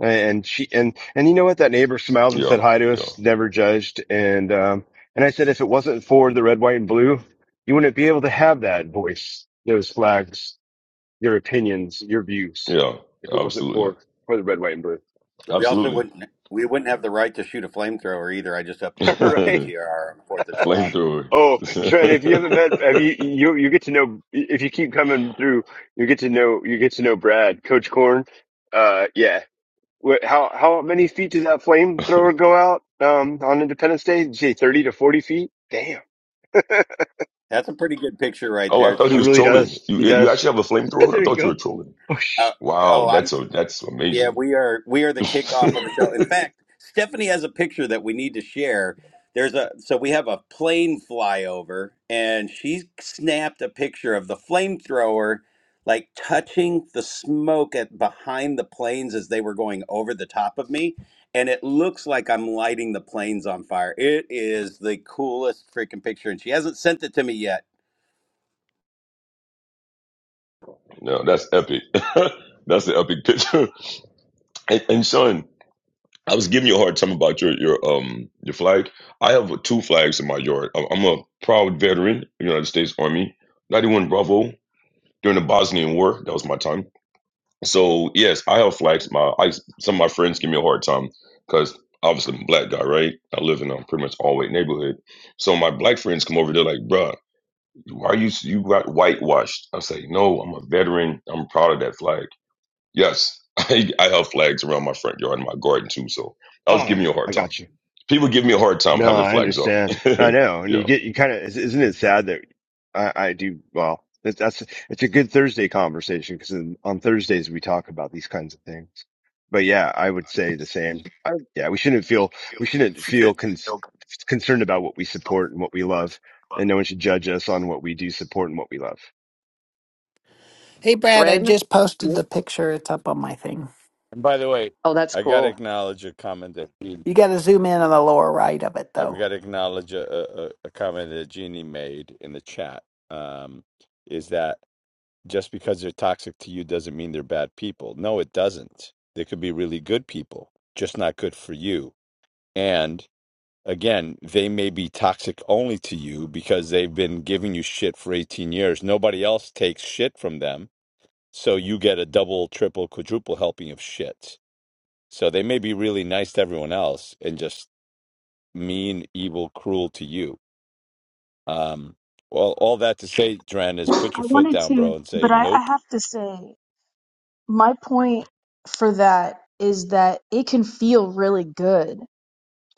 and she and and you know what that neighbor smiled and
yeah,
said hi to
yeah,
us never judged and um and i said if it wasn't for the red white and blue you wouldn't be able to have that voice those flags your opinions your views
yeah,
if it wasn't
absolutely,
for for the red white and blue
We also
absolutely.
wouldn't, we wouldn't have the right to shoot a flamethrower either. I just updated my
right
PTR on the Fourth of July.
flamethrower.
Oh, Trent, if you haven't met, have you, you, you get to know, if you keep coming through, you get to know, you get to know Brad, Coach Corn. Uh, yeah. What, how, how many feet does that flamethrower go out, um, on Independence Day? Did you say 30 to 40 feet? Damn.
That's a pretty good picture right
oh,
there.
I thought he
He
Twenty.
was
really
trolling.
does.
You
He
you
does.
actually have a flamethrower? I
there you
thought you
go.
were trolling.
Oh,
Uh,
sh-
oh,
Wow,
oh, I'm
that's a that's
Yeah,
amazing.
we are we are the kickoff of the show. In fact, Stephanie has a picture that we need to share. There's a so we have a plane flyover and she snapped a picture of the flamethrower like touching the smoke at behind the planes as they were going over the top of me and it looks like I'm lighting the planes on fire. It is the coolest freaking picture and she hasn't sent it to me yet.
No, that's epic. that's an epic picture. And, and son, I was giving you a hard time about your your um your flag. I have uh, two flags in my yard. I'm I'm a proud veteran of the United States Army, 91 Bravo during the Bosnian War. That was my time. So yes, I have flags. My I, some of my friends give me a hard time because obviously I'm a black guy, right? I live in a pretty much all white neighborhood. So my black friends come over. They're like, "Bruh, why you you got whitewashed?" I say, "No, I'm a veteran. I'm proud of that flag." Yes, I, I have flags around my front yard and my garden too. So I was
oh,
giving you a
I
hard time.
got you.
People give me a hard time
No,
having
I
flags up.
understand. No, I
yeah,
know, and you get you kind of isn't it sad that I, I do well. That, that's it's a good Thursday conversation because on Thursdays we talk about these kinds of things. But yeah, I would say the same. I-
Oh,
Yeah, we shouldn't feel we shouldn't feel con- concerned about what we support and what we love, and no one should judge us on what we do support and what we love.
Hey, Brad, I
Dren.
just posted
Yep.
the picture. It's up on my thing.
by the way,
Oh, that's
I got to
cool.
acknowledge a comment that Jean-
You got to zoom in on the lower right of it,
I've
though.
got to acknowledge a, a, a a comment that Jeannie made in the chat. Um, is that just because they're toxic to you doesn't mean they're bad people. No, it doesn't. They could be really good people, just not good for you. And again, they may be toxic only to you because they've been giving you shit for 18 years. Nobody else takes shit from them. So you get a double, triple, quadruple helping of shit. So they may be really nice to everyone else and just mean, evil, cruel to you. Um, well, all that to say, Dren, is put
I
your foot
wanted
down, bro,
to,
and say,
but I, I
nope.
have to say, my point for that is that it can feel really good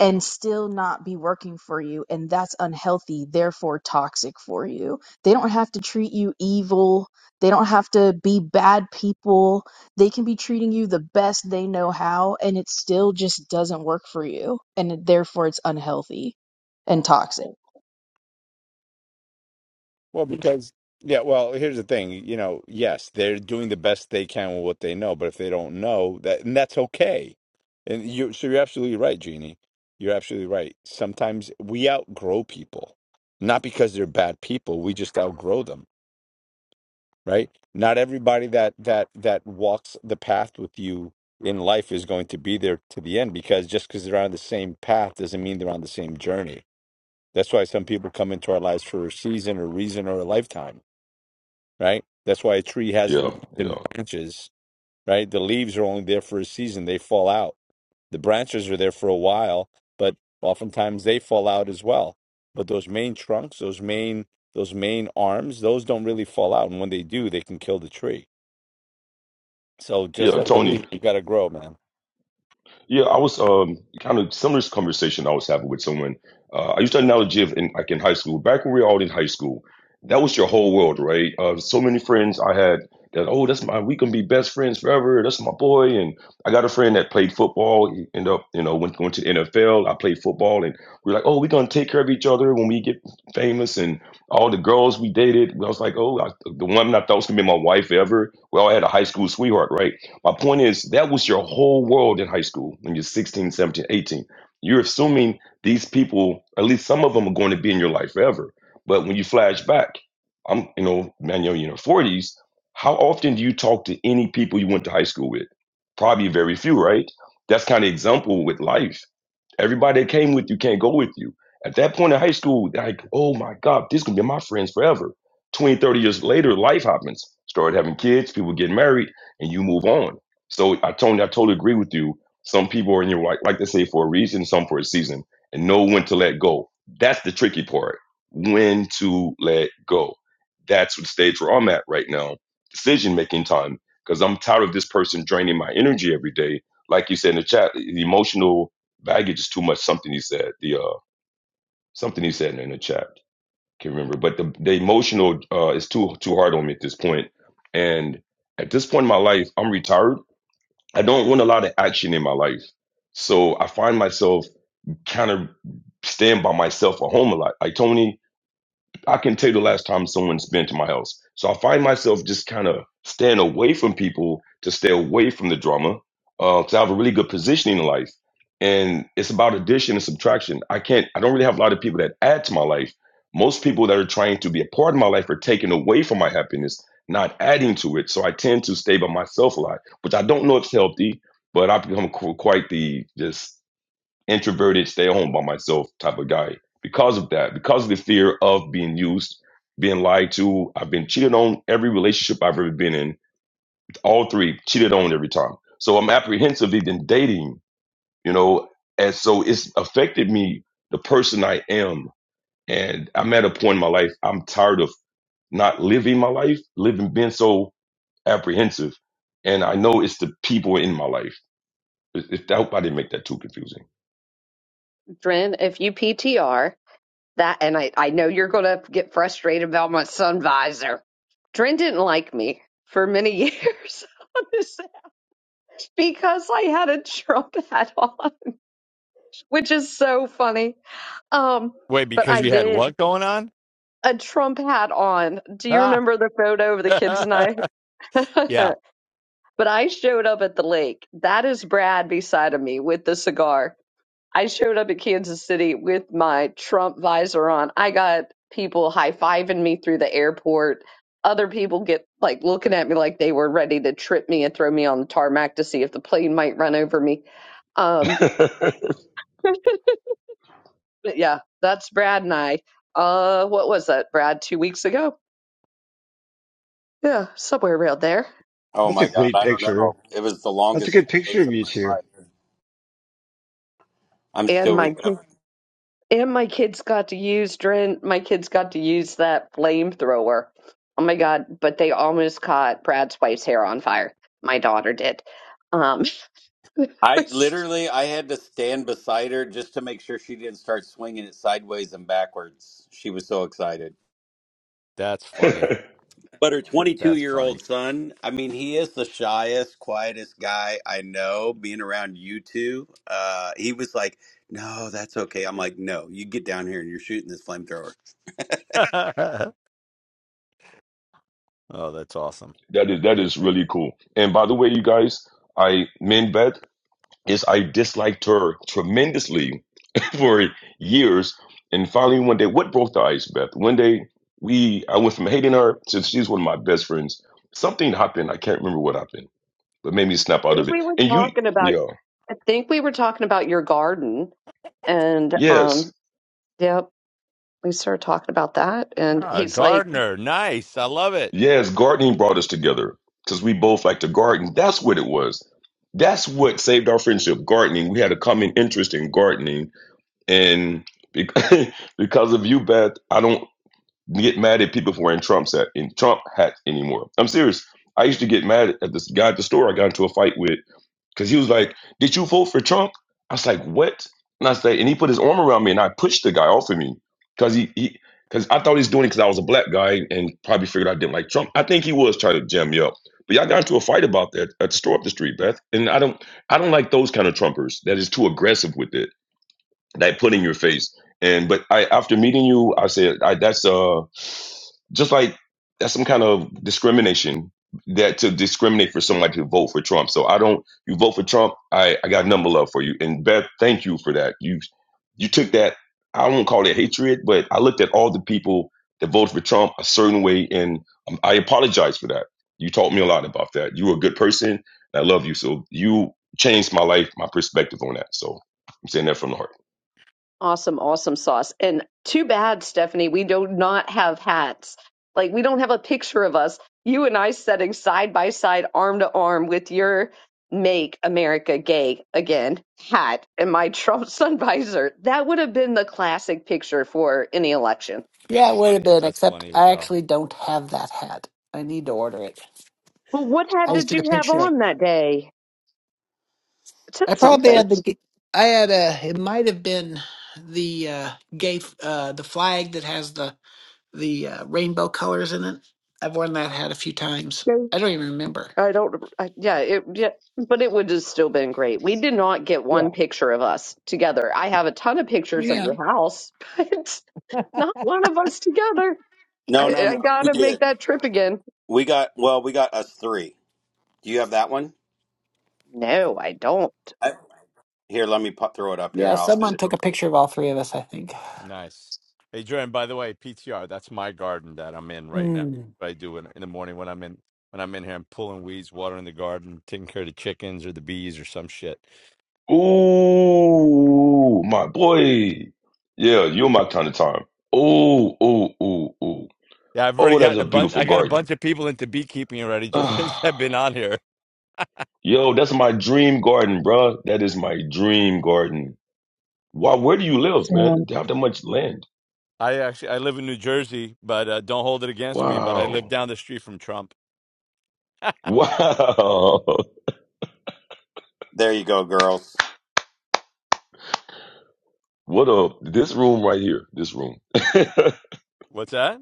and still not be working for you, and that's unhealthy, therefore toxic for you. They don't have to treat you evil, they don't have to be bad people. They can be treating you the best they know how, and it still just doesn't work for you, and therefore it's unhealthy and toxic.
Well, because yeah, well, here's the thing, you know, yes, they're doing the best they can with what they know, but if they don't know that, and that's okay. And you, so you're absolutely right, Jeannie. You're absolutely right. Sometimes we outgrow people, not because they're bad people. We just outgrow them, right? Not everybody that that that walks the path with you in life is going to be there to the end because just because they're on the same path doesn't mean they're on the same journey. That's why some people come into our lives for a season or reason or a lifetime right? That's why a tree has
yeah,
leaves
yeah,
and branches, right? The leaves are only there for a season, they fall out. The branches are there for a while, but oftentimes they fall out as well. But those main trunks, those main those main arms, those don't really fall out. And when they do, they can kill the tree. So just
yeah.
like a
Tony,
leaf, you gotta grow, man.
Yeah, I was um, kind of similar conversation I was having with someone. Uh, I used the analogy of in, like in high school, back when we were all in high school, that was your whole world, right? Uh, so many friends I had that, oh, that's my, we can be best friends forever. That's my boy. And I got a friend that played football. He ended up, you know, went, going to the NFL. I played football and we are like, oh, we're going to take care of each other when we get famous. And all the girls we dated, I was like, oh, I, the one I thought was going to be my wife ever. We all had a high school sweetheart, right? My point is, that was your whole world in high school when you're sixteen, seventeen, eighteen. You're assuming these people, at least some of them, are going to be in your life forever. But when you flash back, I'm, you know, man, you're in your 40s. How often do you talk to any people you went to high school with? Probably very few, right? That's kind of example with life Everybody that came with you can't go with you. At that point in high school, like, oh my God, this could be my friends forever. 20, 30 years later, life happens. Started having kids, people get married, and you move on. So I totally, I totally agree with you. Some people are in your life, like they say, for a reason, some for a season, and know when to let go. That's the tricky part. When to let go. That's what stage where I'm at right now. Decision making time. Because I'm tired of this person draining my energy every day. Like you said in the chat, the emotional baggage is too much. Something he said. The uh, something he said in the chat. Can't remember. But the the emotional uh, is too too hard on me at this point. And at this point in my life, I'm retired. I don't want a lot of action in my life. So I find myself kind of staying by myself at home a lot. Like Tony, I can tell you the last time someone's been to my house. So I find myself just kind of staying away from people to stay away from the drama because I have a really good positioning in life. And it's about addition and subtraction. I can't, I don't really have a lot of people that add to my life. Most people that are trying to be a part of my life are taking away from my happiness, not adding to it. So I tend to stay by myself a lot, which I don't know if it's healthy, but I've become qu- quite the just introverted, stay home by myself type of guy. Because of that, because of the fear of being used, being lied to, I've been cheated on every relationship I've ever been in. All three cheated on every time. So I'm apprehensive even dating, you know, and so it's affected me, the person I am. And I'm at a point in my life, I'm tired of not living my life, living, being so apprehensive. And I know it's the people in my life. It, it, I hope I didn't make that too confusing.
Dren, if you PTR that, and I, I know you're going to get frustrated about my sun visor. Dren didn't like me for many years on this because I had a Trump hat on, which is so funny. Um,
Wait,
but
because
I
you had
did
what going on?
a Trump hat on. Do you
Ah.
remember the photo of the kids and I?
yeah,
But I showed up at the lake. That is Brad beside of me with the cigar. I showed up at Kansas City with my Trump visor on. I got people high fiving me through the airport. Other people get like looking at me like they were ready to trip me and throw me on the tarmac to see if the plane might run over me. Um, but yeah, that's Brad and I. Uh, what was that, Brad? Two weeks ago? Yeah, somewhere around there.
Oh
That's a
my god,
great
I don't know.
picture.
It was the
That's a
longest
good
10
picture
days
of
of
you
my
two.
life. I'm
And
still
my kid
recovering.
and my kids got to use Dren my kids got to use that flamethrower. Oh my god, but they almost caught Brad's wife's hair on fire. My daughter did. Um it
I
was-
literally I had to stand beside her just to make sure she didn't start swinging it sideways and backwards. She was so excited.
that's funny.
But her 22
That's
year
funny.
old son, I mean, he is the shyest, quietest guy I know. Being around you two, uh, he was like, "No, that's okay." I'm like, "No, you get down here and you're shooting this flamethrower."
oh, that's awesome.
That is that is really cool. And by the way, you guys, I Minbet is I disliked her tremendously for years. And finally one day, what broke the ice, Beth? One day we I went from hating her since she's one of my best friends. Something happened. I can't remember what happened, but made me snap
I
out
think
of it.
we were
And you
talking about
yeah.
I think we were talking about your garden and um
Yes.
yep, we started talking about that and
Ah, a
he's like
gardener. Nice. I love it.
Yes, gardening brought us together. Because we both like to garden. That's what it was. That's what saved our friendship, gardening. We had a common interest in gardening And bec- because of you, Beth, I don't get mad at people for wearing Trump's hat in Trump hats anymore. I'm serious. I used to get mad at this guy at the store I got into a fight with because he was like, Did you vote for Trump? I was like, What? And I said, and he put his arm around me and I pushed the guy off of me because he, he cause I thought he was doing it because I was a black guy and probably figured I didn't like Trump. I think he was trying to jam me up. But y'all got into a fight about that at the store up the street, Beth. And I don't I don't like those kind of Trumpers that is too aggressive with it that put in your face. And but I after meeting you, I said I, that's uh just like that's some kind of discrimination that to discriminate for somebody to vote for Trump. So I don't you vote for Trump, I I got number love for you. And Beth, thank you for that. You you took that I won't call it hatred, but I looked at all the people that voted for Trump a certain way, and um, I apologize for that. You taught me a lot about that. You were a good person. And I love you. So you changed my life, my perspective on that. So I'm saying that from the heart.
Awesome, awesome sauce. And too bad, Stephanie, we do not have hats. Like we don't have a picture of us, you and I sitting side by side, arm to arm with your Make America Gay Again hat and my Trump sun visor. That would have been the classic picture for any election.
Yeah, it would have been,
That's
except
funny. as
I
hell.
actually don't have that hat. I need to order it.
Well, what
I
hat
just
did
did a
you have
picture of
on that day? It said
I probably
something.
had the g- I had a it might have been the uh gay f- uh the flag that has the the uh, rainbow colors in it. I've worn that hat a few times. I don't even remember.
I don't. I, yeah, it. Yeah, but it would have still been great. We did not get one
Yeah.
picture of us together. I have a ton of pictures of
Yeah.
your house, but not one of us together.
No, no,
I, I
no. We
gotta make
did.
that trip again.
We got well. We got us three. Do you have that one?
No, I don't.
I, here, let me pop, throw it up here
Yeah,
and I'll send
someone
it
took
over
a
to you.
picture of all three of us, I think.
Nice. Hey, Jordan, by the way, PTR, that's my garden that I'm in right now. What I do in, in the morning when I'm in when I'm in here, I'm pulling weeds, watering the garden, taking care of the chickens or the bees or some shit.
Ooh, my boy. Yeah, you're my kind of time. Ooh, ooh, ooh, ooh.
Yeah, I've already
Oh, that's
gotten
a
a bunch I
beautiful
got a bunch
garden.
of people into beekeeping already just since
Ah,
I've been on here.
Yo, that's my dream garden, bruh. That is my dream garden. Wow, where do you live, man? Do you have that much land?
I actually I live in New Jersey, but uh, don't hold it against me, but I live
Wow.
down the street from Trump.
Wow.
There you go, girls.
What a this room right here. This room.
What's that?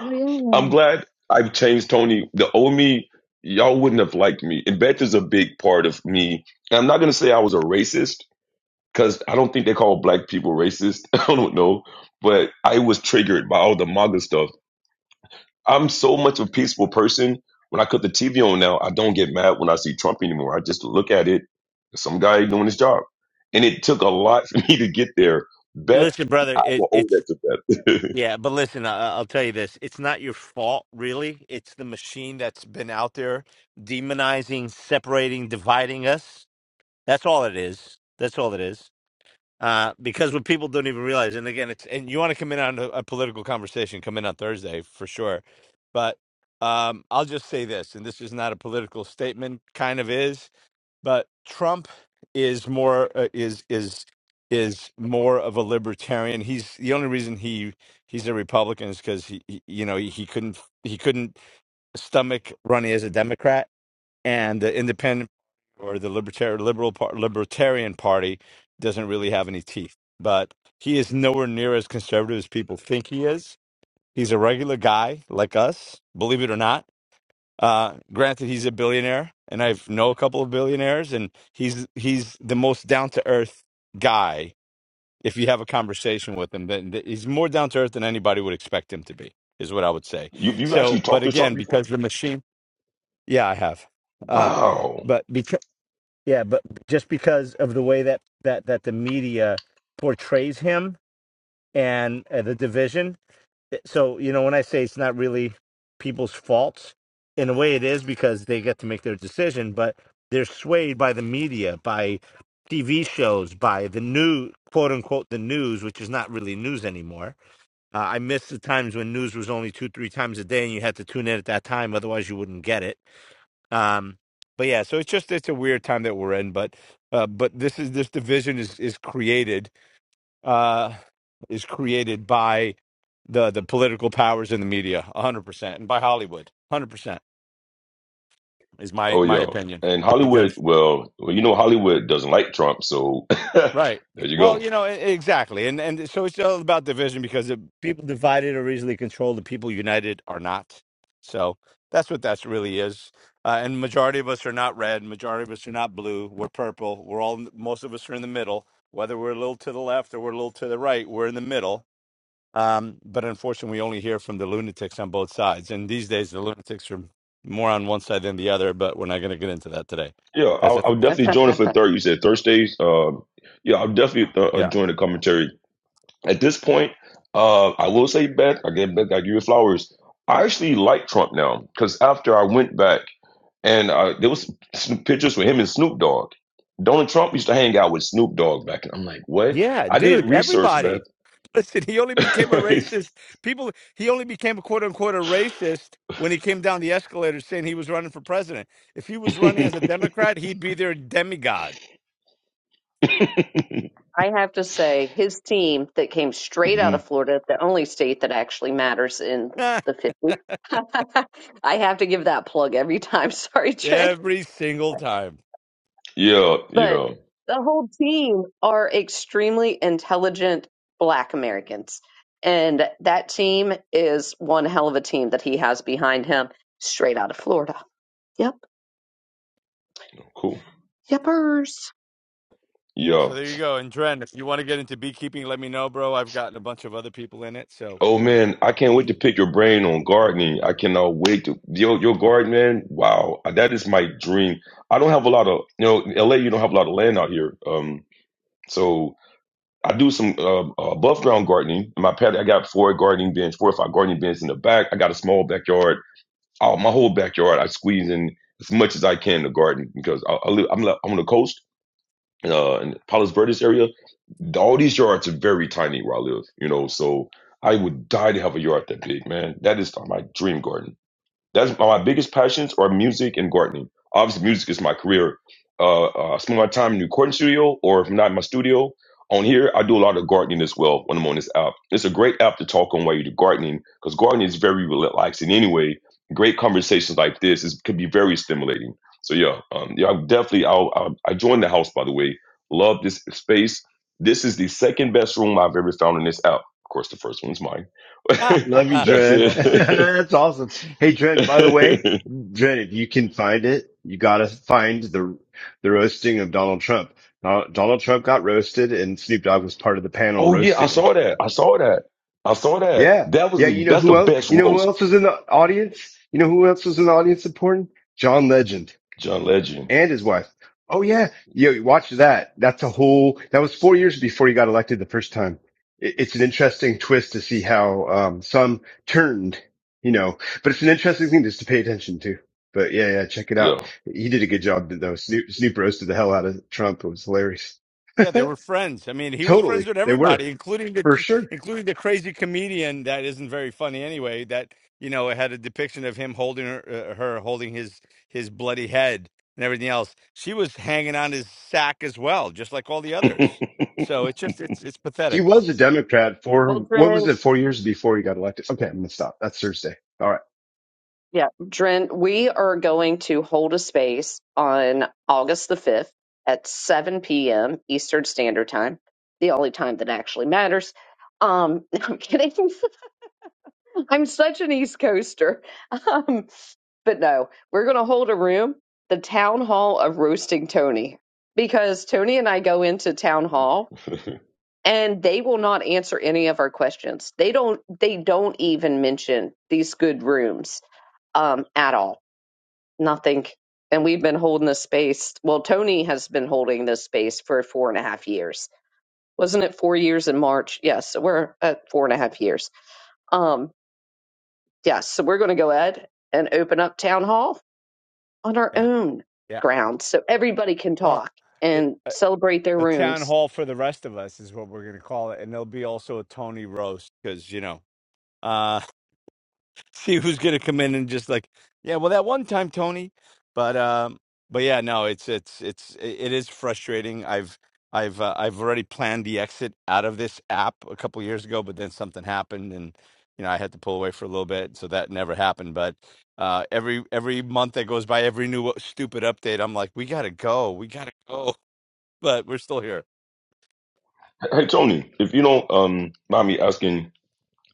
Oh
I'm
yeah.
glad I've changed Tony. The old me, y'all wouldn't have liked me. And Beth is a big part of me. And I'm not gonna say I was a racist because I don't think they call black people racist. I don't know, but I was triggered by all the MAGA stuff. I'm so much a peaceful person. When I cut the TV on now, I don't get mad when I see Trump anymore. I just look at it. Some guy doing his job, and it took a lot for me to get there. Beth,
Listen, brother,
I
it,
will owe
it's
that to Beth.
Yeah, but listen, I, I'll tell you this. It's not your fault, really. It's the machine that's been out there demonizing, separating, dividing us. That's all it is. That's all it is. Uh, because what people don't even realize, and again, it's and you want to come in on a, a political conversation, come in on Thursday for sure. But um, I'll just say this, and this is not a political statement, kind of is but Trump is more uh, is is is more of a libertarian. He's the only reason he he's a Republican is because he, he you know he couldn't he couldn't stomach running as a Democrat and the Independent or the Libertarian Liberal part, Libertarian Party doesn't really have any teeth. But he is nowhere near as conservative as people think he is. He's a regular guy like us, believe it or not uh, granted, he's a billionaire, and I have know a couple of billionaires, and he's he's the most down to earth guy. If you have a conversation with him, then th- he's more down to earth than anybody would expect him to be, is what I would say.
you you
So,
actually
but
talked to Trump
again,
before?
because the machine, yeah, I have, uh,
Wow.
but because Yeah, but just because of the way that that that the media portrays him and uh, the division, Eh, so you know when i say it's not really people's faults in a way it is because they get to make their decision but they're swayed by the media by tv shows by the new quote unquote the news which is not really news anymore uh, i miss the times when news was only two three times a day and you had to tune in at that time otherwise you wouldn't get it um but yeah so it's just it's a weird time that we're in but uh, but this is this division is is created uh, is created by the the political powers in the media, one hundred percent, and by Hollywood, one hundred percent is my
Oh
my
yeah,
opinion.
and Hollywood.
Because
Well, well, you know Hollywood doesn't like Trump, so there
right,
you
well,
go.
you know, e- exactly, and and so it's all about division because the people divided are easily controlled, the people united are not. So that's what that's really is. Uh, and majority of us are not red, majority of us are not blue. We're purple. We're all most of us are in the middle. Whether we're a little to the left or we're a little to the right, we're in the middle Um, but unfortunately, we only hear from the lunatics on both sides. And these days, the lunatics are more on one side than the other, but we're not going to get into that today.
Yeah,
That's
I'll,
a
I'll
Thursday
definitely join
topic.
it for third. You said Thursdays. Um, yeah, I'll definitely uh, uh,
Yeah.
join the commentary. At this point, uh, I will say, Beth, I give Beth, I give you flowers. I actually like Trump now because after I went back and uh, there was some pictures with him and Snoop Dogg. Donald Trump used to hang out with Snoop Dogg back, and I'm like, what?
Yeah,
I did
dude,
research, Beth.
everybody. Listen, he only became a racist. People, he only became a quote unquote a racist when he came down the escalator saying he was running for president. If he was running as
Mhm.
a Democrat, he'd be their demigod.
I have to say, his team that came straight out of Florida, the only state that actually matters in the 50s. I have to give that plug every time. Sorry, Trent
Every single time.
Yeah,
But
yeah,
the whole team are extremely intelligent black Americans. And that team is one hell of a team that he has behind him, straight out of Florida. Yep.
cool.
Yepers.
Yeah.
So there you go. And Dren, if you want to get into beekeeping, let me know, bro. I've gotten a bunch of other people in it, so
Oh
you know.
man, I can't wait to pick your brain on gardening. I cannot wait to your your garden, man. Wow, that is my dream. I don't have a lot of you know, in LA. You don't have a lot of land out here. Um, so I do some uh, uh, above ground gardening. In my patio, I got four gardening bins, four or five gardening bins in the back. I got a small backyard. Oh, my whole backyard, I squeeze in as much as I can to garden because I, I live. I'm li- I'm on the coast. uh, in Palos Verdes area, all these yards are very tiny where I live, you know. So I would die to have a yard that big, man. That is my dream garden. That's my my biggest passions are music and gardening. Obviously, music is my career. Uh, uh, I spend my time in the recording studio, or if not in my studio, on here I do a lot of gardening as well when I'm on this app. It's a great app to talk on while you're gardening because gardening is very relaxing. Anyway, great conversations like this is, could be very stimulating. So yeah, um, yeah, I'm definitely. I'll, I'll, I joined the house by the way. Love this space. This is the second best room I've ever found in this app. Of course, the first one's mine.
Love you,
That's
Dred.
well done.
it.
That's awesome. Hey, Dred, by the way, Dred, if you can find it, you gotta find the the roasting of Donald Trump. Don- Donald Trump got roasted and Snoop Dogg was part of the panel
Oh yeah, I
roasting him.
saw that. I saw that. I saw that.
Yeah.
That was
Yeah, you know
that's the
who else
best
you know who
roast.
else was in the audience? You know who else was in the audience supporting? John Legend
John Legend.
and his wife. Oh yeah, yo, watch that. That's a whole. That was four years before he got elected the first time. It, it's an interesting twist to see how um, some turned, you know. But it's an interesting thing just to pay attention to. But yeah, yeah, check it out.
Yeah.
He did a good job though. Snoop, Snoop roasted the hell out of Trump. It was hilarious.
Yeah, they were friends. I mean, he was friends
Totally,
with
they were
everybody, including the
for sure.
including the crazy comedian that isn't very funny anyway. That you know had a depiction of him holding her, uh, her holding his his bloody head and everything else. She was hanging on his sack as well, just like all the
hey
others. So it's just it's it's
He
pathetic.
was a Democrat
Well,
for what was
Dren,
it? Four years before he got elected. Okay, I'm gonna stop. That's Thursday. All right,
yeah, Dren, we are going to hold a space on August the 5th at 7 p.m. Eastern Standard Time, the only time that actually matters. Um, I'm kidding. I'm such an East Coaster. Um, but no, we're going to hold a room, the town hall of roasting Tony, because Tony and I go into town hall and they will not answer any of our questions. They don't they don't even mention these good rooms um at all. Nothing. And we've been holding this space. Well, Tony has been holding this space for four and a half years. Wasn't it four years in March? Yes, so we're at four and a half years. Um, Yes, so we're going to go ahead and open up town hall on our
Yeah,
own
yeah.
ground so everybody can
Well,
talk and celebrate their
A town
rooms.
hall for the rest of us is what we're going to call it, and there'll be also a Tony roast because you know, uh, see who's going to come in and just like, yeah, well, that one time Tony, but um, but yeah, no, it's it's it's i- it is frustrating. I've I've uh, I've already planned the exit out of this app a couple years ago, but then something happened, and you know I had to pull away for a little bit, so that never happened. But uh, every every month that goes by, every new stupid update, I'm like, we gotta go, we gotta go, but we're still here.
Tony, if you don't um mind me asking,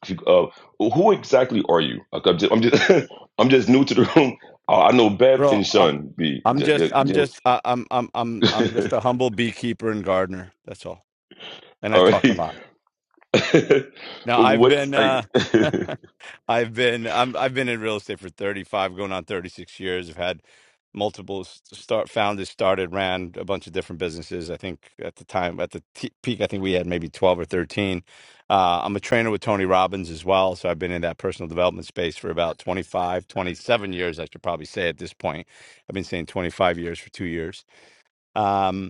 if you, uh, who exactly are you? Like, I'm just I'm just, I'm just new to the room. Uh, I know Beth
Bro,
and Sean B.
I'm
J-
just,
J-
I'm
Jill.
just, uh, I'm, I'm, I'm, I'm just a humble beekeeper and gardener. That's all. And I
All
talk a
right.
lot. Now I've
What's
been,
I,
uh, I've been, I'm, I've been in real estate for 35, going on 36 years. I've had multiple s- start founded, started, ran a bunch of different businesses. I think at the time, at the t- peak, I think we had maybe 12 or 13. Uh, I'm a trainer with Tony Robbins as well. So I've been in that personal development space for about 25, 27 years. I should probably say at this point, I've been saying 25 years for two years. Um,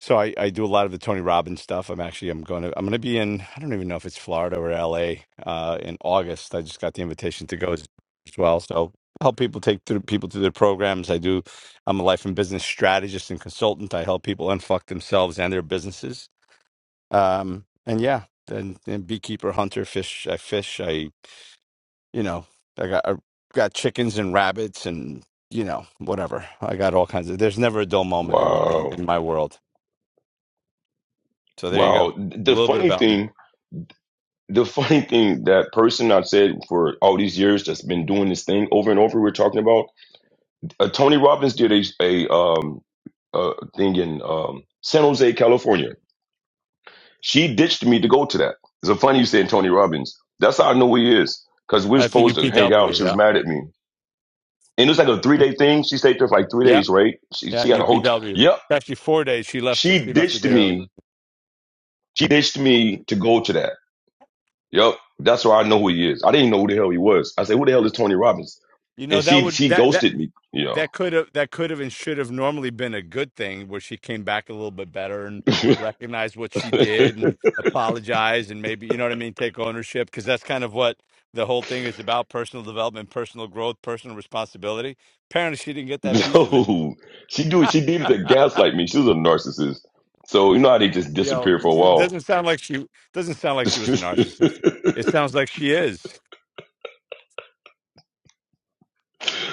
So I, I do a lot of the Tony Robbins stuff. I'm actually I'm going to I'm going to be in I don't even know if it's Florida or LA uh, in August. I just got the invitation to go as, as well. So help people take through people through their programs. I do. I'm a life and business strategist and consultant. I help people unfuck themselves and their businesses. Um, and yeah, and, and beekeeper, hunter, fish. I fish. I you know I got I got chickens and rabbits and you know whatever. I got all kinds of. There's never a dull moment in in, in
wow.
my world. So there you go.
Wow.
A
The
little bit
funny
about me.
thing the funny thing that person I've said for all these years that's been doing this thing over and over we're talking about uh, Tony Robbins did a a um a thing in um San Jose California she ditched me to go to that it's a funny you saying Tony Robbins that's how I know who he is because we were
That's a
supposed to hang out
UPW.
she was
Yeah.
mad at me and it was like a three day thing she stayed there for like three
Yep.
days right she
Yeah.
she had a hotel
UPW.
yep
Actually, four days. She left. It,
she
she left it
ditched
early.
me she ditched me to go to that Yep, that's why I know who he is. I didn't know who the hell he was. I said, "Who the hell is Tony Robbins?"
You know
And
that
she
would
she
that that
ghosted me. Yo,
that could have that could have and should have normally been a good thing where she came back a little bit better and recognized what she did and apologized and maybe you know what I mean take ownership because that's kind of what the whole thing is about personal development personal growth personal responsibility apparently she didn't get that piece of it
no, she do she did it to gaslight me. She was a narcissist. So you know how they just
You know,
disappear for a
it
while.
doesn't sound like she doesn't sound like she was a narcissist. It sounds like she is.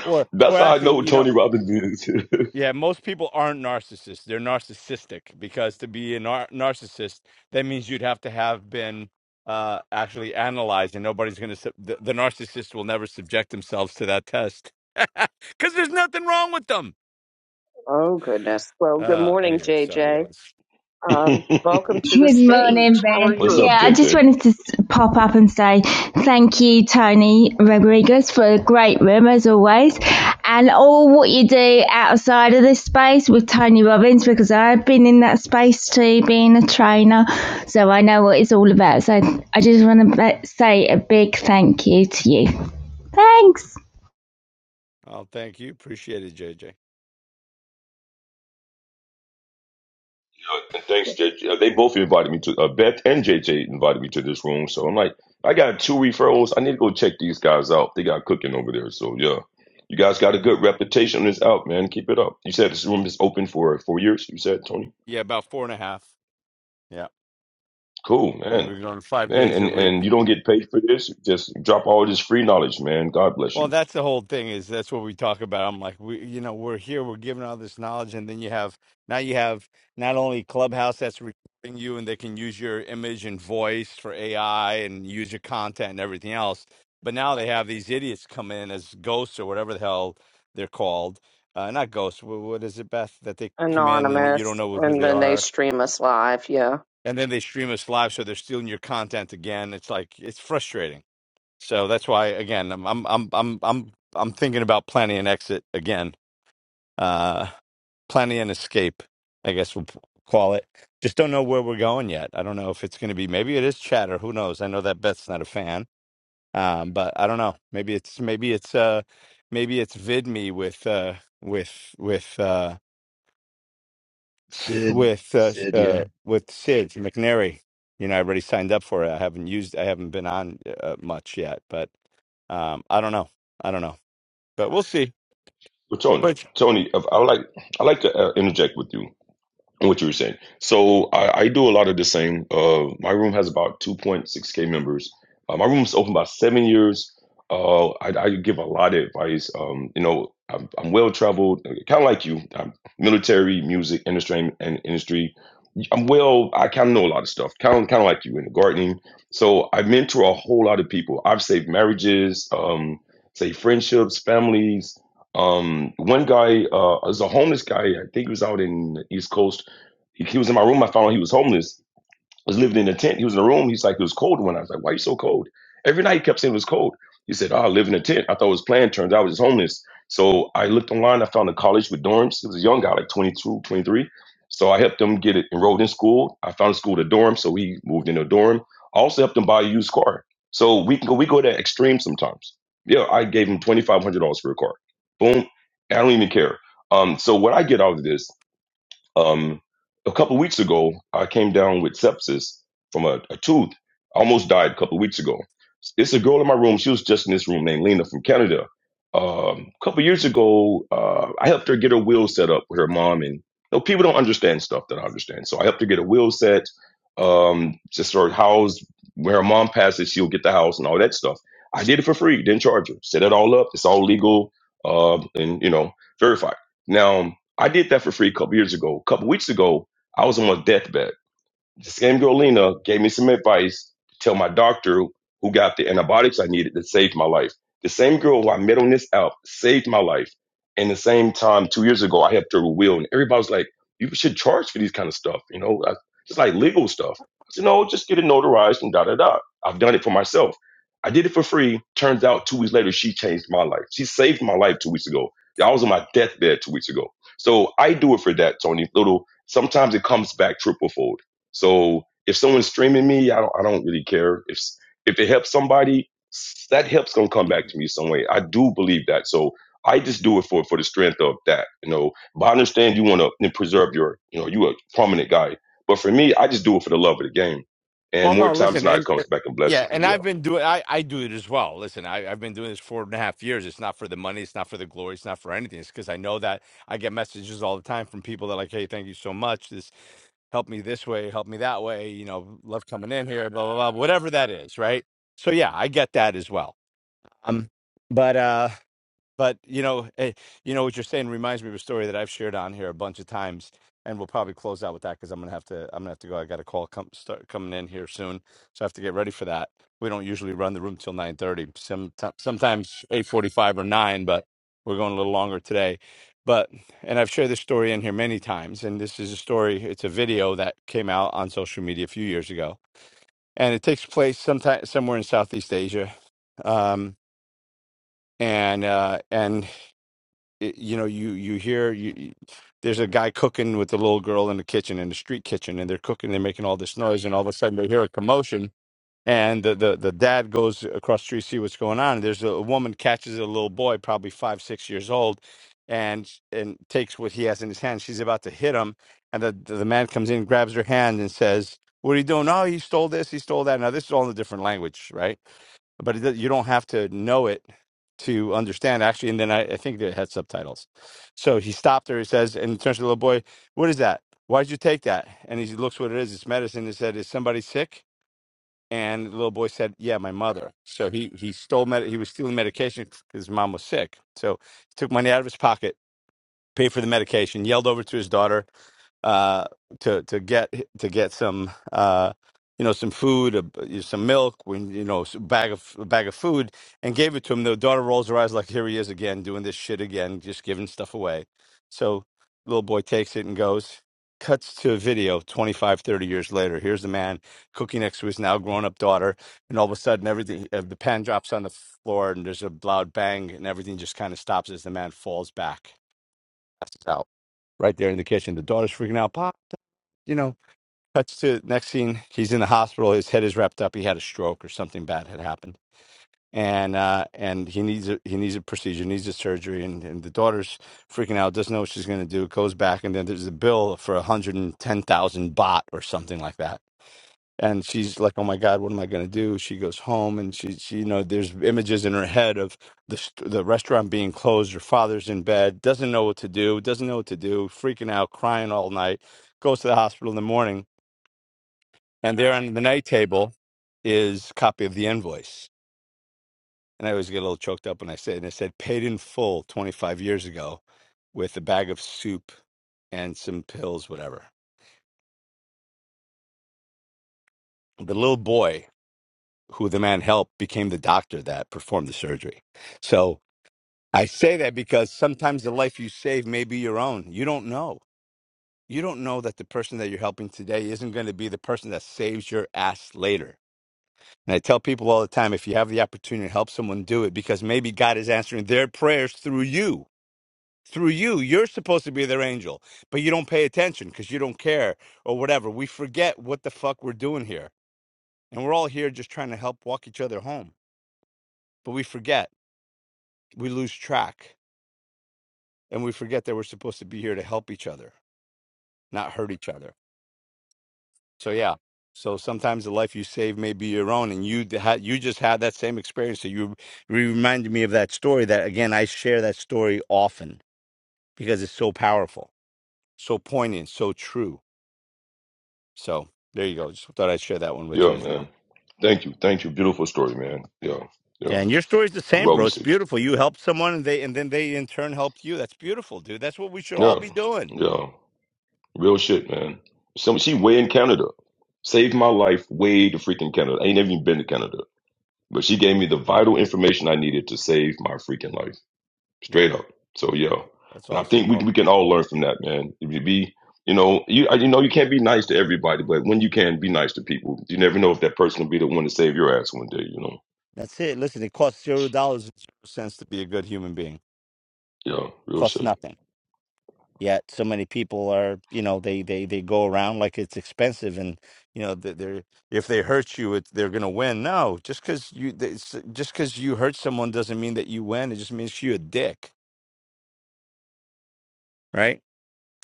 Or or
that's how I know
actually,
who
you know,
Tony Robbins is.
yeah, most people aren't narcissists. They're narcissistic because to be a nar- narcissist, that means you'd have to have been uh actually analyzed and nobody's going to sub- the, the narcissist will never subject themselves to that test. Cuz there's nothing wrong with them.
Oh, goodness. Well, good
Uh
morning,
anyway, sorry, that
JJ.
was
Um, welcome to the
Good morning,
stage. How are
Beth.
What's
you?
up,
Yeah, I just
JJ?
wanted to s- pop up and say thank you, Tony Rodriguez, for a great room as always, and all what you do outside of this space with Tony Robbins because I've been in that space too, being a trainer, so I know what it's all about. So I just want to say a big thank you to you. Thanks.
Oh, thank you. Appreciate it, JJ.
Uh, And thanks, JJ. Uh, They both invited me to uh, Beth and JJ invited me to this room. So I'm like, I got two referrals. I need to go check these guys out. They got cooking over there. So yeah, you guys got a good reputation. on This out, man. Keep it up. You said this room is open for four years. You said, Tony.
Yeah, about four and a half. Yeah.
Cool,
We've
man.
been going five
Man,
days a
and
week.
and you don't get paid for this. Just drop all this free knowledge, man. God bless
Well,
you.
that's the whole thing is that's what we talk about. I'm like, we, you know, we're here, we're giving all this knowledge, and then you have now you have not only Clubhouse that's recording you, and they can use your image and voice for AI and use your content and everything else, but now they have these idiots come in as ghosts or whatever the hell they're called, uh, not ghosts. wh- What is it, Beth? That they come in and you don't
Anonymous.
know who
And
they
then they
are,
stream us live. Yeah.
and then they stream us live, so they're stealing your content again. It's like it's frustrating. So that's why again I'm I'm I'm I'm I'm I'm thinking about planning an exit again. Uh planning an escape, I guess we'll p- call it. Just don't know where we're going yet. I don't know if it's going to be maybe it is chatter, who knows. I know that Beth's not a fan. Um but I don't know. Maybe it's maybe it's uh maybe it's VidMe with uh with with uh
Sid.
with uh, sh-
Sid, yeah.
uh with Sid McNary. You know, I already signed up for it. I haven't used I haven't been on uh, much yet, but um I don't know. I don't know. but we'll see.
But Tony,
But
Tony, if I like I like to uh, interject with you. what you were saying. So I, I do a lot of the same. Uh, my room has about 2.6k members. Uh, my room's open about seven years. Uh, I, I give a lot of advice. Um, you know, I'm, I'm well traveled, kind of like you. I'm military, music industry, and industry. I'm well. I kind of know a lot of stuff, kind of kind of like you in the gardening. So I mentor a whole lot of people. I've saved marriages, um, saved friendships, families. Um, one guy uh, is a homeless guy. I think he was out in the East Coast he, was in my room. I found out he was homeless. I Was living in a tent. He was in a room. He's like, it was cold when I was like, why are you so cold? Every night he kept saying it was cold. He said, oh, I live in a tent. I thought it was planned. Turns out it was homeless. So I looked online. I found a college with dorms. He was a young guy, like 22, 23. So I helped him get it enrolled in school. I found a school with a dorm. So we moved into a dorm. I also helped him buy a used car. So we can go, we go to extreme sometimes. Yeah, I gave him $2,500 for a car. Boom. I don't even care. Um, so what I get out of this um, a couple weeks ago, I came down with sepsis from a, a tooth. I almost died a couple weeks ago. It's a girl in my room. She was just in this room named Lena from Canada. Um, a couple years ago, uh, I helped her get her will set up with her mom. And you know, people don't understand stuff that I understand. So I helped her get a will set, um, just her house. When her mom passes, she'll get the house and all that stuff. I did it for free, didn't charge her. Set it all up. It's all legal um, and, you know, verified. Now, I did that for free a couple years ago. A couple weeks ago, I was on my deathbed. The same girl Lena gave me some advice to tell my doctor who got the antibiotics I needed that saved my life. The same girl who I met on this app saved my life. And the same time, two years ago, I helped her with will, and everybody was like, "You should charge for these kind of stuff," you know, I, just like legal stuff. I said, "No, just get it notarized and da da da." I've done it for myself. I did it for free. Turns out, two weeks later, she changed my life. She saved my life two weeks ago. Yeah, I was on my deathbed two weeks ago. So I do it for that, Tony. Little sometimes it comes back triplefold. So if someone's streaming me, I don't I don't really care. If if it helps somebody, that help's gonna come back to me some way. I do believe that. So I just do it for for the strength of that, you know. But I understand you want to preserve your, you know, you a prominent guy. But for me, I just do it for the love of the game.
well,
And more
no,
times
listen,
than not, it
and uh,
comes back and
yeah,
blesses me.
and I've
Yeah,
been doing. I I do it as well. Listen, I I've been doing this four and a half years. It's not for the money. It's not for the glory. It's not for anything. It's because I know that I get messages all the time from people that are like, hey, thank you so much. This helped me this way, helped me that way. You know, love coming in here, blah blah blah, whatever that is, right? So yeah, I get that as well. Um, but uh. But you know, eh, you know what you're saying reminds me of a story that I've shared on here a bunch of times, and we'll probably close out with that because I'm gonna have to. I'm gonna have to go. I got a call come start coming in here soon, so I have to get ready for that. We don't usually run the room till 9:30. Some sometimes 8:45 or 9, but we're going a little longer today. But and I've shared this story in here many times, and this is a story. It's a video that came out on social media a few years ago, and it takes place sometime somewhere in Southeast Asia. Um, and uh, and it, you know you you hear you you- there's a guy cooking with the little girl in the kitchen in the street kitchen and they're cooking they're making all this noise and all of a sudden they hear a commotion and the the, the dad goes across the street to see what's going on and there's a, a woman catches a little boy probably five six years old and and takes what he has in his hand she's about to hit him and the the the man comes in grabs her hand and says what are you doing oh he stole this he stole that now this is all in a different language right but it, does- you don't have to know it to understand actually and then I, I think they had subtitles so he stopped her he says and turns to the little boy what is that why did you take that and he looks what it is it's medicine he said is somebody sick and the little boy said yeah my mother so he he stole med- he was stealing medication because his mom was sick so he took money out of his pocket paid for the medication yelled over to his daughter uh, to to get to get some uh, you know some food, uh, some milk, when you know a bag of a bag of food, and gave it to him. The daughter rolls her eyes like, "Here he is again, doing this shit again, just giving stuff away." So little boy takes it and goes. Cuts to a video 25, 30 years later. Here's the man cooking next to his now grown up daughter. And all of a sudden, everything, uh, the pan drops on the floor and there's a loud bang and everything just kind of stops as the man falls back. passes out right there in the kitchen. The daughter's freaking out, Pop, you know. Cuts to next scene, he's in the hospital. His head is wrapped up. He had a stroke or something bad had happened, and uh, and he needs a, he needs a procedure, needs a surgery, and, and the daughter's freaking out, doesn't know what she's going to do. Goes back, and then there's a bill for a hundred and ten thousand baht or something like that and she's like oh my god what am i going to do she goes home and she, she you know there's images in her head of the st- the restaurant being closed her father's in bed doesn't know what to do doesn't know what to do freaking out crying all night goes to the hospital in the morning and there on the night table is copy of the invoice and i always get a little choked up when i say it and it said paid in full 25 years ago with a bag of soup and some pills whatever the little boy who the man helped became the doctor that performed the surgery so I say that because sometimes the life you save may be your own. You don't know. You don't know that the person that you're helping today isn't going to be the person that saves your ass later. And I tell people all the time if you have the opportunity to help someone, do it because maybe God is answering their prayers through you. Through you, you're supposed to be their angel, but you don't pay attention because you don't care or whatever. We forget what the fuck we're doing here. And we're all here just trying to help walk each other home. But we forget, we lose track, and we forget that we're supposed to be here to help each other. not hurt each other. So yeah. So sometimes the life you save may be your own, and you had you just had that same experience. So you you reminded me of that story. That again, I share that story often because it's so powerful, so poignant, so true. So there you go. Just thought I'd share that one with you
yeah,
Israel.
man. Thank you, thank you. Beautiful story, man. Yeah, yeah.
And your story's the same,
Well
bro. It's
received.
beautiful. You helped someone, and they and then they in turn helped you. That's beautiful, dude. That's what we should all
Yeah,
be doing.
yeah. Real shit, man. Some she way in Canada. Saved my life way to freaking Canada. I ain't never even been to Canada. But she gave me the vital information I needed to save my freaking life.
Yeah,
Straight up. So yo.
that's
And I
awesome.
think we
Well,
we can all learn from that, man. If you be you know, you I- you know you can't be nice to everybody, but when you can be nice to people, you never know if that person will be the one to save your ass one day, you know.
that's it. Listen, it costs zero dollars and zero cents to be a good human being.
Yeah, real
Costs
shit.
nothing. Yet so many people are, you know, they they they go around like it's expensive, and you know, th- they're if they hurt you, it's, they're gonna win. No, just because you they- s- just because you hurt someone doesn't mean that you win. It just means you're a dick, right?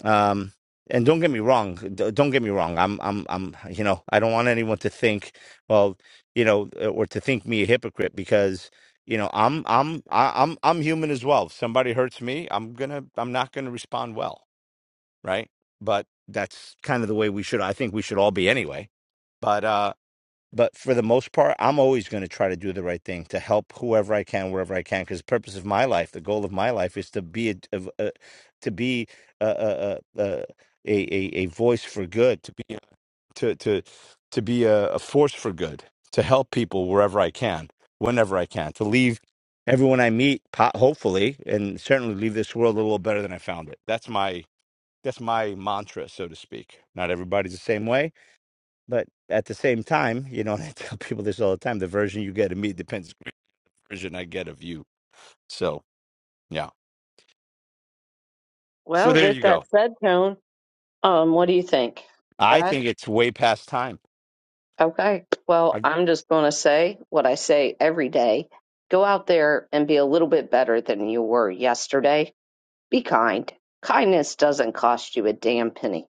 Um, and don't get me wrong. d- Don't get me wrong. I'm I'm I'm you know, I don't want anyone to think, well, you know, uh, or to think me a hypocrite because you know i'm i'm I- i'm i'm human as well if somebody hurts me i'm gonna i'm not gonna respond well right? But that's kind of the way we should. I think we should all be anyway. But uh, but for the most part, I'm always going to try to do the right thing to help whoever I can, wherever I can, because the purpose of my life, the goal of my life, is to be a, of a to be a a, a a a a voice for good, to be to to to be a, a force for good, to help people wherever I can, whenever I can, to leave everyone I meet, po- hopefully, and certainly leave this world a little better than I found it. That's my that's my mantra, so to speak. Not everybody's the same way, but at the same time, you know, and I tell people this all the time: the version you get of me depends on the version I get of you. So yeah, so
Well,
there
with
you
that
go.
said, Tone, um, what do you think,
I
Brad?
think it's way past time.
Okay. Well,
I
I'm just going to say what I say every day. Go out there and be a little bit better than you were yesterday Be kind. Kindness doesn't cost you a damn penny.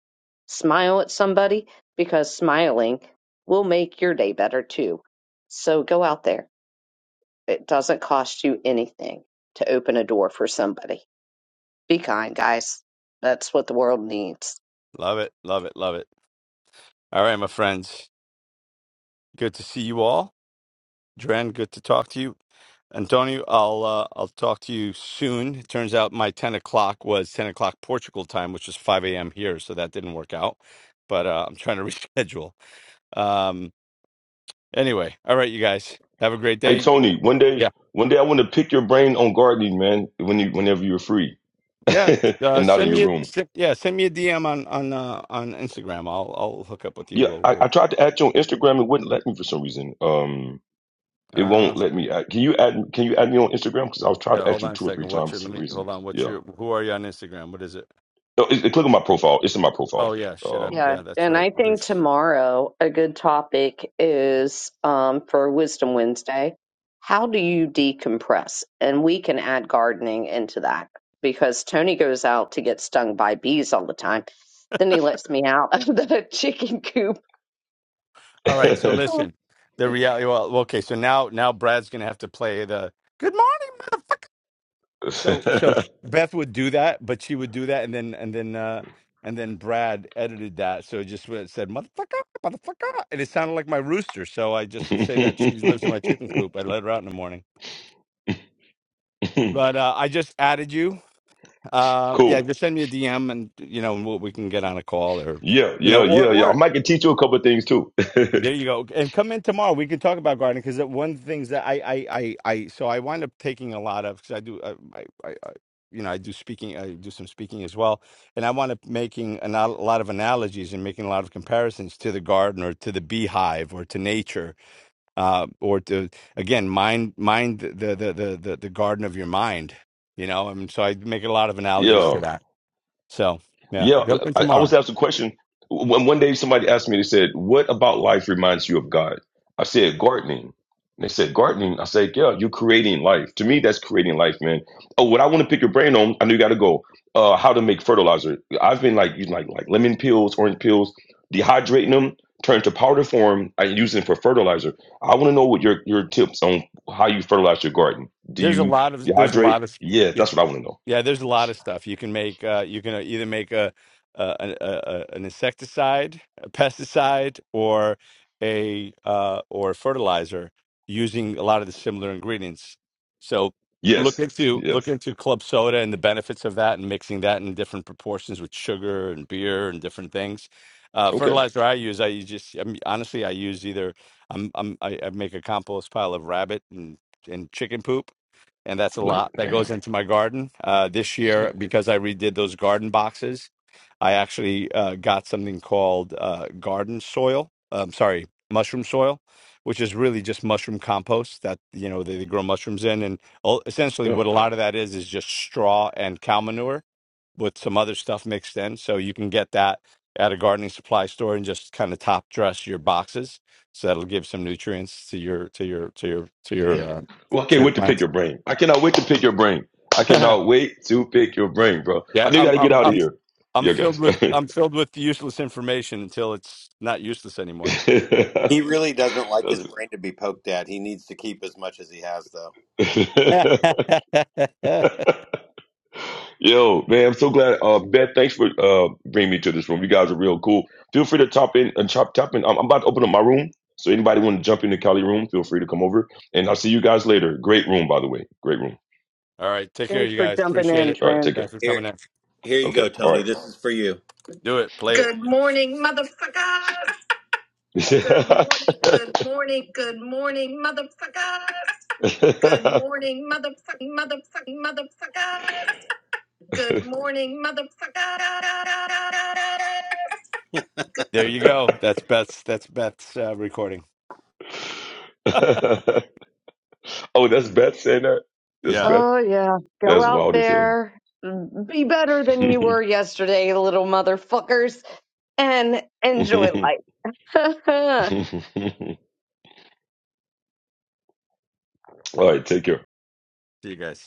Smile at somebody because smiling will make your day better too. So go out there. It doesn't cost you anything to open a door for somebody. Be kind, guys. That's what the world needs.
love it, love it, love it. All right, my friends, good to see you all. Dren, good to talk to you. Antonio, I'll uh, I'll talk to you soon. It turns out my ten o'clock was ten o'clock Portugal time, which is five a.m. here, so that didn't work out. But uh, I'm trying to reschedule. Um, Anyway, all right, you guys have a great
Hey
day.
Tony, one day
Yeah,
one day I want to pick your brain on gardening, man, when you whenever you're free.
yeah. Uh,
and not in
send
your
me a
room.
send, yeah, send me a DM on on uh, on Instagram. I'll I'll hook up with you.
Yeah,
We'll
I, I
we'll.
tried to add you on Instagram. It wouldn't let me for some reason. Um, it
Uh,
won't let me. Add. Can you add? Can you add me on Instagram? Because I was trying
yeah,
to add
hold
you
on a
two or three
second. What's
times
your?
for
Let
some
me
reason.
hold on. What's
Yeah.
your? Who are you on Instagram? What is it?
Oh, it, it- click on my profile. It's in my profile.
Oh yeah, shit up.
Um.
Yeah,
Yeah, that's
and
right.
I think
There's.
tomorrow a good topic is um, for Wisdom Wednesday. How do you decompress? And we can add gardening into that because Tony goes out to get stung by bees all the time. Then he lets me out of the chicken coop.
All right. So
Oh.
listen, the reality. Well, okay. So now now Brad's gonna have to play the good morning. So so Beth would do that, but she would do that, and then and then uh and then Brad edited that, so it just wa- it said motherfucker, motherfucker, and it sounded like my rooster. So I just say that she lives in my chicken coop. I let her out in the morning. But uh, I just added you. Uh, yeah,
cool.
just send me a DM, and you know we'll, we can get on a call, or
Yeah,
you
yeah,
know, or
yeah, yeah. I
or
might can teach you a couple of things too.
There you go. And come in tomorrow. We can talk about gardening because one of the things that I, I, I, I, so I wind up taking a lot of because I do, uh, I, I, I, you know, I do speaking, I do some speaking as well, and I wind up making an, a lot of analogies and making a lot of comparisons to the garden or to the beehive or to nature, uh, or to again mind, mind the the the the, the garden of your mind. You know, and so I make a lot of analogies to
Yeah.
that. So yeah,
Yeah,
jump in
I, I
tomorrow.
was asked a question. One, one day somebody asked me, they said, What about life reminds you of God? I said, Gardening. And they said, Gardening. I said, Yeah, you're creating life. To me, that's creating life, man. Oh, what I want to pick your brain on, I know you got to go. Uh, how to make fertilizer. I've been like, using like, like lemon peels, orange peels, dehydrating them, turn to powder form, and use them for fertilizer. I want to know what your, your tips on how you fertilize your garden. Do
There's a
you
lot of there's a
dehydrate?
lot of
Yeah,
yeah.
that's what I want to know.
Yeah, there's a lot of stuff you can make. Uh, you can uh, either make a, a, an- a, a an insecticide, a pesticide, or a uh, or fertilizer using a lot of the similar ingredients. So look
Yes,
into look
yes.
into club soda and the benefits of that, and mixing that in different proportions with sugar and beer and different things. Uh,
Okay.
fertilizer I use, I use just I mean, honestly, I use either I'm, I'm I, I make a compost pile of rabbit and and chicken poop and that's a
What?
lot that
Damn.
goes into my garden. Uh, this year,
Shit.
because I redid those garden boxes, I actually uh, got something called uh, garden soil. Um, sorry, mushroom soil, which is really just mushroom compost that you know they, they grow mushrooms in, and ul- essentially
Oh,
what a lot of that is is just straw and cow manure with some other stuff mixed in. So you can get that at a gardening supply store and just kind of top dress your boxes. So that'll give some nutrients to your to your to your to your
damn.
uh,
Well, I
to
can't
your
wait to pick
plants.
your brain. I cannot wait to pick your brain. I cannot wait to pick your brain, bro. I
Yeah,
know you
I'm
got to get
I'm
out of
I'm
here.
I'm
Yeah,
filled
guys.
with I'm filled with useless information until it's not useless anymore.
That's
He really doesn't like his brain to be poked at. He needs to keep as much as he has, though.
All
it. Yo, man, I'm so glad. Uh, Beth, thanks for uh bringing me to this room. You guys are real cool. Feel free to top in and chop top in. I'm, I'm about to open up my room, so anybody want to jump into Cali room, feel free to come over. And I'll see you guys later. Great room, by the way. Great room.
right, take care,
Thanks
you
for
guys.
jumping
Appreciate
in,
it.
All right,
Tran.
take
Thanks
care.
for
Here,
coming in.
here you go,
Okay. All
Tony. This is for you.
Do it. Play it.
Motherfucker, good, good morning, good morning, motherfucker. Good
right.
morning, motherfucking, motherfucking, motherfucker. Good morning, motherfucker.
There you go. That's Beth's. That's Beth's uh, recording.
oh, that's Beth saying that. That's
Yeah.
Beth.
Oh, yeah. Go
That's
out
wild as hell.
there, mm, be better than you were yesterday, little motherfuckers, and enjoy life.
All right, take care.
See you guys.